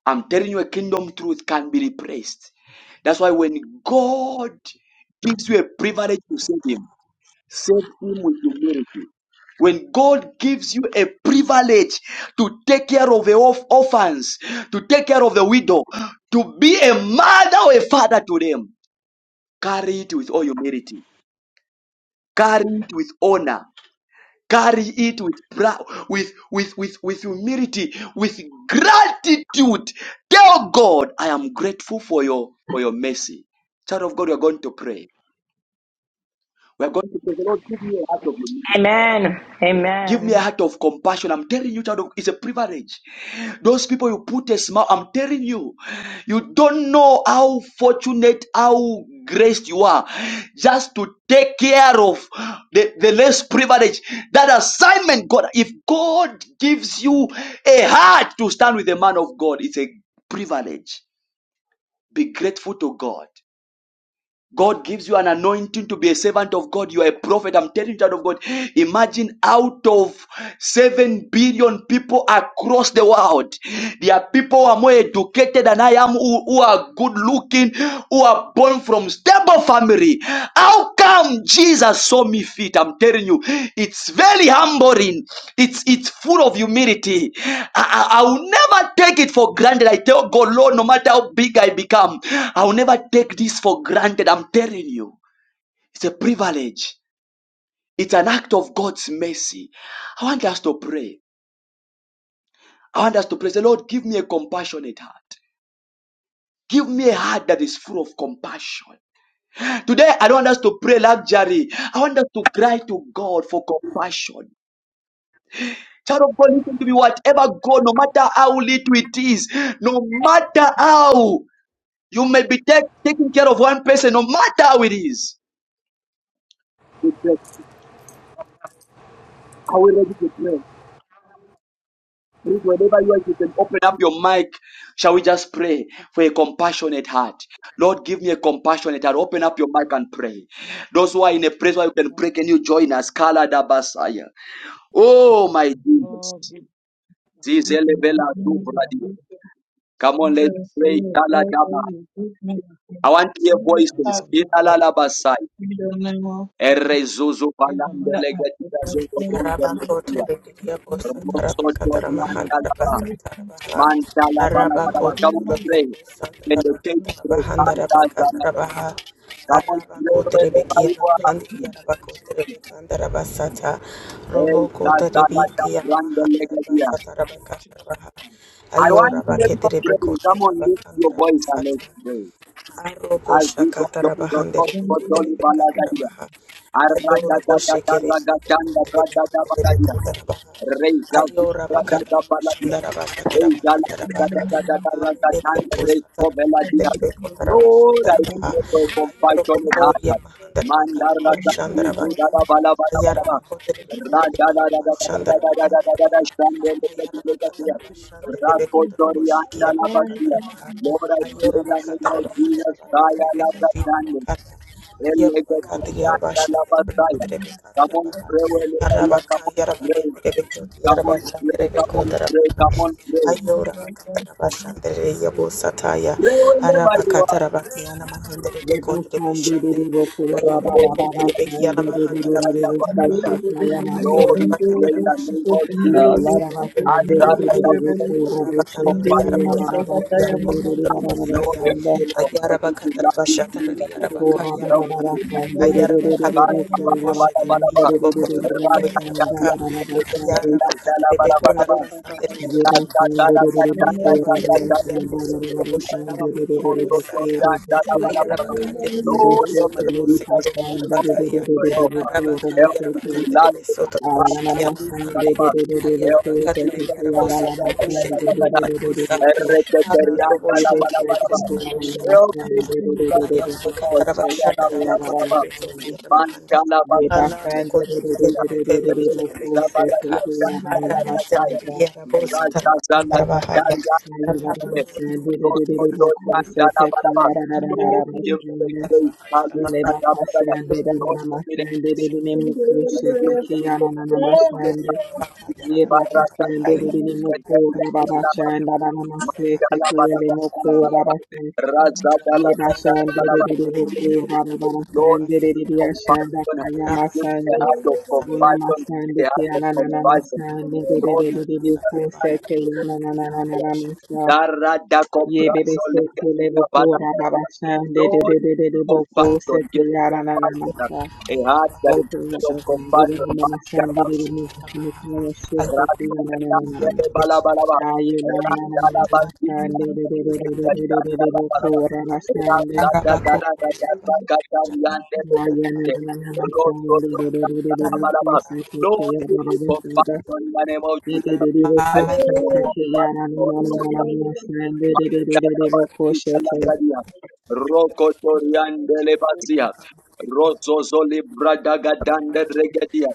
Speaker 1: I'm telling you, a kingdom truth can be replaced. That's why when God gives you a privilege to serve Him, serve Him with humility. When God gives you a privilege to take care of the orph- orphans, to take care of the widow, to be a mother or a father to them, carry it with all humility, carry it with honor. Carry it with proud, with, with, with, with humility, with gratitude. Tell God, I am grateful for your, for your mercy. Child of God, we are going to pray. We are going to pray. The Lord, give me a heart of humility.
Speaker 10: Amen.
Speaker 1: Give me a
Speaker 10: Amen.
Speaker 1: heart of compassion. I'm telling you, child, of- it's a privilege. Those people you put a smile, I'm telling you, you don't know how fortunate, how graced you are just to take care of the, the less privileged. That assignment, God, if God gives you a heart to stand with the man of God, it's a privilege. Be grateful to God. God gives you an anointing to be a servant of God. You are a prophet. I'm telling you, child of God. Imagine out of 7 billion people across the world, there are people who are more educated than I am, who, who are good looking, who are born from stable families family. How come Jesus saw me fit? I'm telling you, it's very humbling. It's it's full of humility. I, I, I will never take it for granted. I tell God, Lord, no matter how big I become, I will never take this for granted. I'm telling you, it's a privilege. It's an act of God's mercy. I want us to pray. I want us to pray. Say, Lord, give me a compassionate heart. Give me a heart that is full of compassion. Today, I don't want us to pray luxury. I want us to cry to God for compassion. Child of God, listen to me. Whatever God, no matter how little it is, no matter how you may be take, taking care of one person, no matter how it is, we pray. Are we ready to pray? Please, Whenever you are, you can open up your mic. Shall we just pray for a compassionate heart? Lord, give me a compassionate heart. Open up your mic and pray. Those who are in a place where you can
Speaker 8: Thank
Speaker 1: pray,
Speaker 8: you.
Speaker 1: can you
Speaker 8: Jesus.
Speaker 1: join us? Kala da Basaya. Oh, my Jesus.
Speaker 8: Lord, be passionate of
Speaker 1: Zizelebela
Speaker 14: (laughs)
Speaker 8: God in the
Speaker 1: duvradi.
Speaker 8: mighty name of
Speaker 1: Come on,
Speaker 14: Thank
Speaker 1: let's
Speaker 14: you.
Speaker 8: Jesus.
Speaker 1: pray. Taladaba.
Speaker 8: But
Speaker 14: good man of God.
Speaker 1: I want to
Speaker 8: it's
Speaker 1: hear
Speaker 14: When
Speaker 8: not
Speaker 14: we
Speaker 8: out
Speaker 1: voices.
Speaker 14: start
Speaker 8: to
Speaker 14: to
Speaker 8: love,
Speaker 14: God,
Speaker 1: Inalalabasai.
Speaker 14: we
Speaker 8: but
Speaker 14: don't know
Speaker 1: Erezuzu
Speaker 8: in the
Speaker 1: balando
Speaker 8: mighty
Speaker 14: the
Speaker 8: name of
Speaker 1: legetia
Speaker 14: application of
Speaker 1: zuzo
Speaker 8: Jesus.
Speaker 1: bonde
Speaker 14: the
Speaker 1: legetia.
Speaker 8: Amen. be
Speaker 14: information.
Speaker 1: Rosso
Speaker 8: passionate of God in
Speaker 1: torianda laba.
Speaker 14: We
Speaker 1: Manta laba laba laba. Come
Speaker 14: very
Speaker 1: on, pray. In the case
Speaker 8: the
Speaker 1: pray.
Speaker 8: mighty name of
Speaker 1: Manta zama.
Speaker 8: Jesus.
Speaker 1: Come on, pray wherever you are. Hey,
Speaker 8: We
Speaker 1: zazala jabrande
Speaker 8: encourage
Speaker 1: legetia.
Speaker 8: the culture in
Speaker 1: I
Speaker 8: the
Speaker 1: want to
Speaker 8: mighty
Speaker 1: hear you
Speaker 8: name of
Speaker 1: pray. Come
Speaker 8: Jesus.
Speaker 1: on, lift your voice and let's pray.
Speaker 8: We
Speaker 1: As you
Speaker 8: encourage
Speaker 1: go,
Speaker 8: our
Speaker 1: don't go,
Speaker 8: people.
Speaker 1: don't go,
Speaker 8: We
Speaker 1: don't go,
Speaker 8: encourage
Speaker 1: don't go, Lord, I pray
Speaker 16: You
Speaker 1: for
Speaker 16: moved into
Speaker 1: compassion
Speaker 16: his
Speaker 1: in
Speaker 16: house
Speaker 1: heart.
Speaker 16: in
Speaker 1: Mandarla
Speaker 16: July.
Speaker 1: Sakti,
Speaker 16: When you
Speaker 1: Dudara
Speaker 16: moved
Speaker 1: Bala
Speaker 16: into
Speaker 1: Bala
Speaker 16: his
Speaker 1: Bala Bala.
Speaker 16: house, was his
Speaker 1: Raja da
Speaker 16: house
Speaker 1: da da da
Speaker 16: furnished
Speaker 1: da da
Speaker 16: or
Speaker 1: da
Speaker 16: not
Speaker 1: da da da da
Speaker 16: furnished?
Speaker 1: Shande
Speaker 16: Sama.
Speaker 1: Leke Leke
Speaker 16: One
Speaker 1: Leke.
Speaker 16: is when
Speaker 1: Rako Tori
Speaker 16: you moved
Speaker 1: Anda La
Speaker 16: out
Speaker 1: Basia.
Speaker 16: on
Speaker 1: Lord,
Speaker 16: March
Speaker 1: I pray in the
Speaker 16: 29th,
Speaker 1: name of
Speaker 16: did you
Speaker 1: Jesus,
Speaker 16: take
Speaker 1: Kaya La
Speaker 16: some
Speaker 1: Shande.
Speaker 16: of his
Speaker 1: Come
Speaker 16: furniture? No, I did not take any of his furniture
Speaker 1: on, pray where you are. Come on, pray. Come on, pray. Come on, pray. Come on, pray.
Speaker 14: much of
Speaker 1: Pray wherever you are.
Speaker 17: Thank
Speaker 8: our families.
Speaker 1: Pray,
Speaker 8: Our
Speaker 1: pray,
Speaker 14: the
Speaker 8: families.
Speaker 14: Thank
Speaker 1: Lord, we
Speaker 14: you.
Speaker 1: the name of Jesus. I stand up and pray for things for five Lord, help me, Lord. Help me to love you,
Speaker 18: Lord,
Speaker 1: Jesus.
Speaker 18: because I give you
Speaker 1: Help
Speaker 18: glory
Speaker 1: me Help me, Jesus. Help
Speaker 18: and praise. Mm, have mercy, Lord. Lord, my Father, we thank you. can. I cover myself with the blood of Jesus. I cover my family with the blood of Jesus. Thank you, Lord. Thank you, my Jesus. Thank you for
Speaker 1: me,
Speaker 18: everything that you have for me.
Speaker 17: you.
Speaker 18: Thank you, Lord Jesus.
Speaker 17: Thank
Speaker 18: I'm grateful unto you. I'm grateful unto you. I thank you, everything, Lord. You said you are faithful. You glory and I
Speaker 1: Lord. I
Speaker 18: thank you.
Speaker 1: am
Speaker 18: Thank you,
Speaker 1: Manchala
Speaker 18: and
Speaker 1: basi
Speaker 18: I'm grateful.
Speaker 1: kaya.
Speaker 18: Thank
Speaker 1: Zabala ya chala kaya.
Speaker 18: you, glory and
Speaker 1: Raja zala kaya. Those who don't dana bana ba. Don't give to the
Speaker 17: you.
Speaker 1: day. Kalu
Speaker 17: Leba
Speaker 1: kaya bana ba.
Speaker 17: kasende
Speaker 1: Don't
Speaker 17: dana
Speaker 1: give it to
Speaker 17: masende dene mukushe tekiyana
Speaker 18: I
Speaker 17: nana masende
Speaker 18: thank
Speaker 17: yeba
Speaker 18: you.
Speaker 17: kasende dene mukura baba
Speaker 1: kaya.
Speaker 17: chanda dana masete
Speaker 1: Mandala bada
Speaker 17: kiyele
Speaker 1: bada
Speaker 17: mukura
Speaker 1: bada bada.
Speaker 17: basa
Speaker 1: Raja dala
Speaker 17: yeba
Speaker 1: dala
Speaker 17: shende
Speaker 1: bada bada.
Speaker 17: dene mukura baba
Speaker 1: Lord,
Speaker 17: chanda dene yashanda
Speaker 1: compassion.
Speaker 17: kaya
Speaker 1: Give the
Speaker 17: masende
Speaker 1: heart of
Speaker 17: Ole
Speaker 1: compassion, Give
Speaker 17: masende
Speaker 1: the heart of
Speaker 17: kiyana nana
Speaker 1: compassion.
Speaker 17: masende dene
Speaker 1: Lord,
Speaker 17: dene
Speaker 1: Jesus,
Speaker 17: mukuse
Speaker 1: thank you.
Speaker 17: tekiyana nana nana masa
Speaker 1: Dara da
Speaker 17: Ye bebe
Speaker 1: cobrazo le
Speaker 17: sete lebe
Speaker 1: cabana.
Speaker 17: kura baba shande de de
Speaker 1: Lord,
Speaker 17: de de de boko
Speaker 1: compassion,
Speaker 17: sete
Speaker 1: give
Speaker 17: yara na na
Speaker 1: compassion.
Speaker 17: masa.
Speaker 1: A heart that is
Speaker 17: Open up
Speaker 1: full of
Speaker 17: the game. We don't have mama
Speaker 1: compassion.
Speaker 17: sande de de move. Me kaya
Speaker 1: Lord,
Speaker 17: shete na na na na na na. Aye na na na na na na na sande de de de de de de de de de boko raba shande. Aye na na na na na sande de de de de de boko sete kaya
Speaker 1: give
Speaker 17: baba
Speaker 1: me
Speaker 17: de de
Speaker 1: compassion in the name of
Speaker 17: Ye de
Speaker 1: Jesus.
Speaker 17: de de
Speaker 1: I
Speaker 17: boko
Speaker 1: pray for
Speaker 17: sete kaya na
Speaker 1: compassion,
Speaker 17: na
Speaker 1: Lord
Speaker 17: na na
Speaker 1: God.
Speaker 17: na na na sande de de de de de boko sete.
Speaker 1: Mandalabasikalagadia. Rokotoriandelebasia. Rozozolibradagadandregedia.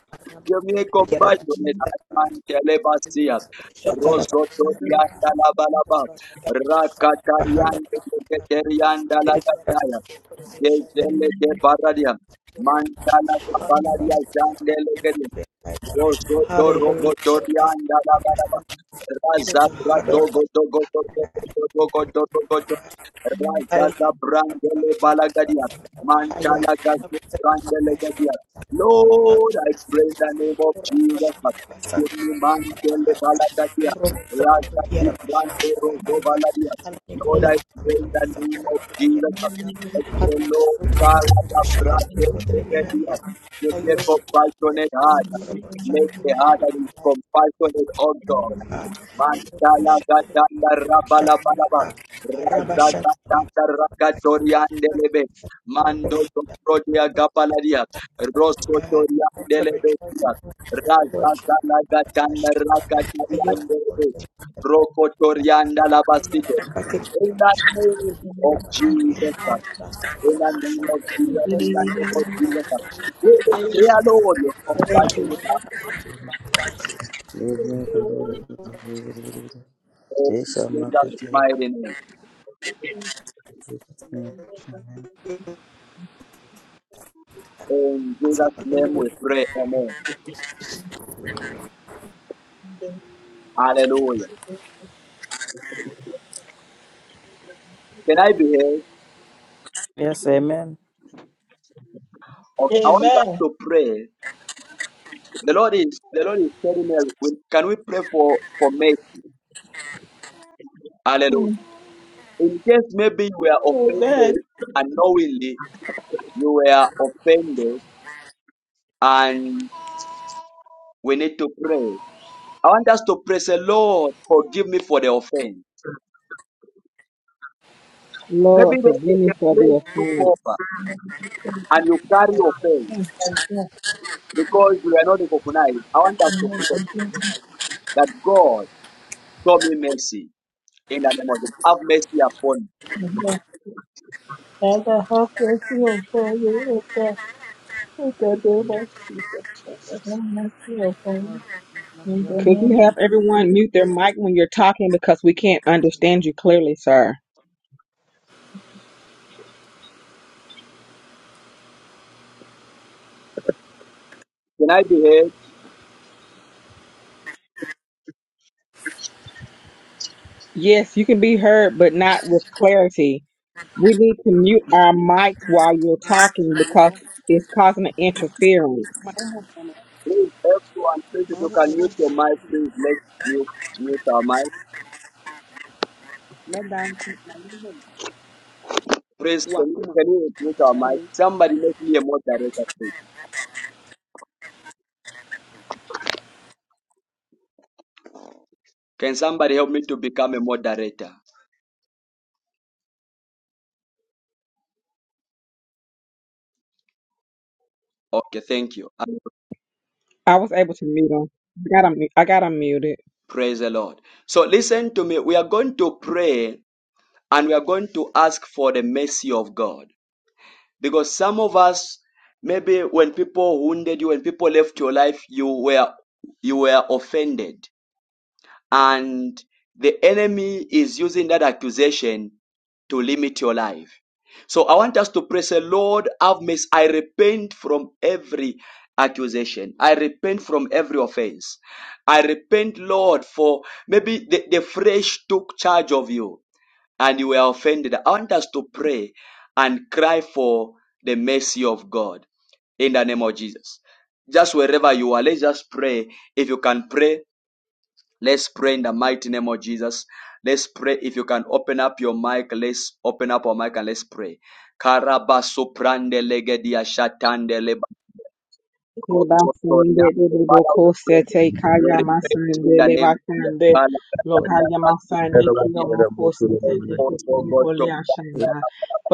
Speaker 1: Give me compassionate heart, Mandelebasia. Rozotoriandalabalaba. Rakatariandelegeteriandalagadaya. Jezelekeparadia. Mandalakapaladia. Jandelegedia. Lord, I pray in the name of Jesus. Lord, I pray in the name of Jesus. I pray, Lord, God, I have brought them to the earth. Give me a compassionate heart. Make the heart that is compassionate, O God. Mandala
Speaker 8: Jesus.
Speaker 1: Gatanda Rabala Balaba Razata Rakatoriandelebe Mando Prodia Gapalaria Rosotoriandelebe Rakatanagatan Rakatariande Rokotorianda Labasito. In the name of Jesus, in the name of Jesus, in
Speaker 14: Amen.
Speaker 1: the name of Jesus, we declare, Lord, your compassion is
Speaker 4: Amen. Amen.
Speaker 1: unfold in Jesus' mighty name. In Jesus' name we pray, Amen. Hallelujah. Can I be heard?
Speaker 4: Yes, amen.
Speaker 1: Okay, I want us to pray. The Lord is, the Lord is telling us, we- can we pray for, for me? Hallelujah.
Speaker 14: Mm.
Speaker 1: In case maybe you were
Speaker 14: Amen.
Speaker 1: offended unknowingly, you were offended, and we need to pray. I want us to pray, say, Lord, forgive me for the offense. Maybe
Speaker 17: Lord,
Speaker 1: the, the,
Speaker 17: forgive me
Speaker 1: the
Speaker 17: for the
Speaker 1: praise took over
Speaker 17: offense.
Speaker 1: and you carry offense
Speaker 14: Thank you, God.
Speaker 1: because you are not recognized. I want us to,
Speaker 14: And I
Speaker 1: that God show me mercy in the name of Jesus. Have mercy upon me.
Speaker 14: And I have faith in for you, O God. In the name of Jesus. I have mercy upon you.
Speaker 8: Lord, we love
Speaker 14: In
Speaker 8: your
Speaker 14: the
Speaker 17: Could you
Speaker 14: name of
Speaker 17: have
Speaker 8: family.
Speaker 14: Jesus.
Speaker 17: everyone mute their mic when you're talking because we can't understand you clearly, sir?
Speaker 1: Can I be heard?
Speaker 17: Yes, you can be heard, but not with clarity. We need to mute our mics while you're talking because
Speaker 18: Luego,
Speaker 17: it's causing an
Speaker 18: ma-
Speaker 17: interference.
Speaker 18: marumo sana.
Speaker 1: Please, everyone, please, if you
Speaker 18: Marumo-
Speaker 1: can
Speaker 18: yabo
Speaker 1: mute your
Speaker 18: bayo,
Speaker 1: mic,
Speaker 18: yabo.
Speaker 1: please, let's mute, mute our mic.
Speaker 18: Meda nti, marumo.
Speaker 1: Praise, can you,
Speaker 18: Wakuma.
Speaker 1: can you mute our mic?
Speaker 18: Are.
Speaker 1: Somebody make me a moderator, please. Can somebody help me to become a moderator? Okay, thank you. And
Speaker 17: I was able to mute them. I got 'em- I got 'em muted.
Speaker 1: praise the Lord. So listen to me. We are going to pray and we are going to ask for the mercy of God. Because some of us, maybe when people wounded you, when people left your life, you were you were offended. and the enemy is using that accusation to limit your life. So I want us to pray, say, Lord, have mercy. I repent from every accusation. I repent from every offense. I repent, Lord, for maybe the, the flesh took charge of you and you were offended. I want us to pray and cry for the mercy of God in the name of Jesus. Just wherever you are, let's just pray. If you can pray, Let's pray in the mighty name of Jesus. Let's pray. If you can open up your mic, let's open up our mic and let's pray. Karabasuprande legedia shatande leba-
Speaker 17: Basende de de
Speaker 1: Father,
Speaker 17: boko
Speaker 1: we pray.
Speaker 17: sete
Speaker 1: We
Speaker 17: kaya
Speaker 1: repent
Speaker 17: masende
Speaker 1: in the
Speaker 17: le
Speaker 1: name of Jesus.
Speaker 17: basende
Speaker 1: Father, Katanda,
Speaker 17: lokaya masende kiyo
Speaker 1: Kasuprande.
Speaker 17: moko sete
Speaker 1: Oh,
Speaker 17: te te
Speaker 1: God,
Speaker 17: te
Speaker 1: oh, God,
Speaker 17: mole
Speaker 1: oh,
Speaker 17: ashanda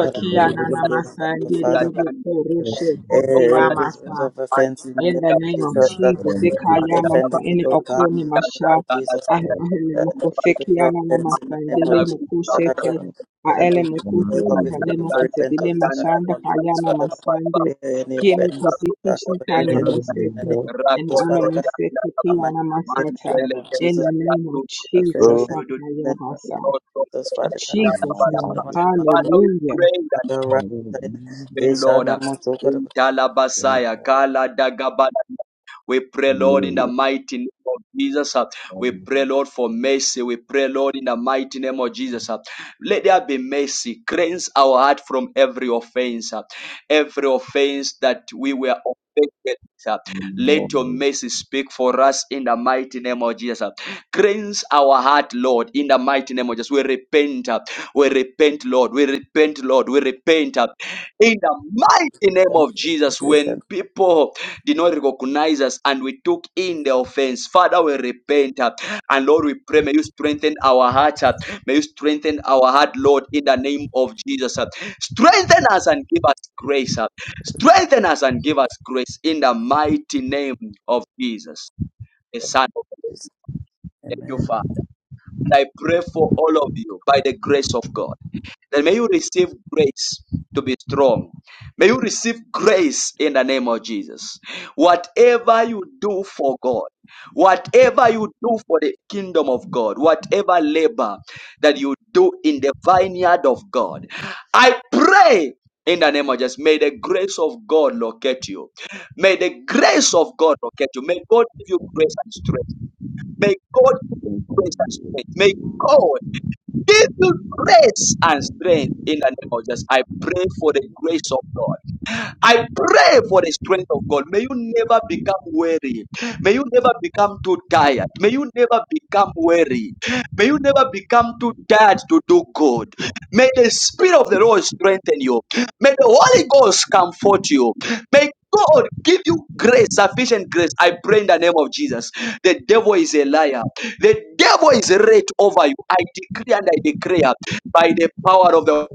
Speaker 4: Father,
Speaker 17: nana masende de de boko
Speaker 1: Oh,
Speaker 17: rushe te
Speaker 1: oh,
Speaker 17: kia
Speaker 1: God.
Speaker 4: every spirit
Speaker 17: masa
Speaker 4: of offense in the
Speaker 17: in
Speaker 4: name
Speaker 17: the
Speaker 4: of
Speaker 17: name of
Speaker 4: Jesus that
Speaker 17: Jesus, they call ya my son,
Speaker 4: offended the
Speaker 17: in it,
Speaker 4: Lord
Speaker 17: or
Speaker 4: God.
Speaker 17: call
Speaker 4: in
Speaker 17: me
Speaker 4: the
Speaker 17: my
Speaker 4: name of
Speaker 17: child.
Speaker 4: Jesus
Speaker 17: I I hear me,
Speaker 4: uh,
Speaker 17: my co-
Speaker 4: To
Speaker 17: sick,
Speaker 4: that
Speaker 1: Mancha
Speaker 4: is
Speaker 17: ya na na my
Speaker 4: offense in
Speaker 1: Father,
Speaker 4: the
Speaker 17: son, they
Speaker 4: name of
Speaker 17: lay my
Speaker 4: Jesus,
Speaker 17: cool shit,
Speaker 4: Father God.
Speaker 17: eh. I
Speaker 4: Father
Speaker 17: ele
Speaker 4: God,
Speaker 17: my cool
Speaker 4: we will
Speaker 17: shit, eh,
Speaker 4: come
Speaker 17: can
Speaker 4: before
Speaker 17: lay
Speaker 4: you
Speaker 17: my
Speaker 4: for
Speaker 17: cool shit, they lay
Speaker 4: repentance
Speaker 17: my
Speaker 4: in the name
Speaker 17: child, they
Speaker 4: of
Speaker 17: call ya
Speaker 4: Jesus,
Speaker 17: na
Speaker 4: Father
Speaker 17: my
Speaker 4: God.
Speaker 17: son, they
Speaker 4: Lay any
Speaker 17: give me cool
Speaker 4: offense
Speaker 17: shit,
Speaker 4: I
Speaker 17: they should
Speaker 4: have
Speaker 17: call
Speaker 4: against
Speaker 17: ya my
Speaker 4: anyone in
Speaker 17: shit,
Speaker 4: the name
Speaker 17: eh.
Speaker 4: of
Speaker 17: And
Speaker 4: Jesus,
Speaker 17: I know
Speaker 4: Father
Speaker 17: my
Speaker 4: God.
Speaker 17: shit, eh, ki
Speaker 4: Am
Speaker 17: ya
Speaker 4: I
Speaker 17: na my
Speaker 4: created
Speaker 17: shit,
Speaker 4: in the
Speaker 17: eh.
Speaker 4: name of
Speaker 17: In
Speaker 4: Jesus?
Speaker 17: the name of
Speaker 4: I said,
Speaker 17: Jesus,
Speaker 4: uh,
Speaker 17: I
Speaker 5: Hallelujah.
Speaker 17: call
Speaker 4: let the
Speaker 17: ya my
Speaker 4: name
Speaker 17: son.
Speaker 4: of Jesus,
Speaker 17: In
Speaker 4: Father God.
Speaker 17: Jesus'
Speaker 4: Yes,
Speaker 17: name,
Speaker 4: come on, come on,
Speaker 1: we
Speaker 17: hallelujah.
Speaker 1: pray that
Speaker 4: come on, right, right.
Speaker 1: Pray,
Speaker 4: Yes,
Speaker 1: Lord.
Speaker 4: and I'm also good
Speaker 1: In
Speaker 4: about
Speaker 1: Talabasaya, Kala Dagabala. We pray, Lord, in the mighty name of Jesus. uh, we pray, Lord, for mercy. We pray, Lord, in the mighty name of Jesus. uh, Let there be mercy. Cleanse our heart from every offense, uh, every offense that we were offended. uh, Let your mercy speak for us in the mighty name of Jesus. uh. Cleanse our heart, Lord, in the mighty name of Jesus. We repent. uh, We repent, Lord. We repent, Lord. We repent. uh, In the mighty name of
Speaker 4: repentance,
Speaker 1: Jesus,
Speaker 4: repentance,
Speaker 1: when people did not recognize us and we took in the offense. Father, we repent uh, and Lord, we pray, may you strengthen our hearts. uh, May you strengthen our heart, Lord, in the name of Jesus. uh. Strengthen us and give us grace. uh. Strengthen us and give us grace in the mighty name of Jesus, the
Speaker 4: repentance.
Speaker 1: Son of God.
Speaker 4: Jesus.
Speaker 1: Thank you,
Speaker 4: Amen.
Speaker 1: Father. And I pray for all of you by the grace of God. Then may you receive grace to be strong. May you receive grace in the name of Jesus. Whatever you do for God, whatever you do for the kingdom of God, whatever labor that you do in the vineyard of God, I pray in the name of Jesus, may the grace of God locate you. May the grace of God locate you. May God give you grace and strength. May God give you grace and strength. May God give you grace and strength in the name of Jesus. I pray for the grace of God. I pray for the strength of God. May you never become weary. May you never become too tired. May you never become weary. May you never become too tired to do good. May the Spirit of the Lord strengthen you. May the Holy Ghost comfort you. May God give you grace, sufficient grace. I pray in the name of Jesus. The devil is a liar. The devil is rate over you. I decree and I declare by the power of the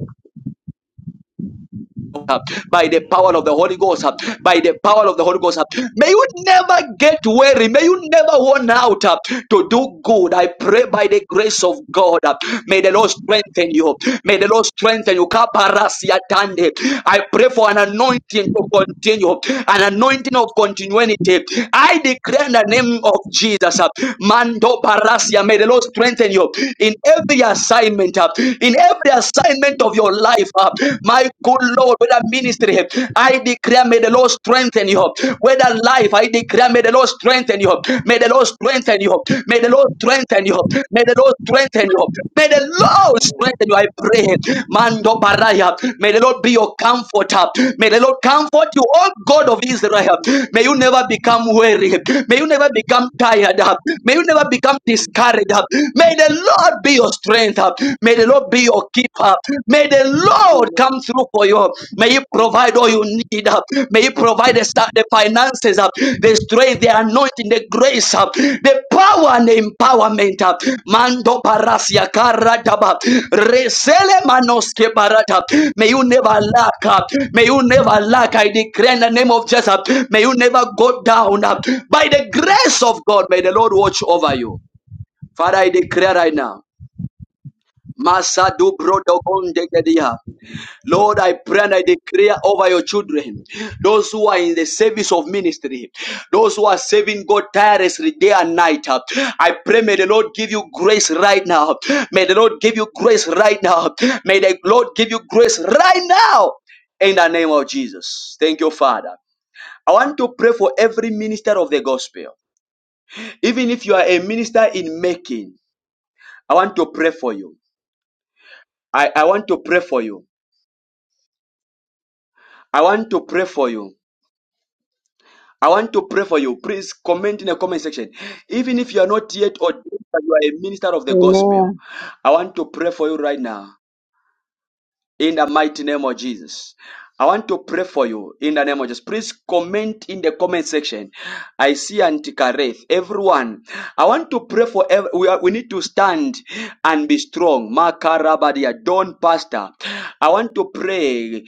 Speaker 1: uh, by the power of the Holy Ghost, uh, by the power of the Holy Ghost. uh, May you never get weary. May you never worn out uh, to do good. I pray by the grace of God. uh, May the Lord strengthen you. May the Lord strengthen you. Kaparasi I pray for an anointing to continue, an anointing of continuity. I declare in the name of Jesus, uh, Mando Parasia, may the Lord strengthen you in every assignment, uh, in every assignment of of your life. uh, My good Lord, with that ministry, I declare, may the Lord strengthen you. With that life, I declare, may the Lord strengthen you. May the Lord strengthen you. May the Lord strengthen you. May the Lord strengthen you. May the Lord
Speaker 18: Ile,
Speaker 1: strengthen you. I pray.
Speaker 18: ile,
Speaker 1: Mando Baraya. May the Lord be your comforter. May the Lord comfort you, oh God of Israel.
Speaker 18: ile,
Speaker 1: May you never become weary. May you never become tired. May you never become discouraged. May the Lord
Speaker 18: ile,
Speaker 1: be your strength. May the Lord be your keeper. May the Lord
Speaker 18: ile,
Speaker 1: come through for you. May He
Speaker 18: ile, ile.
Speaker 1: provide all you need. May He provide the, sta- the finances, the strength, the anointing, the grace, the power and the empowerment. Mando barasia karadaba. Resele manoske barata. May you never lack. May you never lack. I declare in the name of Jesus. May you never go down. By the grace of God, may the Lord watch over you. Father, I declare right now. Masadu brodo gonde gedia. Lord, I pray and I declare over your children, those who are in the service of ministry, those who are serving God tirelessly day and night. I pray, may the Lord give you grace right now. May the Lord give you grace right now. May the Lord give you grace right now in the name of Jesus. Thank you, Father. I want to pray for every minister of the gospel. Even if you are a minister in making, I want to pray for you. I, I want to pray for you. I want to pray for you. I want to pray for you. Please comment in the comment section. Even if you are not yet ordained, but you are a minister of the gospel.
Speaker 17: Amen.
Speaker 1: I want to pray for you right now in the mighty name of Jesus. I want to pray for you in the name of Jesus. Please comment in the comment section. I see Antikareth. Everyone, I want to pray for every, we, are, we need to stand and be strong. Makarabadia, Don Pastor. I want to pray.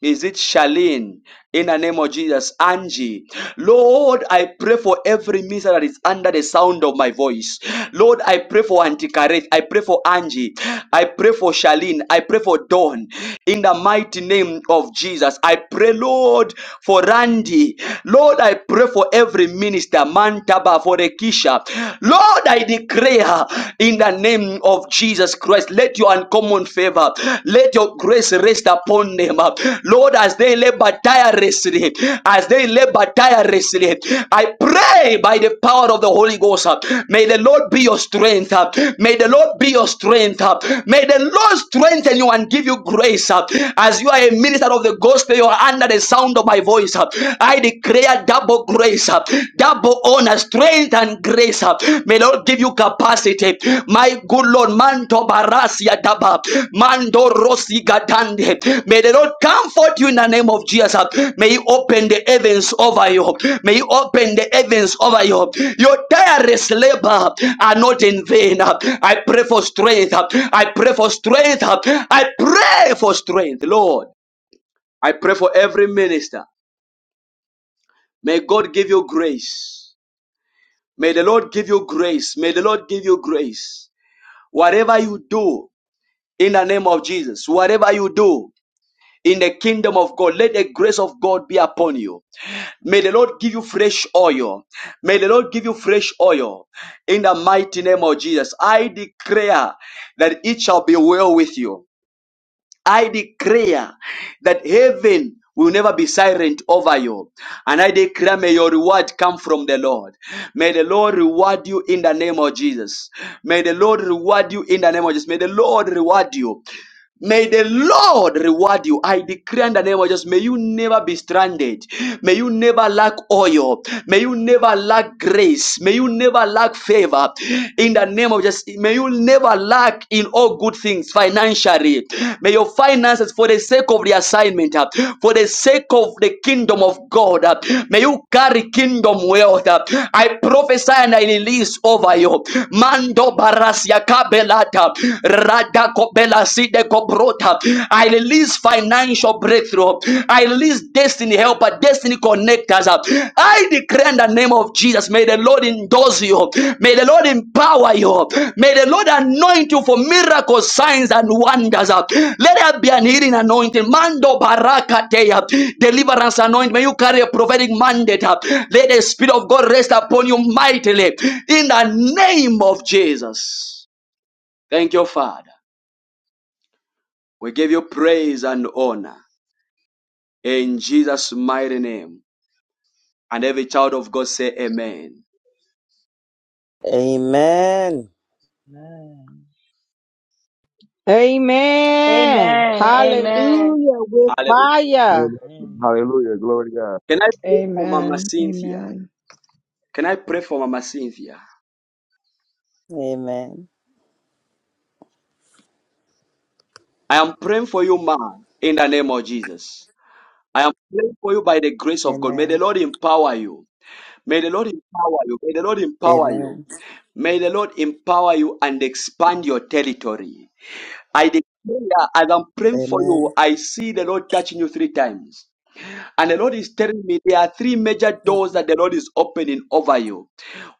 Speaker 1: Is it Charlene? In the name of Jesus, Angie. Lord, I pray for every minister that is under the sound of my voice. Lord, I pray for Auntie Kareth. I pray for Angie. I pray for Charlene. I pray for Dawn. In the mighty name of Jesus, I pray, Lord, for Randy. Lord, I pray for every minister, Mantaba, for Rekisha. Lord, I declare in the name name of Jesus Christ. Let your uncommon favor, let your grace rest upon them. Lord, as they labor tirelessly, as they labor tirelessly, I pray by the power of the Holy Ghost. May the Lord be your strength. May the Lord be your strength. May the Lord strengthen you and give you grace. As you are a minister of the gospel, you are under the sound of my voice. I declare double grace double honor, strength, and grace. uh, May Lord give you capacity. My good Lord, Manto Barasia Daba, Mando Rosi Gadande. May the Lord comfort you in the name of Jesus. uh, May He open the heavens over you. May He open the heavens over you. Your tireless labor are not in vain. uh, I pray for strength. uh, I pray for strength. uh, I pray for strength, Lord. I pray for every minister. May God give you grace. May the Lord give you grace. May the Lord give you grace. Whatever you do in the name of Jesus, whatever you do in the kingdom of God, let the grace of God be upon you. May the Lord give you fresh oil. May the Lord give you fresh oil in the mighty name of Jesus. I declare that it shall be well with you. I declare that heaven will never be silent over you. And I declare, may your reward come from the Lord. May the Lord reward you in the name of Jesus. May the Lord reward you in the name of Jesus. May the Lord reward you. May the Lord reward you. I declare in the name of Jesus, may you never be stranded. May you never lack oil. May you never lack grace. May you never lack favor. In the name of Jesus, may you never lack in all good things financially. May your finances, for the sake of the assignment, uh, for the sake of the kingdom of God, uh, may you carry kingdom wealth. uh. I prophesy and I release over you. Mando barasia kabelata. Sada kobela side kobrota. I release financial breakthrough. I release destiny helper, destiny connectors. I declare in the name of Jesus, may the Lord endorse you. May the Lord empower you. May the Lord anoint you for miracles, signs, and wonders. Let there be an healing anointing. Mando barakateya. Deliverance anointing. May you carry a prophetic mandate. Let the Spirit of God rest upon you mightily. In the name of Jesus. Thank you, Father. We give you praise and honor in Jesus' mighty name. And every child of God say amen.
Speaker 4: Amen.
Speaker 8: Amen.
Speaker 17: Amen.
Speaker 10: Amen. Amen.
Speaker 17: Hallelujah. With
Speaker 1: Hallelujah.
Speaker 17: fire.
Speaker 8: Amen.
Speaker 5: Glory to God.
Speaker 1: Can I pray for Mama
Speaker 15: Amen.
Speaker 1: Cynthia?
Speaker 15: Amen.
Speaker 1: Can I pray for Mama Cynthia?
Speaker 4: Amen.
Speaker 1: I am praying for you, ma, in the name of Jesus. I am praying for you by the grace of God. May the
Speaker 4: Amen.
Speaker 1: Lord empower you. May the Lord empower you. May the Lord empower you.
Speaker 4: Amen.
Speaker 1: May the Lord empower you and expand your territory. I declare, as I'm praying for
Speaker 4: Amen.
Speaker 1: you, I see the Lord touching you three times. And the Lord is telling me there are three major
Speaker 4: Amen.
Speaker 1: doors that the Lord is opening over you,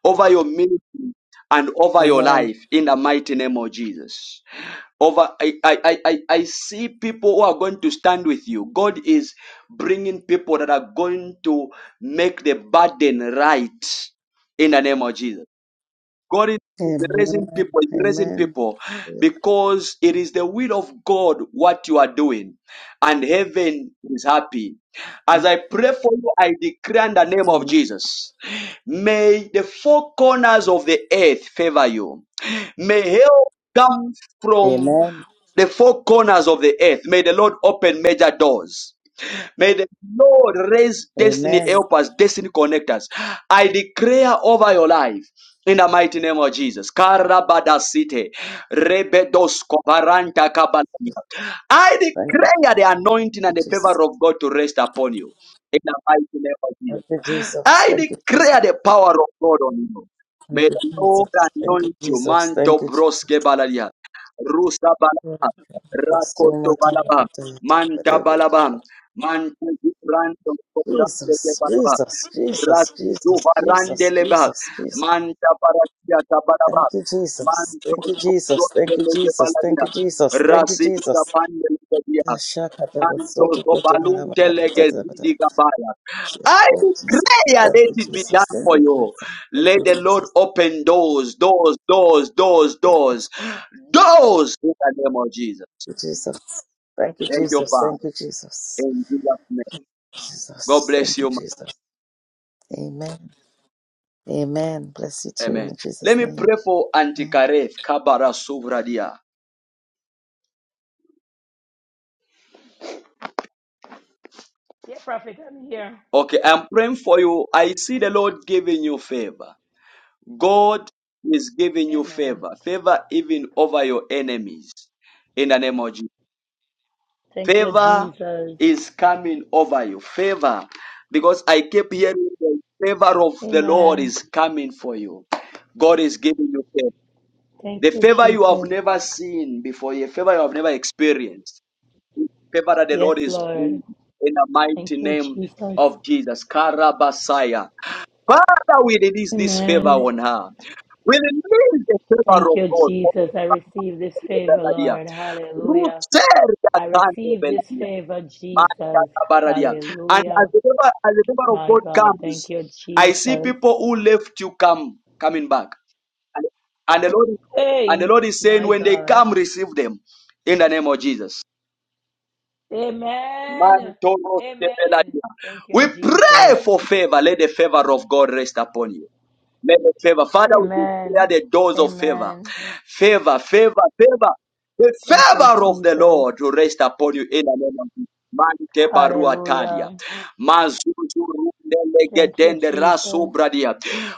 Speaker 1: over your ministry, and over your
Speaker 4: Amen.
Speaker 1: life in the mighty name of Jesus. Over, I, I, I, I I see people who are going to stand with you. God is bringing people that are going to make the burden right in the name of Jesus. God is raising
Speaker 4: Amen.
Speaker 1: people, is raising
Speaker 4: Amen.
Speaker 1: people because it is the will of God what you are doing, and heaven is happy. As I pray for you, I decree in the name of Jesus. May the four corners of the earth favor you. May help come from
Speaker 4: Amen.
Speaker 1: the four corners of the earth. May the Lord open major doors. May the Lord raise destiny
Speaker 4: Amen.
Speaker 1: helpers, destiny connectors. I declare over your life in the mighty name of Jesus. Karabadasite, rebedoskobaranta kabalaya. I
Speaker 4: Thank you,
Speaker 1: declare the anointing and the
Speaker 4: Jesus.
Speaker 1: favor of God to rest upon you in the mighty name of Jesus.
Speaker 4: Thank you, Jesus.
Speaker 1: I
Speaker 4: Thank you, Jesus.
Speaker 1: declare the power of God on you.
Speaker 4: Thank
Speaker 1: May
Speaker 4: you,
Speaker 1: the Lord
Speaker 4: Jesus. Thank you,
Speaker 1: anoint you.
Speaker 4: Jesus. Thank
Speaker 1: Manto
Speaker 4: you, Jesus.
Speaker 1: broske balalia. Rusa balaba.
Speaker 4: That's so
Speaker 1: Rakoto
Speaker 4: much of a
Speaker 1: balaba.
Speaker 4: potato,
Speaker 1: Manta
Speaker 4: whatever.
Speaker 1: balaba. Manta vibrando. Cobrando de
Speaker 4: Jesus,
Speaker 1: balaba.
Speaker 4: Jesus, Jesus,
Speaker 1: Rasidu
Speaker 4: Jesus,
Speaker 1: varande
Speaker 4: Jesus,
Speaker 1: leba.
Speaker 4: Jesus, Jesus.
Speaker 1: Manta paratia
Speaker 4: Thank
Speaker 1: tabalaba.
Speaker 4: you, Jesus. Thank
Speaker 1: Manto
Speaker 4: you, Jesus.
Speaker 1: cobrando
Speaker 4: Thank you,
Speaker 1: de
Speaker 4: Jesus. Thank
Speaker 1: balalia.
Speaker 4: you, Jesus. Thank you,
Speaker 1: Rasidu
Speaker 4: Jesus.
Speaker 1: tapande
Speaker 4: Shaka, that
Speaker 1: I
Speaker 4: was so to go
Speaker 1: declare,
Speaker 4: to Lord Jesus.
Speaker 1: let
Speaker 4: Thank you,
Speaker 1: it be done
Speaker 4: Jesus. Thank
Speaker 1: for
Speaker 4: you,
Speaker 1: you. Let the Lord open doors, doors, doors, doors, doors,
Speaker 4: Jesus.
Speaker 1: doors in the name of Jesus.
Speaker 4: Thank you, Jesus. Thank you,
Speaker 1: Thank you,
Speaker 4: Jesus. Thank
Speaker 1: Father.
Speaker 4: you, Jesus.
Speaker 1: In Jesus' name. God
Speaker 4: Jesus.
Speaker 1: bless
Speaker 4: Thank you,
Speaker 1: you. ma-
Speaker 4: Jesus. Amen. Amen. Bless you too
Speaker 1: Amen.
Speaker 4: in Jesus'
Speaker 1: Let me
Speaker 4: name.
Speaker 1: pray for
Speaker 4: Amen.
Speaker 1: Antikareth Kabara Suvradia.
Speaker 10: Yeah, prophet, I'm here.
Speaker 1: Okay, I'm praying for you. I see the Lord giving you favor. God is giving you
Speaker 10: Amen.
Speaker 1: favor, favor even over your enemies. In the name of Jesus.
Speaker 10: Thank you,
Speaker 1: Favor
Speaker 10: Jesus.
Speaker 1: is coming over you. Favor. Because I keep hearing the favor of the Lord
Speaker 10: Amen.
Speaker 1: is coming for you. God is giving you favor.
Speaker 10: Thank
Speaker 1: The
Speaker 10: you,
Speaker 1: favor you have
Speaker 10: Jesus.
Speaker 1: never seen before, the favor you have never experienced. Favor that the
Speaker 10: Yes,
Speaker 1: Lord is bringing
Speaker 10: Lord.
Speaker 1: in the
Speaker 10: Thank
Speaker 1: mighty
Speaker 10: you,
Speaker 1: name
Speaker 10: Jesus.
Speaker 1: of Jesus. Karabasaya. Father, we release this favor
Speaker 10: Amen.
Speaker 1: on her. We release the favor
Speaker 10: Thank
Speaker 1: of
Speaker 10: you,
Speaker 1: God.
Speaker 10: Jesus. I receive this favor, Lord.
Speaker 1: Ruth
Speaker 10: Hallelujah. I receive this
Speaker 1: said,
Speaker 10: favor, Jesus.
Speaker 1: Marakabaradia. And as
Speaker 10: Hallelujah.
Speaker 1: the river, as the river of
Speaker 10: My
Speaker 1: God
Speaker 10: God. Thank
Speaker 1: comes,
Speaker 10: you,
Speaker 1: I see
Speaker 10: Jesus.
Speaker 1: people who left you come coming back. And, and the Lord and the
Speaker 10: Hey,
Speaker 1: Lord is saying,
Speaker 10: my
Speaker 1: when they
Speaker 10: God.
Speaker 1: come, receive them in the name of Jesus.
Speaker 10: Amen.
Speaker 1: Mantoro
Speaker 10: Amen.
Speaker 1: Sebeladia.
Speaker 10: Thank you,
Speaker 1: We pray
Speaker 10: Jesus.
Speaker 1: for favor. Let the favor of God rest upon you. May the favor. Father, we declare
Speaker 10: Amen.
Speaker 1: the doors of favor.
Speaker 10: Amen.
Speaker 1: Favor, favor, favor. The
Speaker 10: Thank you,
Speaker 1: favor of the
Speaker 10: Jesus.
Speaker 1: Lord to rest upon you in the name of Jesus. Mante barua talia.
Speaker 10: Hallelujah.
Speaker 1: Mazuzu runele
Speaker 10: Thank you,
Speaker 1: gedende rasu
Speaker 10: Jesus.
Speaker 1: bradia.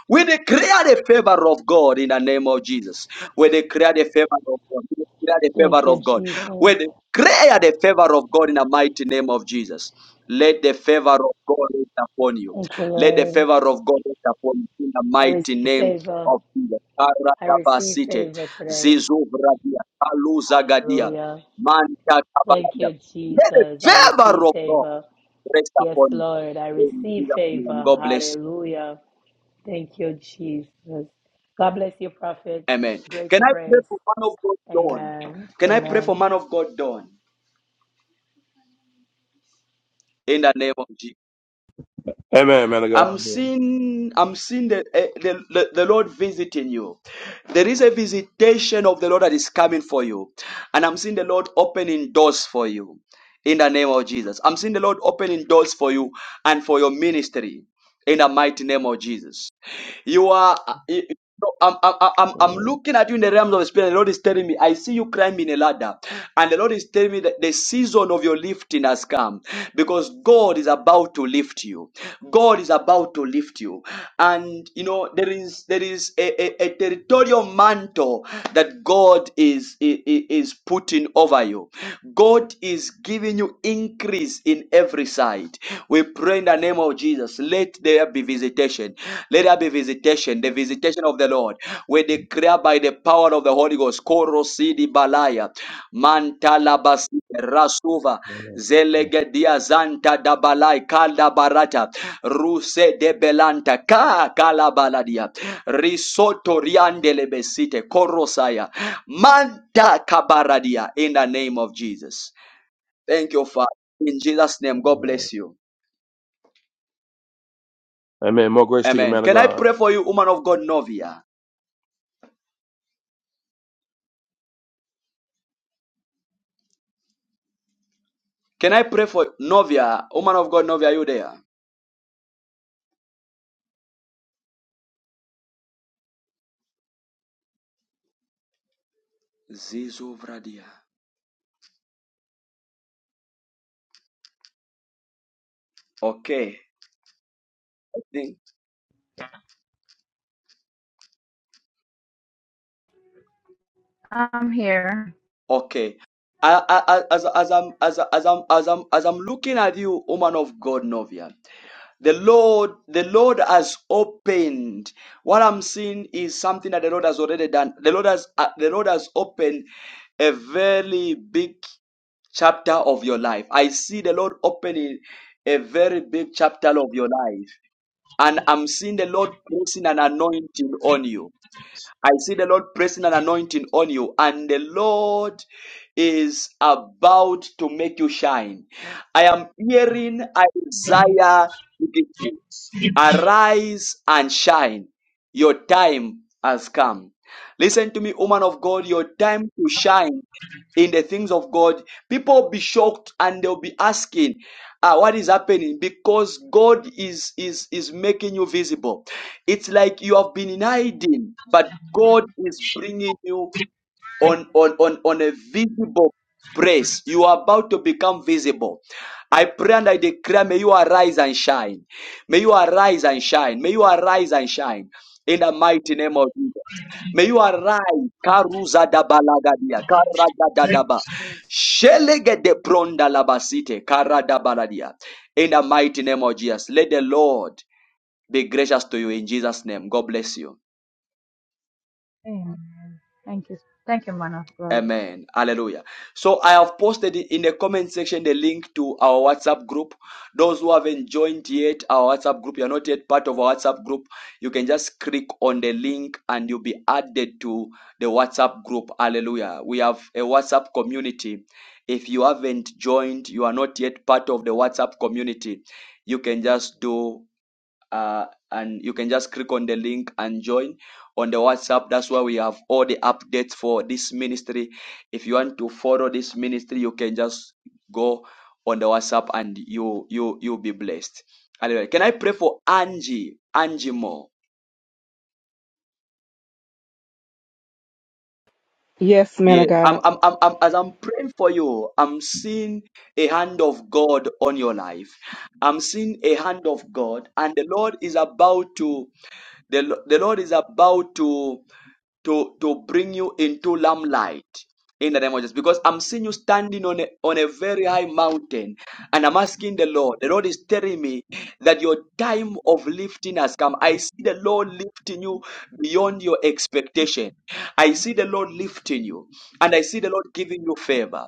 Speaker 1: We declare the favor of God in the name of Jesus. We declare the favor of God. We declare the
Speaker 10: Thank
Speaker 1: favor
Speaker 10: you,
Speaker 1: of God. We
Speaker 10: Jesus.
Speaker 1: declare the favor of God in the mighty name of Jesus. Let the favor of God rest upon you.
Speaker 10: Thank you,
Speaker 1: Let the
Speaker 10: Lord.
Speaker 1: favor of God rest upon you in the
Speaker 10: I
Speaker 1: mighty
Speaker 10: receive
Speaker 1: name
Speaker 10: favor.
Speaker 1: of Jesus.
Speaker 10: I receive
Speaker 1: Karadabasite,
Speaker 10: favor today.
Speaker 1: Zizuvradia, Kaluzagadia,
Speaker 10: Hallelujah. Thank
Speaker 1: Mantakabaladia.
Speaker 10: you,
Speaker 1: Let the
Speaker 10: Jesus. I receive
Speaker 1: favor of God
Speaker 10: favor.
Speaker 1: rest
Speaker 10: Yes,
Speaker 1: upon you.
Speaker 10: Lord. I
Speaker 1: In
Speaker 10: receive
Speaker 1: Jesus' name,
Speaker 10: favor.
Speaker 1: God bless
Speaker 10: Hallelujah. Thank you, Jesus. God bless you, prophet.
Speaker 1: you. Amen. Can
Speaker 10: Greater
Speaker 1: I pray
Speaker 10: grace.
Speaker 1: for man of God, Dawn?
Speaker 10: Amen.
Speaker 1: Can I pray for
Speaker 10: Amen.
Speaker 1: man of God, Dawn? In the name of Jesus.
Speaker 5: Amen, man
Speaker 1: I'm
Speaker 5: of
Speaker 1: seeing, I'm seeing the, eh, the, the, the Lord visiting you. There is a visitation of the Lord that is coming for you. And I'm seeing the Lord opening doors for you in the name of Jesus. I'm seeing the Lord opening doors for you and for your ministry in the mighty name of Jesus. You are. uh, you- you- I'm, I'm, I'm, I'm looking at you in the realms of the spirit. The Lord is telling me, I see you climbing a ladder. And the Lord is telling me that the season of your lifting has come because God is about to lift you. God is about to lift you. And you know, there is there is a, a, a territorial mantle that God is, is is putting over you. God is giving you increase peace in every side. We pray in the name of Jesus. Let there be visitation. Let there be visitation, the visitation of the Lord. We declare by the power of the Holy Ghost. Koro balaya, mantala basi rasuva,
Speaker 5: God.
Speaker 1: zelegedia zanta dabalai kala barata, ruse de belanta ka kala baladia, risoto riandele besite korosaya, manta kabaradia. In the name of Jesus. Thank you, Father. In Jesus' name, God
Speaker 5: Yeah.
Speaker 1: bless you.
Speaker 5: Amen. More grace to you,
Speaker 1: Amen.
Speaker 5: man of
Speaker 1: Can I
Speaker 5: God.
Speaker 1: pray for you, woman of God, Novia? Can I pray for Novia, woman of God, Novia? Are you there? Zizu Vradia. Okay. I think-
Speaker 19: I'm here.
Speaker 1: Okay. I, I, I- as, as, I'm, as, as, I'm, as, I'm, as I'm looking at you, woman of God, Novia, The Lord, the Lord has opened. What I'm seeing is something that the Lord has already done. The Lord has, uh, the Lord has opened a very big chapter of your life. I see the Lord opening a very big chapter of your life. And I'm seeing the Lord pressing an anointing on you. I see the Lord pressing an anointing on you. And the Lord is about to make you shine. I am hearing Isaiah. Arise and shine. Your time has come. Listen to me, woman of God. Your time to shine in the things of God. People will be shocked and they'll be asking, ah, what is happening? Because God is, is, is making you visible. It's like you have been in hiding, but God is bringing you on, on, on, on a visible place. You are about to become visible. I pray and I declare, may you arise and shine. May you arise and shine. May you arise and shine. In the mighty name of Jesus. May you arise, Karuza da Balagadia, Karada da Daba, Shelege de Pronda Labasite, Karada Baladia. In the mighty name of Jesus, let the Lord be gracious to you in Jesus' name. God bless you.
Speaker 19: Amen. Thank you. Thank you, man of God.
Speaker 1: Amen. Hallelujah. So I have posted in the comment section the link to our WhatsApp group. Those who haven't joined yet our WhatsApp group, you're not yet part of our WhatsApp group, you can just click on the link and you'll be added to the WhatsApp group. Hallelujah. We have a WhatsApp community. If you haven't joined, you are not yet part of the WhatsApp community, you can just do uh, and you can just click on the link and join on the WhatsApp. That's where we have all the updates for this ministry. If you want to follow this ministry, you can just go on the WhatsApp and you you you'll be blessed. Anyway, Can I pray for Angie? Angie Moore.
Speaker 17: Yes, man
Speaker 1: Yeah,
Speaker 17: of
Speaker 1: I'm,
Speaker 17: God.
Speaker 1: I'm, I'm, I'm, as I'm praying for you, I'm seeing a hand of God on your life. I'm seeing a hand of God, and the Lord is about to, the, Lo- the Lord is about to to to bring you into lamplight in the name of Jesus. Because I'm seeing you standing on a on a very high mountain, and I'm asking the Lord. The Lord is telling me that your time of lifting has come. I see the Lord lifting you beyond your expectation. I see the Lord lifting you, and I see the Lord giving you favor,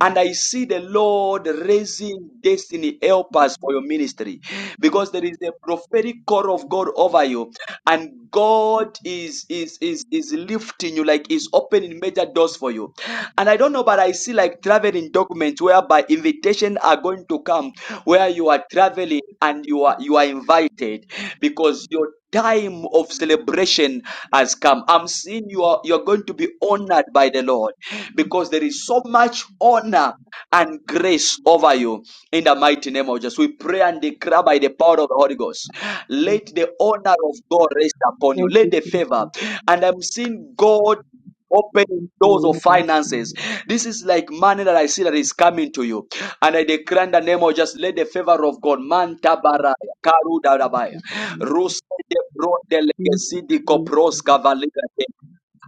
Speaker 1: and I see the Lord raising destiny helpers for your ministry, because there is a prophetic call of God over you, and God. God is is is is lifting you, like is opening major doors for you. And I don't know, but I see like traveling documents whereby invitation are going to come where you are traveling and you are you are invited because your time of celebration has come. I'm seeing you are you're going to be honored by the Lord because there is so much honor and grace over you in the mighty name of Jesus. We pray and declare by the power of the Holy Ghost. Let the honor of God rest upon you.
Speaker 17: Thank
Speaker 1: Let
Speaker 17: you,
Speaker 1: the favor.
Speaker 17: Jesus.
Speaker 1: And I'm seeing God opening
Speaker 17: Thank
Speaker 1: doors
Speaker 17: you,
Speaker 1: of
Speaker 17: Apostle.
Speaker 1: finances. This is like money that I see that is coming to you. And I declare in the name of just let the favor of God. Manta tabaraya, karu darabaya.
Speaker 17: Thank
Speaker 1: Ruse de bro de
Speaker 17: you,
Speaker 1: legesi di kopros
Speaker 17: Jesus.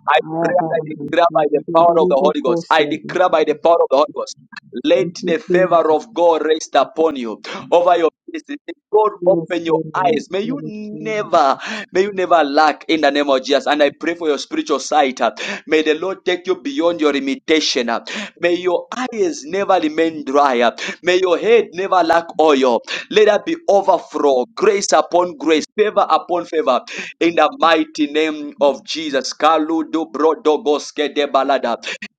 Speaker 1: I pray
Speaker 17: Ah,
Speaker 1: and I
Speaker 17: Baba, my son,
Speaker 1: declare by the
Speaker 17: the
Speaker 1: power of
Speaker 17: baby
Speaker 1: the Holy
Speaker 17: vocal
Speaker 1: Ghost. I
Speaker 17: servant.
Speaker 1: declare by the power of the Holy Ghost. Let
Speaker 17: Thank you,
Speaker 1: the favor
Speaker 17: Jesus.
Speaker 1: of God rest upon you over your business. May God
Speaker 17: Yes,
Speaker 1: open your
Speaker 17: Lord.
Speaker 1: eyes. May
Speaker 17: Lord,
Speaker 1: you
Speaker 17: Thank
Speaker 1: never, may you never lack in the name of Jesus. And I pray for your spiritual sight. uh, May the Lord take you beyond your limitation. uh, May your eyes never remain dry. uh, May your head never lack oil. Let that be overflow, grace upon grace, favor upon favor, in the mighty name of Jesus. Kaludu brodogoske de balada.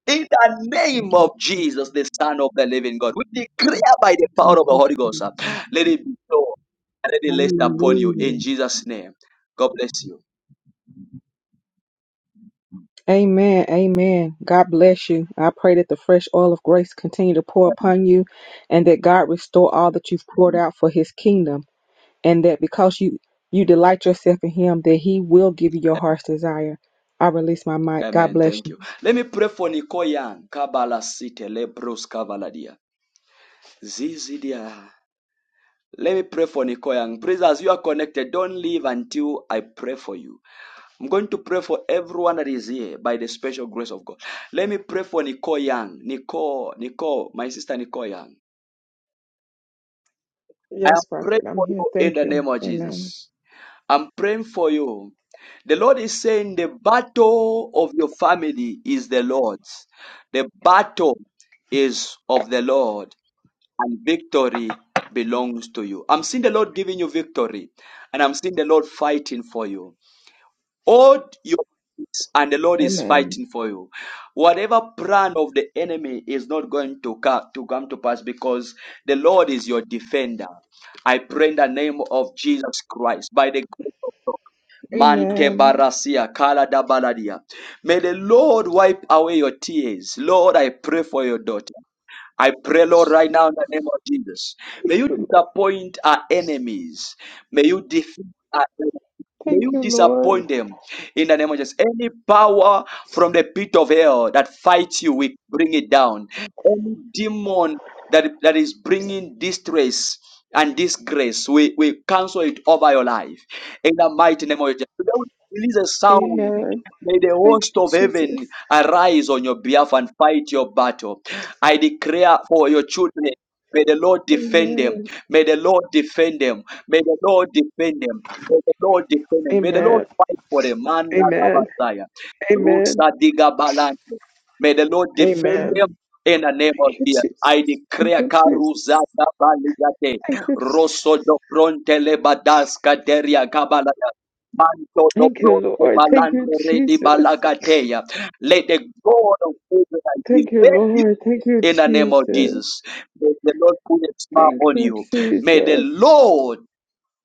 Speaker 1: In the name of Jesus, the Son of the Living God, we declare by the power of the
Speaker 17: you,
Speaker 1: Holy Ghost, uh,
Speaker 17: Jesus.
Speaker 1: let it be so, and let it rest upon you in
Speaker 17: Hallelujah.
Speaker 1: Jesus' name. God bless you.
Speaker 17: Amen. Amen. God bless you. I pray that the fresh oil of grace continue to pour upon you and that God restore all that you've poured out for his kingdom. and that because you you delight yourself in him that he will give you your heart's desire i release my mic god
Speaker 1: Amen.
Speaker 17: bless you
Speaker 1: Thank you. Let me pray for Nikoyan Kabala City Lebros Kavaladia. Zizidia. Let me pray for Nikoyang. Please, as you are connected, don't leave until I pray for you. I'm going to pray for everyone that is here by the special grace of God. Let me pray for Nikoyang. Nicole, Nicole, my sister Nikoyang. I am
Speaker 15: Yes,
Speaker 1: praying
Speaker 15: prophet, I'm
Speaker 1: for
Speaker 15: here.
Speaker 1: you in
Speaker 15: Thank
Speaker 1: the
Speaker 15: you.
Speaker 1: name of
Speaker 15: Amen.
Speaker 1: Jesus. I'm praying for you. The Lord is saying the battle of your family is the Lord's. The battle is of the Lord. and victory belongs to you. I'm seeing the Lord giving you victory, and I'm seeing the Lord fighting for you. Hold your peace, and the Lord is
Speaker 15: Amen.
Speaker 1: fighting for you. Whatever plan of the enemy is not going to come to come to pass because the Lord is your defender. I pray in the name of Jesus Christ by the grace of God. Mante
Speaker 15: Amen.
Speaker 1: barasia kala da baladia. May the Lord wipe away your tears. Lord, I pray for your daughter. I pray, Lord, right now in the name of Jesus. May
Speaker 15: Thank
Speaker 1: you
Speaker 15: you, Lord.
Speaker 1: disappoint our enemies. May you defeat our enemies. May
Speaker 15: Thank
Speaker 1: you
Speaker 15: you, Lord.
Speaker 1: disappoint them in the name of Jesus. Any power from the pit of hell that fights you, we bring it down. Any demon that, that is bringing distress and disgrace, we, we cancel it over your life. In the mighty name of Jesus. Today we release a sound
Speaker 15: Amen.
Speaker 1: May the
Speaker 15: Thank
Speaker 1: host
Speaker 15: you,
Speaker 1: of
Speaker 15: Jesus.
Speaker 1: heaven arise on your behalf and fight your battle. I declare for your children, may the Lord defend them.
Speaker 15: Amen.
Speaker 1: May the Lord defend them. May the Lord defend them. May the Lord defend them. May the Lord
Speaker 15: Amen.
Speaker 1: fight for them. Manda
Speaker 15: Amen.
Speaker 1: rabasaya.
Speaker 15: Amen.
Speaker 1: Rusa diga balante. May the Lord defend
Speaker 15: Amen.
Speaker 1: them. In the name of
Speaker 15: Thank you,
Speaker 1: Jesus,
Speaker 15: Jesus.
Speaker 1: I
Speaker 15: Thank
Speaker 1: declare
Speaker 15: you, Jesus.
Speaker 1: Karuza Gabaligate,
Speaker 15: Thank you, Jesus.
Speaker 1: Rosso do Fronte Lebadaska Deria Manto do
Speaker 15: Thank you,
Speaker 1: proste
Speaker 15: Lord. Thank you,
Speaker 1: balando redi
Speaker 15: Jesus.
Speaker 1: balagateya. Let the God of Israel
Speaker 15: Thank you,
Speaker 1: defend you
Speaker 15: Lord. Thank you,
Speaker 1: in the name of
Speaker 15: Jesus.
Speaker 1: Jesus. May the Lord put a smile
Speaker 15: Thank
Speaker 1: on
Speaker 15: you,
Speaker 1: you. May the
Speaker 15: Jesus.
Speaker 1: Lord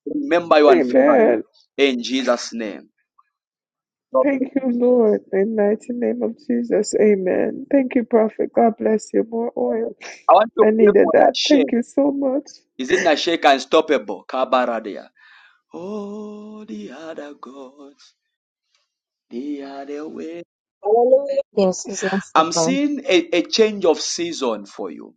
Speaker 1: remember you and favor
Speaker 15: Amen.
Speaker 1: you in Jesus' name. God bless.
Speaker 15: Thank you, Lord. In the mighty name of Jesus. Amen. Thank you, Prophet. God bless you. More oil.
Speaker 1: I want to
Speaker 15: I
Speaker 1: pray
Speaker 15: needed
Speaker 1: for
Speaker 15: that.
Speaker 1: Nashek.
Speaker 15: Thank you so much.
Speaker 1: Is it Nashek unstoppable? Kabaradia. Oh, the other gods, the other way.
Speaker 20: Hallelujah. Yes, it's not
Speaker 1: I'm
Speaker 20: simple.
Speaker 1: seeing a, a change of season for you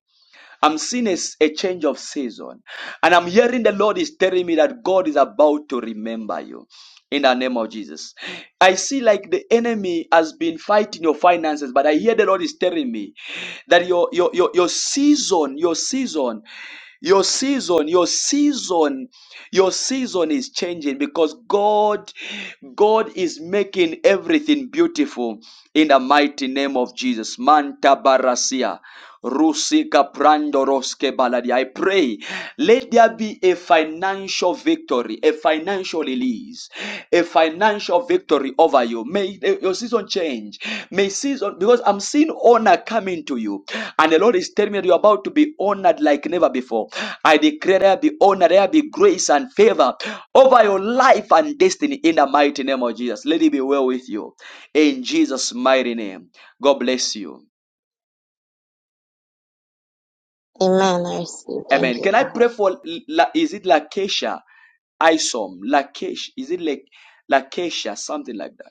Speaker 1: I'm seeing a, s- a change of season. And I'm hearing the Lord is telling me that God is about to remember you in the name of Jesus. I see like the enemy has been fighting your finances, but I hear the Lord is telling me that your your your, your season, your season, your season, your season. Your season is changing because God, God is making everything beautiful in the mighty name of Jesus. Manta barasia. Rusika prandoroske baladi. I pray, let there be a financial victory, a financial release, a financial victory over you. May eh, your season change. May season because I'm seeing honor coming to you, and the Lord is telling me that you're about to be honored like never before. I declare there be honor, there be grace and favor over your life and destiny in the mighty name of Jesus. Let it be well with you in Jesus' mighty name. God bless you.
Speaker 20: Amen. I receive. Thank
Speaker 1: Amen.
Speaker 20: you,
Speaker 1: Can I
Speaker 20: Father.
Speaker 1: pray for La, is it Lakesha Isom? Lakesh is it like Lakesha something like that?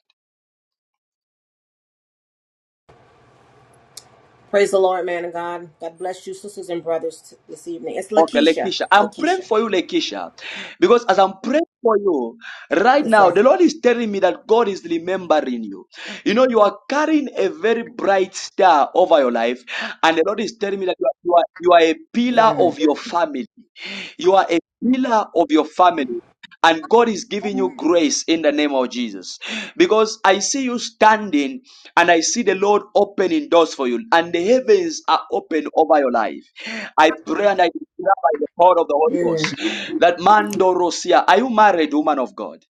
Speaker 21: Praise the Lord, man of God. God bless you, sisters and brothers, t- this evening. It's
Speaker 1: Okay,
Speaker 21: Lakeisha.
Speaker 1: Lekisha. I'm praying
Speaker 21: Lakeisha.
Speaker 1: for you, Lekisha. Because as I'm praying for you, right
Speaker 21: Yes,
Speaker 1: now,
Speaker 21: sir.
Speaker 1: the Lord is telling me that God is remembering you. You know, you are carrying a very bright star over your life, and the Lord is telling me that you are, you are, you are a pillar
Speaker 21: Mm.
Speaker 1: of your family. You are a pillar of your family and God is giving you grace in the name of Jesus. Because I see you standing and I see the Lord opening doors for you, and the heavens are open over your life. I pray and I declare by the power of the Holy
Speaker 21: Mm.
Speaker 1: Ghost that Mando Rosia, are you married, woman of God?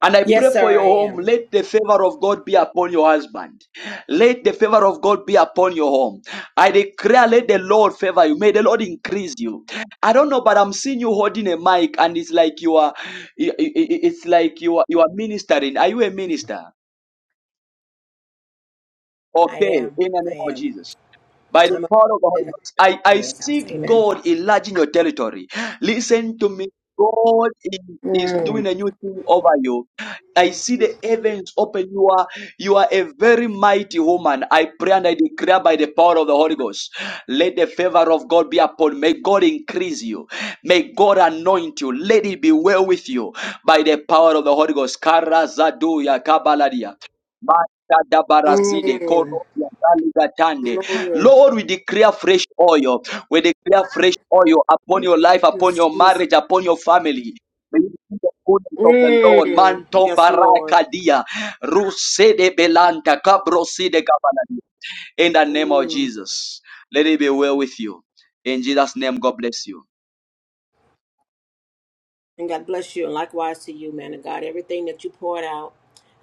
Speaker 1: And I pray
Speaker 21: Yes,
Speaker 1: for
Speaker 21: sir,
Speaker 1: your
Speaker 21: I
Speaker 1: home.
Speaker 21: am.
Speaker 1: Let the favor of God be upon your husband. Let the favor of God be upon your home. I declare, let the Lord favor you. May the Lord increase you. I don't know, but I'm seeing you holding a mic, and it's like you are, i- i- i- it's like you are, you are ministering. Are you a minister?
Speaker 21: I
Speaker 1: Okay,
Speaker 21: am.
Speaker 1: in the name
Speaker 21: I
Speaker 1: of
Speaker 21: am.
Speaker 1: Jesus. By the
Speaker 21: I'm a
Speaker 1: power of the Holy
Speaker 21: in
Speaker 1: Ghost, I,
Speaker 21: the
Speaker 1: I
Speaker 21: Lord's
Speaker 1: see
Speaker 21: house. Amen.
Speaker 1: God enlarging your territory. Listen to me. God is, is
Speaker 21: Mm.
Speaker 1: doing a new thing over you. I see the heavens open. You are you are a very mighty woman. I pray and I declare by the power of the Holy Ghost. Let the favor of God be upon. May God increase you. May God anoint you. Let it be well with you by the power of the Holy Ghost. Karazaduya kabaladia. Mashadabaraside,
Speaker 21: Mm.
Speaker 1: korosia, galigatande.
Speaker 21: Glory.
Speaker 1: Lord, we declare fresh oil. We declare fresh oil upon your life, upon
Speaker 21: Yes,
Speaker 1: your
Speaker 21: Jesus.
Speaker 1: marriage, upon your family. May you see the goodness of the Lord.
Speaker 21: Mm.
Speaker 1: Manto
Speaker 21: Yes, Lord.
Speaker 1: barakadia. Rusede belanta. Kabroside kabalani. In the name of Jesus. Let it be well with you. In Jesus' name, God bless you.
Speaker 21: And God bless you. And likewise to you, man of God. Everything that you poured out,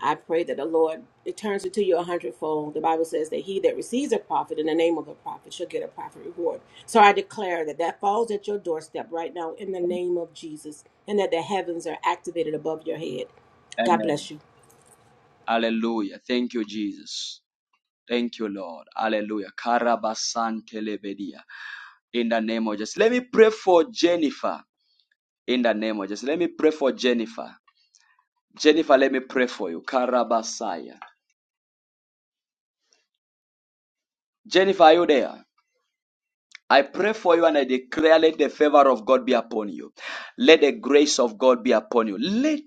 Speaker 21: I pray that the Lord returns it to you a hundredfold. The Bible says that he that receives a prophet in the name of a prophet shall get a prophet reward. So I declare that that falls at your doorstep right now in the name of Jesus and that the heavens are activated above your head. God
Speaker 1: Amen.
Speaker 21: bless you.
Speaker 1: Hallelujah. Thank you, Jesus. Thank you, Lord. Hallelujah. Karabasantelebedia. In the name of Jesus. Let me pray for Jennifer. in the name of Jesus. Let me pray for Jennifer. Jennifer, let me pray for you. Karabasaya. Jennifer, are you there? I pray for you and I declare let the favor of God be upon you. Let the grace of God be upon you. Let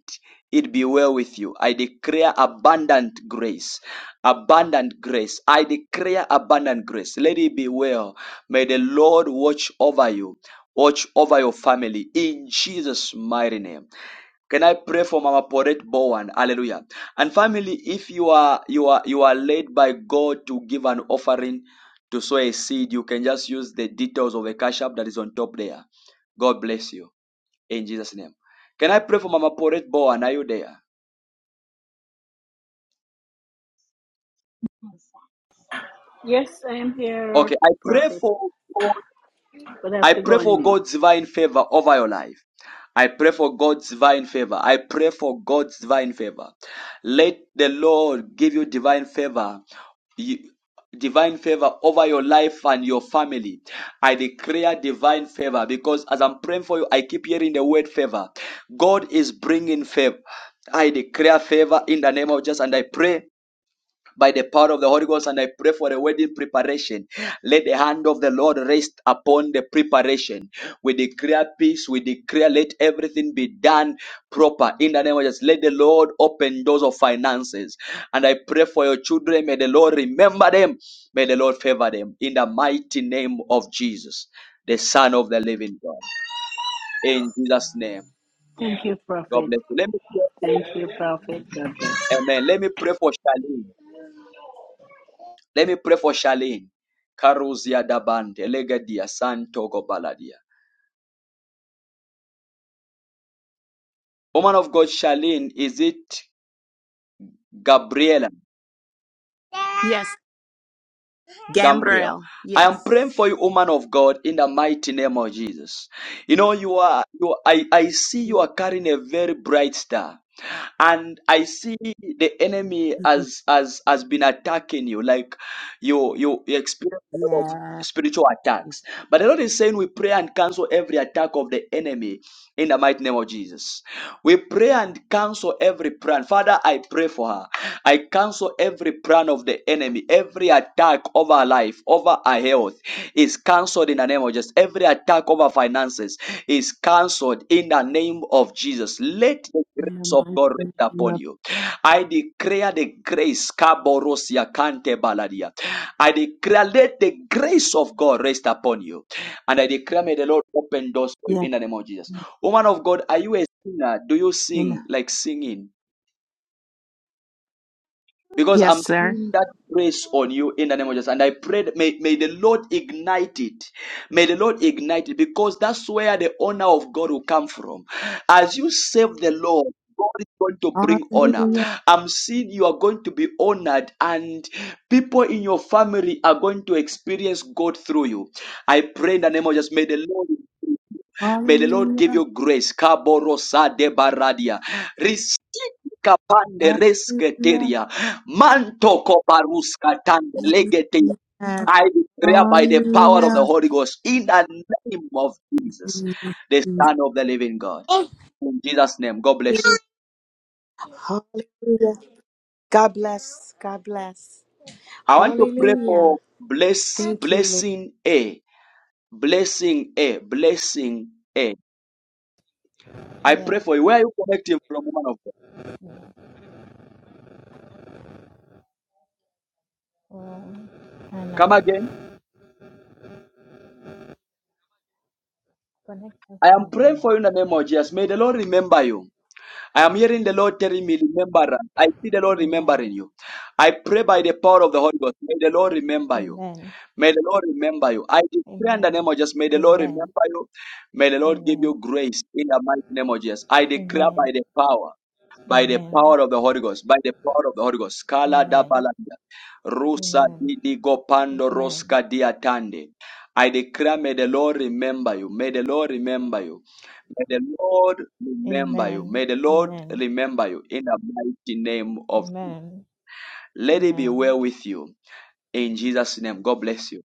Speaker 1: it be well with you. I declare abundant grace. Abundant grace. I declare abundant grace. Let it be well. May the Lord watch over you. Watch over your family in Jesus' mighty name. Can I pray for Mama Poret Bowen? Hallelujah. And family, if you are you are you are led by God to give an offering, to sow a seed, you can just use the details of the cash app that is on top there. God bless you in Jesus' name. Can I pray for Mama Poret Bowen? Are you there?
Speaker 22: Yes, I am here,
Speaker 1: Okay, I pray
Speaker 22: Prophet,
Speaker 1: for
Speaker 22: but I have
Speaker 1: I
Speaker 22: to go
Speaker 1: pray
Speaker 22: on
Speaker 1: for
Speaker 22: mute.
Speaker 1: God's divine favor over your life. I pray for God's divine favor. I pray for God's divine favor. Let the Lord give you divine favor you- divine favor over your life and your family. I declare divine favor because as I'm praying for you, I keep hearing the word favor. God is bringing favor. I declare favor in the name of Jesus and I pray by the power of the Holy Ghost, and I pray for a wedding preparation. Let the hand of the Lord rest upon the preparation. We declare peace, we declare let everything be done proper in the name of Jesus. Let the Lord open doors of finances. And I pray for your children. May the Lord remember them. May the Lord favor them in the mighty name of Jesus, the Son of the Living God. In Jesus' name.
Speaker 22: Thank you,
Speaker 1: God
Speaker 22: Prophet.
Speaker 1: bless you. Let me pray for
Speaker 22: Thank you, Prophet. God bless.
Speaker 1: Amen. Let me pray for Charlene. Let me pray for Charlene. Karuzia Dabante, Legadia, Santo Gobaladia. Woman of God, Charlene, is it Gabriela?
Speaker 7: Yes,
Speaker 1: Gabriel.
Speaker 7: Gabriel!
Speaker 1: I am praying
Speaker 7: Yes.
Speaker 1: for you, woman of God, in the mighty name of Jesus. You know, you are, you are I, I see you
Speaker 7: Yes,
Speaker 1: are carrying a very bright star. and I see the enemy as as has been attacking you, like you you you experience a lot of
Speaker 7: yes,
Speaker 1: spiritual attacks. But the Lord is saying we pray and cancel every attack of the enemy in the mighty name of Jesus. We pray and cancel every plan. Father, I pray for her. I cancel every plan of the enemy, every attack over her life, over her health is cancelled in the name of Jesus. Every attack over finances is cancelled in the name of Jesus. Let the
Speaker 7: in the
Speaker 1: grace of
Speaker 7: mighty
Speaker 1: God rest
Speaker 7: name
Speaker 1: upon
Speaker 7: of
Speaker 1: you. I declare the grace. Kaborosia kante baladia. I declare let the grace of God rest upon you. And I declare may the Lord open doors for you
Speaker 7: yes,
Speaker 1: in the name of Jesus. Woman of God, are you singer do you
Speaker 7: in the
Speaker 1: sing like singing? Because
Speaker 7: Yes,
Speaker 1: I'm
Speaker 7: sir.
Speaker 1: seeing that grace on you in the name of Jesus. And I pray, that may, may the Lord ignite it. May the Lord ignite it because that's where the honor of God will come from. As you serve the Lord, God is going to bring honor.
Speaker 7: hallelujah,
Speaker 1: I'm seeing you are going to be honored, and people in your family are going to experience God through you. I pray in the name of Jesus. May the Lord. May the Lord give
Speaker 7: hallelujah,
Speaker 1: you grace. Kaborosa de baradia. Receive kapande
Speaker 7: hallelujah,
Speaker 1: resketeria. Manto koparuska tande legeteia.
Speaker 7: yes,
Speaker 1: I declare by the power of the
Speaker 7: hallelujah,
Speaker 1: Holy Ghost in the name of Jesus, the Son of the Living God. In Jesus' name, God bless you.
Speaker 7: Hallelujah. God bless. God bless.
Speaker 1: I want to pray for
Speaker 7: Hallelujah.
Speaker 1: bless
Speaker 7: Thank you, Lord.
Speaker 1: blessing A, blessing A, blessing A. I pray
Speaker 6: Yeah.
Speaker 1: for you. Where are you connecting from, woman of God?
Speaker 6: Um,
Speaker 1: Come
Speaker 6: Ghana.
Speaker 1: again.
Speaker 6: Connection
Speaker 1: I am
Speaker 6: from
Speaker 1: praying for
Speaker 6: Ghana.
Speaker 1: you in the name of Jesus. May the Lord remember you. I am hearing the Lord telling me, remember. us. I see the Lord remembering
Speaker 6: Amen.
Speaker 1: you. I pray by the power of the Holy Ghost. May the Lord remember you.
Speaker 6: Amen.
Speaker 1: May the Lord remember you. I declare in the
Speaker 6: Amen.
Speaker 1: name of Jesus, may the Lord
Speaker 6: Amen.
Speaker 1: remember you. May the Lord give you
Speaker 6: Amen.
Speaker 1: grace in the mighty name of Jesus. I declare
Speaker 6: Amen.
Speaker 1: by the power by the
Speaker 6: Amen.
Speaker 1: power of the Holy Ghost, by the power of the Holy Ghost. Kala da
Speaker 6: Amen.
Speaker 1: balanda. Rusa
Speaker 6: Amen.
Speaker 1: didi gopando
Speaker 6: Amen.
Speaker 1: roska diatande. I declare, may the Lord remember you. May the Lord remember you. May the Lord remember you.
Speaker 6: Amen.
Speaker 1: May the Lord
Speaker 6: Amen.
Speaker 1: remember you in the mighty name of.
Speaker 6: Amen.
Speaker 1: Let it be
Speaker 6: Amen.
Speaker 1: well with you in Jesus' name. God bless you.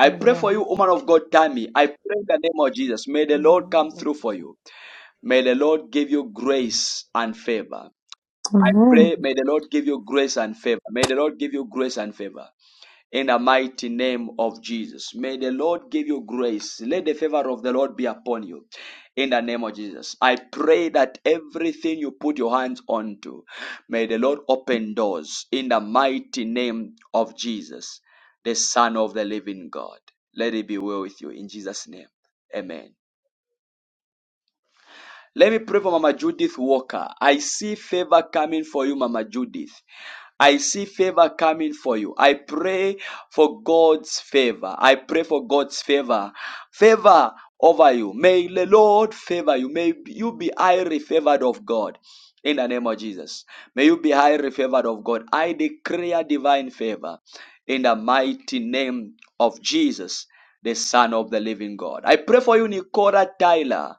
Speaker 1: I pray for
Speaker 6: Amen.
Speaker 1: you, woman of God, Tammy. I pray in the name of Jesus. May the Lord
Speaker 6: Amen.
Speaker 1: come
Speaker 6: God bless
Speaker 1: through
Speaker 6: you.
Speaker 1: for
Speaker 6: too.
Speaker 1: you. May the Lord give you grace and favor. I
Speaker 23: Mhm.
Speaker 1: pray, may the Lord give you grace and favor. May the Lord give you grace and favor in the mighty name of Jesus. May the Lord give you grace. Let the favor of the Lord be upon you in the name of Jesus. I pray that everything you put your hands onto, may the Lord open doors in the mighty name of Jesus, the Son of the living God. Let it be well with you in Jesus' name. Amen. Let me pray for Mama Judith Walker. I see favor coming for you, Mama Judith. I see favor coming for you. I pray for God's favor. I pray for God's favor. Favor over you. May the Lord favor you. May you be highly favored of God. In the name of Jesus. May you be highly favored of God. I declare divine favor in the mighty name of Jesus, the Son of the living God. I pray for you, Nicola Tyler.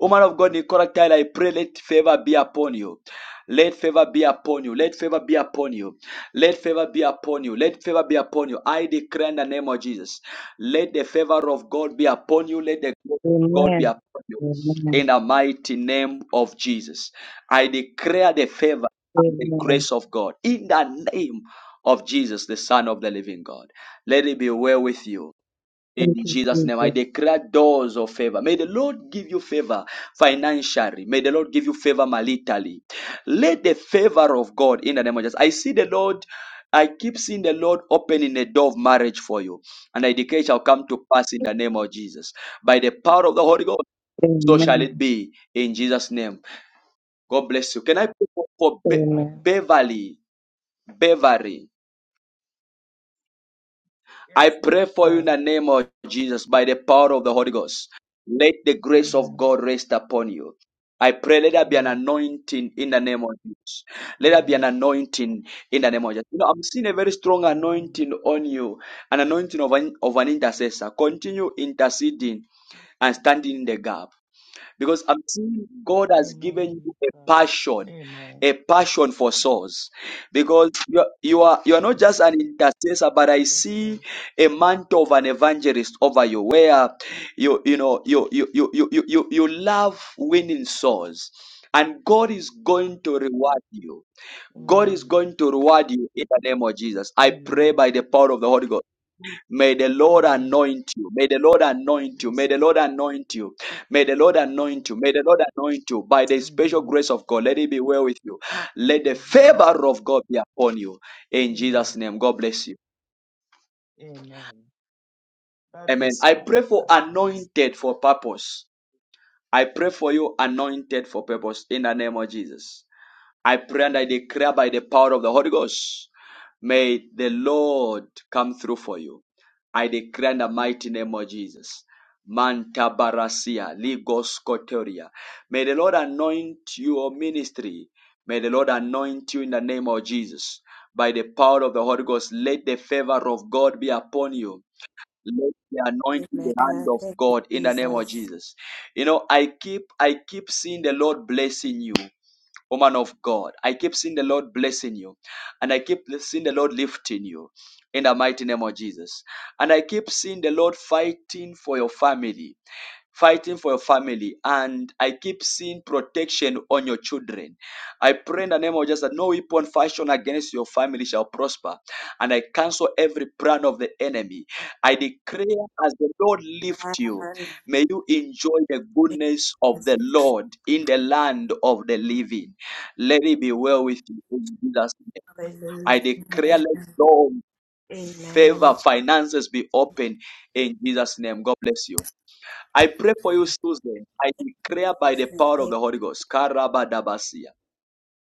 Speaker 1: Woman of God, Nicola Tyler, I pray let favor be upon you. Let favor be upon you. Let favor be upon you. Let favor be upon you. Let favor be upon you. I declare in the name of Jesus. Let the favor of God be upon you. Let the glory of God be
Speaker 2: Amen.
Speaker 1: upon you.
Speaker 2: Amen.
Speaker 1: In the mighty name of Jesus. I declare the favor and the
Speaker 2: Amen.
Speaker 1: grace of God. In the name of Jesus, the Son of the living God. Let it be well with you.
Speaker 2: Thank
Speaker 1: In
Speaker 2: you,
Speaker 1: Jesus' name, I
Speaker 2: Jesus.
Speaker 1: declare doors of favor. May the Lord give you favor financially. May the Lord give you favor maritally. Let the favor of God in the name of Jesus. I see the Lord. I keep seeing the Lord opening a door of marriage for you. And I declare it shall come to pass in the name of Jesus. By the power of the Holy Ghost, so shall
Speaker 2: Amen.
Speaker 1: it be in Jesus' name. God bless you. Can I pray for for Be-
Speaker 2: Amen.
Speaker 1: Beverly? Beverly. I
Speaker 8: Yes, man
Speaker 1: pray
Speaker 8: of
Speaker 1: for you in
Speaker 8: God.
Speaker 1: the name of Jesus by the power of the Holy Ghost. Let the grace of
Speaker 8: Amen.
Speaker 1: God rest upon you. I pray let there be an
Speaker 8: Amen.
Speaker 1: anointing in the name of Jesus. Let there be an
Speaker 8: Amen.
Speaker 1: anointing in the name of Jesus. You know, I'm seeing a very strong
Speaker 8: Amen. Amen.
Speaker 1: anointing on you, an anointing of an, of an intercessor. Continue interceding and standing in the gap. Because I'm seeing God has given you
Speaker 8: Amen.
Speaker 1: a passion,
Speaker 8: Amen.
Speaker 1: a passion for souls. Because you are, you are you are not just
Speaker 8: Yes.
Speaker 1: an intercessor, but I
Speaker 8: Yes,
Speaker 1: see
Speaker 8: Lord.
Speaker 1: a mantle of an evangelist over you, where you you know you you you you you, you you love winning souls. And God is going to reward you. God is
Speaker 8: Amen.
Speaker 1: going to reward you in the name of Jesus. I pray
Speaker 8: Amen.
Speaker 1: by the power of the Holy Ghost. May the Lord
Speaker 8: Amen.
Speaker 1: anoint you. May the Lord anoint you. May
Speaker 8: Yes,
Speaker 1: the
Speaker 8: Lord.
Speaker 1: Lord anoint you. May the Lord
Speaker 8: Amen.
Speaker 1: anoint you. May the Lord anoint you by the special
Speaker 8: Amen.
Speaker 1: grace of God. Let it be well with you. Let the
Speaker 8: Amen.
Speaker 1: favor of God be upon you. In
Speaker 8: Amen.
Speaker 1: Jesus' name, God bless you.
Speaker 8: Amen. God
Speaker 1: Amen.
Speaker 8: bless you,
Speaker 1: I
Speaker 8: man of
Speaker 1: pray for
Speaker 8: God. Thanks.
Speaker 1: anointed for purpose. I pray for you anointed for purpose in the name of Jesus. I pray and I declare by the power of the Holy Ghost. May the Lord come through for you. I declare in the mighty name of Jesus. Manta barasia, ligos koteria. May the Lord anoint your ministry. May the Lord anoint you in the name of Jesus. By the power of the Holy Ghost, let the favor of God be upon you. Let the anointing the hand of God in the name of Jesus. You know, I keep I keep seeing the Lord blessing you woman of God. I keep seeing the Lord blessing you, and I keep seeing the Lord lifting you in the mighty name of Jesus. And I keep seeing the Lord fighting for your family fighting for your family, and I keep seeing protection on your children. I pray in the name of Jesus that no weapon fashioned against your family shall prosper, and I cancel every plan of the enemy. I declare as the Lord lift you, may you enjoy the goodness of the Lord in the land of the living. Let it be well with you in Jesus' name. I declare let Lord favor finances be open in Jesus' name. God bless you. I pray for you, Susan. I declare by the power of the Holy Ghost. Karabadabasia.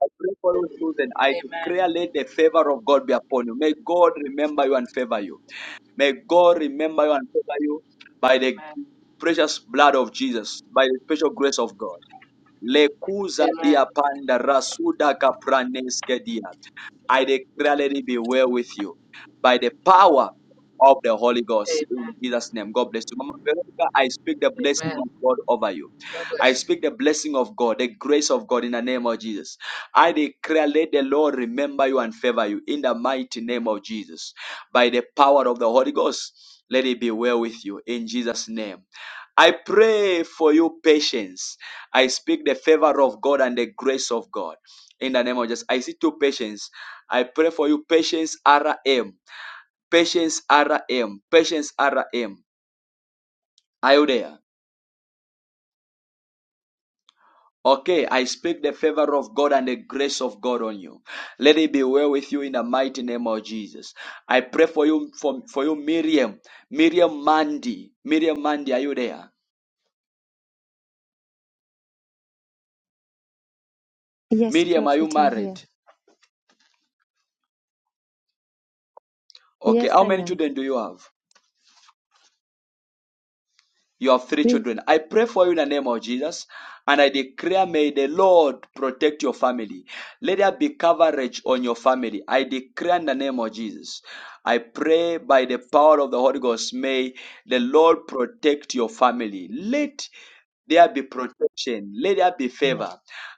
Speaker 1: I pray for you, Susan. I declare,
Speaker 9: Amen.
Speaker 1: let the favor of God be upon you. May God remember you and favor you. May God remember you and favor you by the
Speaker 9: Amen.
Speaker 1: precious blood of Jesus, by the special grace of God. Lekuza
Speaker 9: Amen.
Speaker 1: dia panda rasuda kapraneske dia. I declare, let it be well with you by the power of the Holy Ghost.
Speaker 9: Amen.
Speaker 1: In Jesus' name, God bless you. Mama Veronica, I speak the blessing
Speaker 9: Amen.
Speaker 1: of God over you.
Speaker 9: God bless
Speaker 1: I
Speaker 9: you.
Speaker 1: speak the blessing of God, the grace of God in the name of Jesus. I declare, let the Lord remember you and favor you in the mighty name of Jesus. By the power of the Holy Ghost, let it be well with you in Jesus' name. I pray for you patience. I speak the favor of God and the grace of God. In the name of Jesus, I see two patience. I pray for you patience RM. Patience RM. Patience RM. Are you there? Okay, I speak the favor of God and the grace of God on you. Let it be well with you in the mighty name of Jesus. I pray for you for, for you Miriam. Miriam Mandy. Miriam Mandy, are you there?
Speaker 12: Yes,
Speaker 1: Miriam, are you
Speaker 12: Prophet, I'm
Speaker 1: married?
Speaker 12: here.
Speaker 1: Okay,
Speaker 12: Yes,
Speaker 1: how
Speaker 12: I
Speaker 1: many
Speaker 12: am.
Speaker 1: children do you have? You have three
Speaker 12: See?
Speaker 1: children. I pray for you in the name of Jesus and I declare, may the Lord protect your family. Let there be coverage on your family. I declare in the name of Jesus. I pray by the power of the Holy Ghost, may the Lord protect your family. Let there be protection. Let there be
Speaker 12: Amen.
Speaker 1: favor.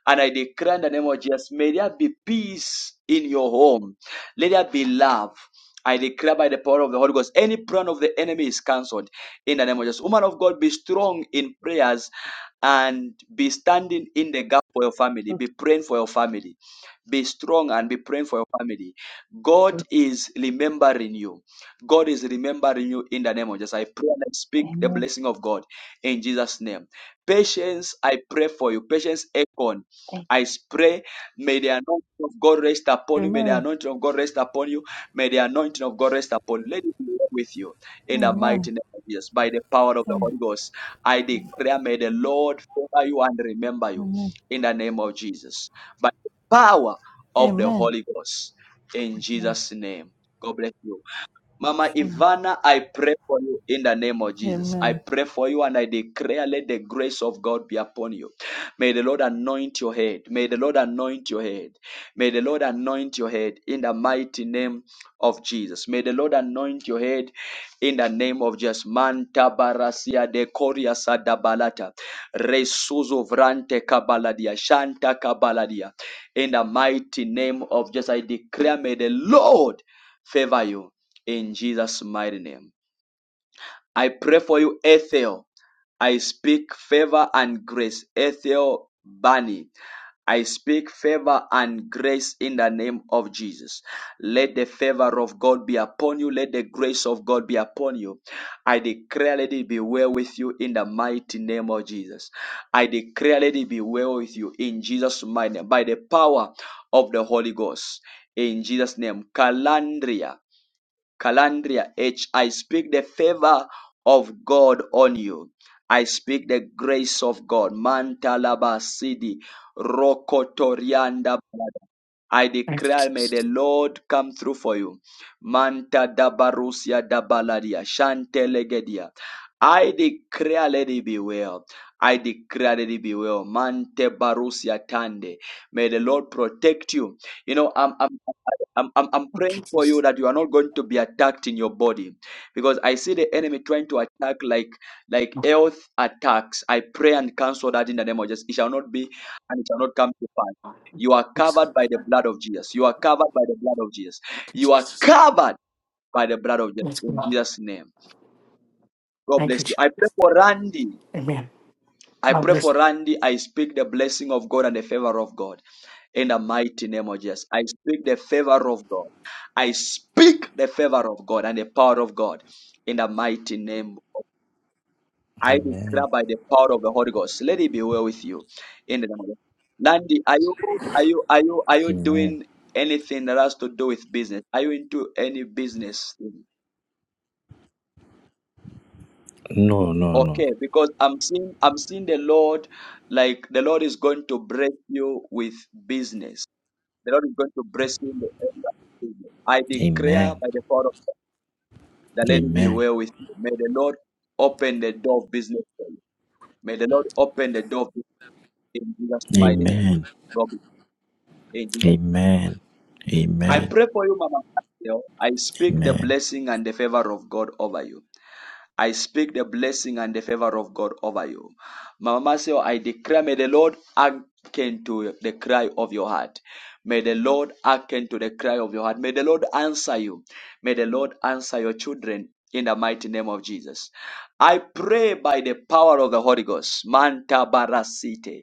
Speaker 1: And I declare in the name of Jesus, may there be peace in your home. Let there be love. I declare by the power of the Holy Ghost, any plan of the enemy is cancelled in the name of Jesus. Woman of God, be strong in prayers and be standing in the gap for your family. Be praying for your family. Be strong and be praying for your family. God
Speaker 12: Okay.
Speaker 1: is remembering you. God is remembering you in the name of Jesus. I pray and I speak the
Speaker 12: Amen.
Speaker 1: blessing of God in Jesus' name. Patience, I pray for you. Patience, Econ. I pray, may the anointing of God rest upon you. May the anointing of God rest upon you May the anointing of God rest upon you. Let it be with you in the mighty
Speaker 14: Amen.
Speaker 1: name of Jesus. By the power of the Holy Ghost, I declare, may the Lord favor you and remember you
Speaker 14: Amen.
Speaker 1: in the name of Jesus. By the power of the
Speaker 14: Amen.
Speaker 1: Holy Ghost, in Jesus' name. God bless you. Mama
Speaker 14: So,
Speaker 1: Ivana, I pray for you in the name of Jesus. I
Speaker 14: amen.
Speaker 1: pray for you and I declare, let the grace of God be upon you. May the Lord anoint your head. May the Lord anoint your head. May the Lord anoint your head in the mighty name of Jesus. May the Lord anoint your head in the name of Jesus. Manta barasia de koria sadabalata. Resuzo vrante kabaladia. Shanta kabaladia. In the mighty name of Jesus, I declare, may the Lord favor you in Jesus' mighty name. I pray for you, Ethel. I speak favor and grace. Ethel Bani. I speak favor and grace in the name of Jesus. Let the favor of God be upon you. Let the grace of God be upon you. I declare, let it be well with you in the mighty name of Jesus. I declare, let it be well with you in Jesus' mighty name by the power of the Holy Ghost. In Jesus' name, Calandria. Calandria H. I speak the favor of God on you. I speak the grace of God. Mantalabasidi Rokotorianda. I
Speaker 24: Thank you,
Speaker 1: declare, may the
Speaker 24: Jesus.
Speaker 1: Lord come through for you. Manta dabarusia dabaladia, shantelegedia. I declare, let it be well. I declare, let it be well. Mante barusia tande. May the Lord protect you. You know, I'm, I'm, I'm, I'm I'm
Speaker 24: Thank you,
Speaker 1: praying for you
Speaker 24: Jesus.
Speaker 1: that you are not going to be attacked in your body because I see the enemy trying to attack like like
Speaker 24: Thank
Speaker 1: health attacks. I pray and cancel that in the name of Jesus. It shall not be and it shall not come to pass. You are
Speaker 24: you,
Speaker 1: covered
Speaker 24: Jesus.
Speaker 1: by the blood of Jesus. You are covered by the blood of Jesus.
Speaker 24: Thank
Speaker 1: You
Speaker 24: you,
Speaker 1: are
Speaker 24: Jesus.
Speaker 1: covered by the blood of Jesus
Speaker 24: Let's
Speaker 1: in
Speaker 24: go.
Speaker 1: Jesus' name. God
Speaker 24: Thank
Speaker 1: bless
Speaker 24: you,
Speaker 1: you.
Speaker 24: Jesus.
Speaker 1: I pray for Randy.
Speaker 24: Amen.
Speaker 1: I
Speaker 24: God
Speaker 1: pray
Speaker 24: bless.
Speaker 1: for Randy. I speak the blessing of God and the favor of God in the mighty name of Jesus. I speak the favor of God. I speak the favor of God and the power of God in the mighty name. I
Speaker 25: Amen.
Speaker 1: declare by the power of the Holy Ghost. Let it be well with you. In the name of Jesus. Nandi, are you are you are you are you
Speaker 25: Amen.
Speaker 1: doing anything that has to do with business? Are you into any business? thing?
Speaker 25: No, no, no.
Speaker 1: Okay, because I'm seeing I'm seeing the Lord like the Lord is going to break you with business The Lord is going to bless you in the end of the season. I declare
Speaker 25: Amen.
Speaker 1: by the power of God, that let it be
Speaker 25: Amen.
Speaker 1: well with you. May the Lord open the door of business for you. May the Lord open the door of business in Jesus' mighty name.
Speaker 25: Amen.
Speaker 1: God bless you. In Jesus-
Speaker 25: Amen.
Speaker 1: I
Speaker 25: Amen.
Speaker 1: pray for you, Mama. Abigail. I speak the
Speaker 25: Amen.
Speaker 1: blessing and the favor of God over you. I speak the blessing and the favor of God over you. Mama Say, I declare, may the Lord hearken to the cry of your heart. May the Lord hearken to the cry of your heart. May the Lord answer you. May the Lord answer your children in the mighty name of Jesus. I pray by the power of the Holy Ghost, Manta Barasite,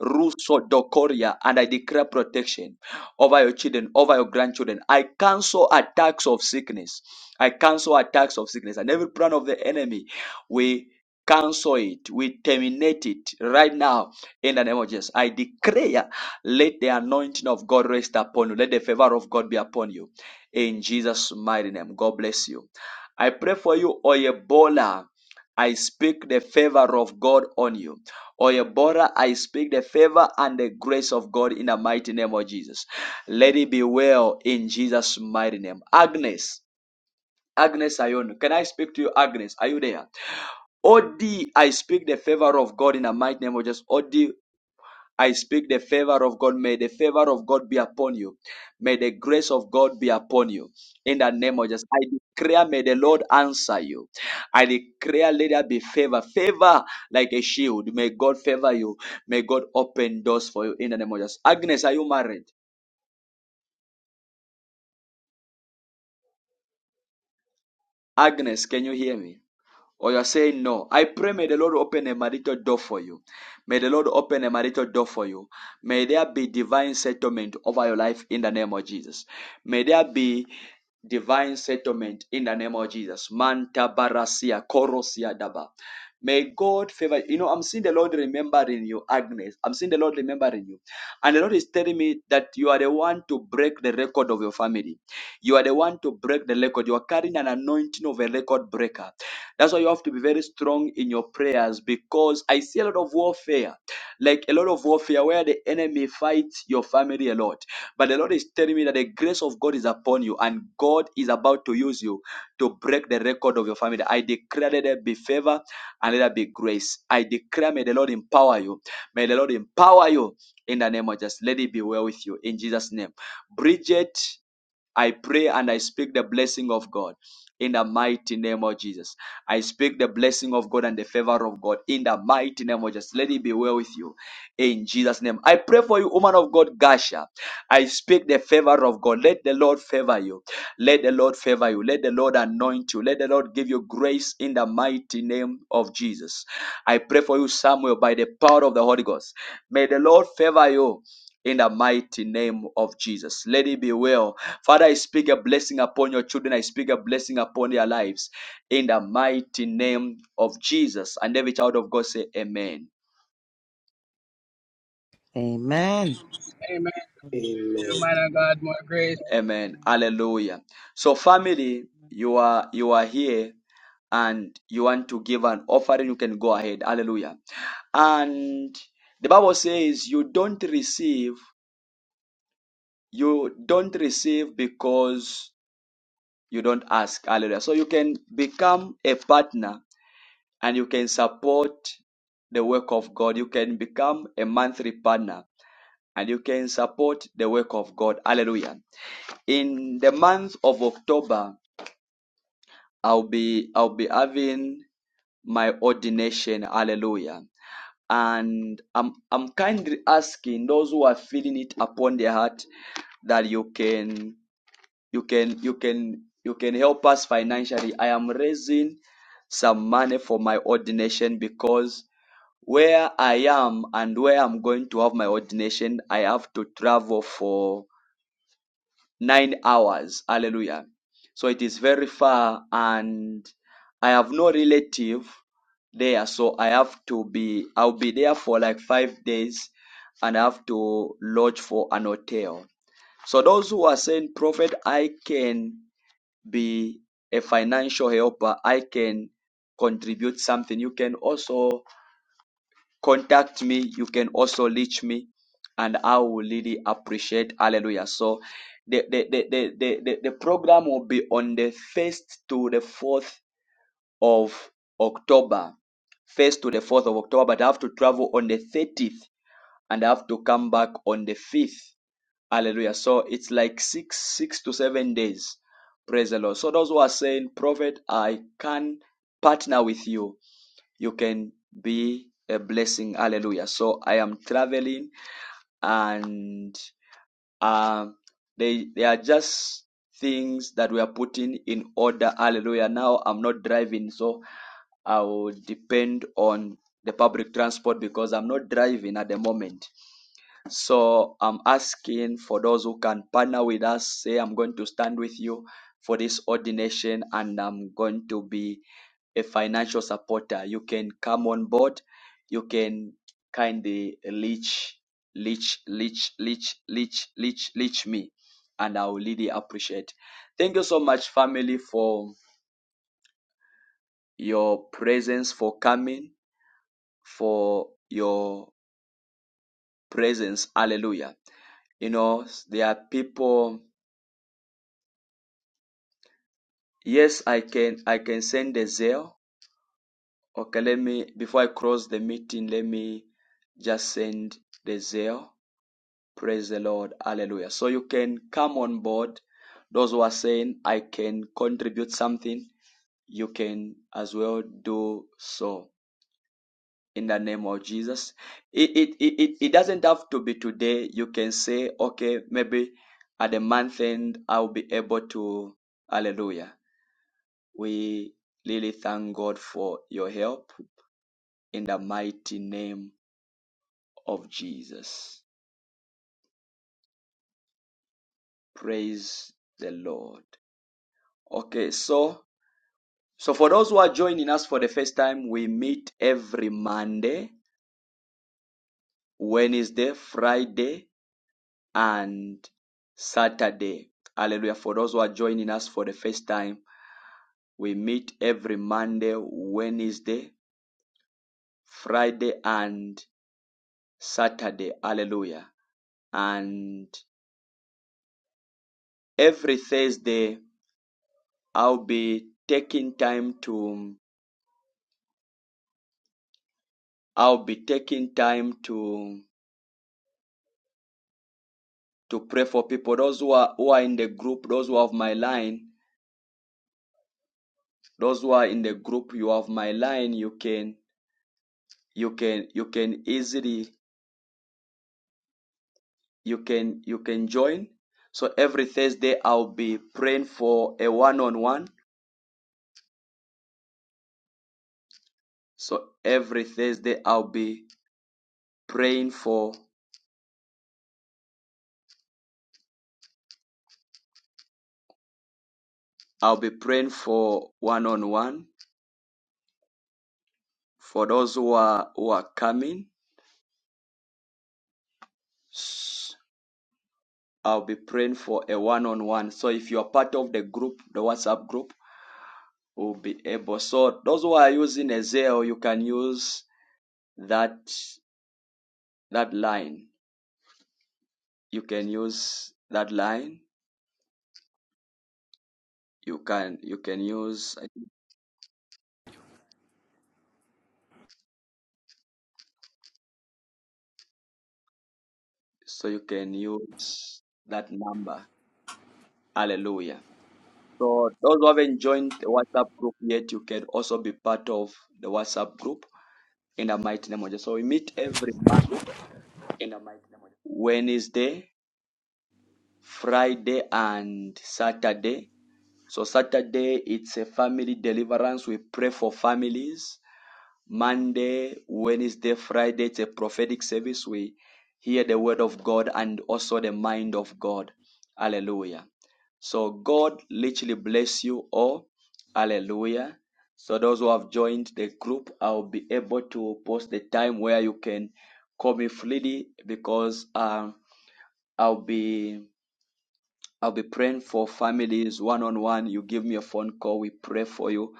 Speaker 1: Ruso Dokoria, and I declare protection over your children, over your grandchildren. I cancel attacks of sickness. I cancel attacks of sickness and every plan of the enemy. We cancel it. We terminate it right now in the name of Jesus. I declare, let the anointing of God rest upon you. Let the favor of God be upon you. In Jesus' mighty name. God bless you. I pray for you, Oyebola. I speak the favor of God on you. Oyebola, I speak the favor and the grace of God in the mighty name of Jesus. Let it be well in Jesus' mighty name. Agnes. Agnes Ayon. Can I speak to you, Agnes? Are you there? Odi, I speak the favor of God in the mighty name of Jesus. Odi, I speak the favor of God. May the favor of God be upon you. May the grace of God be upon you. In the name of Jesus. I declare, may the
Speaker 26: Be
Speaker 1: Lord
Speaker 26: upon you.
Speaker 1: answer you. I declare, let there be favor. Favor like a shield. May God favor you. May God open doors for you in the name of Jesus. Agnes, are you married? Agnes, can you hear me? or you're saying no. I pray may the Lord open a marital door for you. May the Lord open a marital door for you. May there be divine settlement over your life in the name of Jesus. May there be divine settlement in the name of Jesus. Manta barasia korosia daba. May God favor you. know, I'm seeing the Lord remembering you, Agnes. I'm seeing the Lord remembering you. And the Lord is telling me that you are the one to break the record of your family. You are the one to break the record. You are carrying an anointing of a record breaker. That's why you have to be very strong in your prayers because I see a lot of warfare, like a lot of warfare where the enemy fights your family a lot. But the Lord is telling me that the grace of God is upon you and God is about to use you to break the record of your family. I declare that there be favor and let there be grace. I declare may the Lord empower you. May the Lord empower you in the name of Jesus. Let it be well with you in Jesus' name. Bridget, I pray and I speak the blessing of God in the mighty name of Jesus. I speak the blessing of God and the favor of God in the mighty name of Jesus. Let it be well with you in Jesus' name. I pray for you, woman of God, Gasha. I speak the favor of God. Let the Lord favor you. Let the Lord favor you. Let the Lord anoint you. Let the Lord give you grace in the mighty name of Jesus. I pray for you, Samuel, by the power of the Holy Ghost. May the Lord favor you in the mighty name of Jesus. Let it be well. Father, I speak a blessing upon your children. I speak a blessing upon their lives in the mighty name of Jesus. And every child of God say amen.
Speaker 4: Amen.
Speaker 27: Amen.
Speaker 8: Amen.
Speaker 27: To the
Speaker 28: Amen.
Speaker 27: mighty God,
Speaker 8: Amen.
Speaker 27: more grace.
Speaker 1: Amen.
Speaker 8: Amen.
Speaker 1: Hallelujah. So family, you are you are here and you want to give an offering, you can go ahead. Hallelujah. And the Bible says you don't receive, you don't receive because you don't ask hallelujah so you can become a partner and you can support the work of god you can become a monthly partner and you can support the work of god hallelujah in the month of october i'll be i'll be having my ordination hallelujah and i'm i'm kindly asking those who are feeling it upon their heart that you can you can you can you can help us financially i am raising some money for my ordination because where i am and where i'm going to have my ordination i have to travel for 9 hours hallelujah so it is very far and i have no relative there so i have to be i'll be there for like 5 days and i have to lodge for an hotel so those who are saying prophet i can be a financial helper. I can contribute something. You can also contact me. You can also reach me, and I will really appreciate. Hallelujah. So the the the the the, the, the program will be on the first to the fourth of October. First to the fourth of October, but I have to travel on the thirtieth and I have to come back on the fifth. Hallelujah. So it's like six, six to seven days. Praise the Lord. So those who are saying, Prophet, I can partner with you. You can be a blessing. Hallelujah. So I am traveling and um they they are just things that we are putting in order hallelujah now i'm not driving so i will depend on the public transport because i'm not driving at the moment so i'm asking for those who can partner with us say i'm going to stand with you for this ordination and i'm going to be a financial supporter. You can come on board. You can kindly leech, leech, leech, leech, leech, leech, leech me. And I will really appreciate. Thank you so much, family, for your presence, for coming, for your presence. Hallelujah. You know, there are people. Yes, I can I can send a zeal. Okay, let me before I close the meeting, let me just send the zeal. Praise the Lord. Hallelujah. So you can come on board. Those who are saying, I can contribute something, you can as well do so in the name of Jesus. It, it, it, it doesn't have to be today. You can say, okay, maybe at the month end, I'll be able to. Hallelujah. We really thank God for your help in the mighty name of Jesus. Praise the Lord. Okay, so So for those who are joining us for the first time, we meet every Monday, Wednesday, Friday, and Saturday. Hallelujah. For those who are joining us for the first time, we meet every Monday, Wednesday, Friday, and Saturday. Hallelujah. And every Thursday, I'll be taking time to I'll be taking time to to pray for people. Those who are who are in the group, those who have my line, Those who are in the group, you have my line. You can you can you can easily you can you can join. So every Thursday I'll be praying for a one-on-one. So every Thursday I'll be praying for I'll be praying for one-on-one for those who are who are coming. i I'll be praying for a one-on-one. So if you are part of the group, the WhatsApp group, will be able. So those who are using a Zelle, you can use that that line you can use that line you can you can use so you can use that number hallelujah so those who haven't joined the whatsapp group yet you can also be part of the whatsapp group in the mighty name of jesus so we meet every month wednesday friday and saturday so saturday it's a family deliverance we pray for families Monday, Wednesday, Friday, it's a prophetic service. We hear the word of God and also the mind of God. Hallelujah. So God literally bless you all. Hallelujah. So those who have joined the group, I'll be able to post the time where you can call me freely because um, I'll be I'll be praying for families one on one. You give me a phone call, we pray for you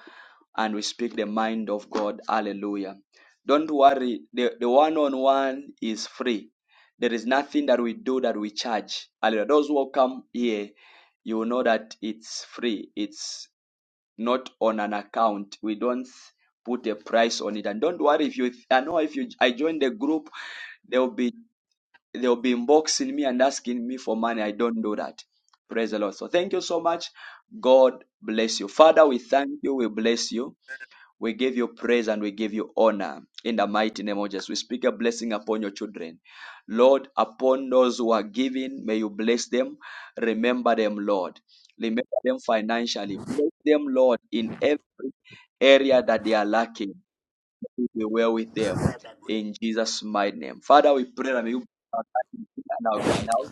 Speaker 1: and we speak the mind of God. Hallelujah. Don't worry, the, the one on one is free. There is nothing that we do that we charge. Hallelujah. Those who come here, you will know that it's free. It's not on an account. We don't put a price on it. And don't worry if you I know if you I join the group, there will be They'll be inboxing me and asking me for money. I don't do that. Praise the Lord. So thank you so much. God bless you. Father, we thank you. We bless you. We give you praise and we give you honor in the mighty name of Jesus. We speak a blessing upon your children. Lord, upon those who are giving, may you bless them. Remember them, Lord. Remember them financially. Bless them, Lord, in every area that they are lacking will be well with them. In Jesus' mighty name. Father, we pray that may you be our guide and our going out.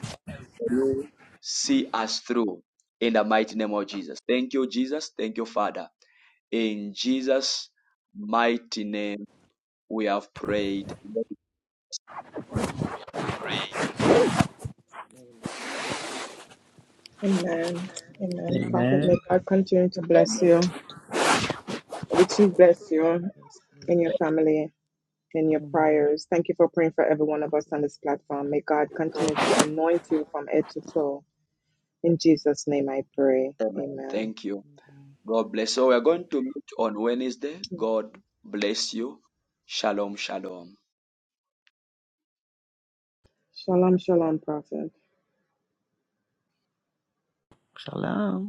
Speaker 1: May you see us through in the mighty name of Jesus. Thank you, Jesus. Thank you, Father. In Jesus' mighty name, we have prayed.
Speaker 8: Amen.
Speaker 15: Amen. Amen.
Speaker 8: Amen.
Speaker 15: Prophet, may
Speaker 4: Amen.
Speaker 15: God continue to bless you,
Speaker 8: Thank you, man
Speaker 15: richly
Speaker 8: of God.
Speaker 15: bless you
Speaker 8: Bless you.
Speaker 15: and your family in your
Speaker 8: Amen.
Speaker 15: prayers. Thank you for praying for every one of us on this platform. May God continue to anoint you from head to toe. In Jesus' name I pray.
Speaker 1: Amen.
Speaker 15: Amen.
Speaker 1: Thank you.
Speaker 8: Amen.
Speaker 1: God bless. So we are going to meet on Wednesday. God bless you. Shalom, shalom.
Speaker 15: Shalom, shalom, Prophet.
Speaker 4: Shalom.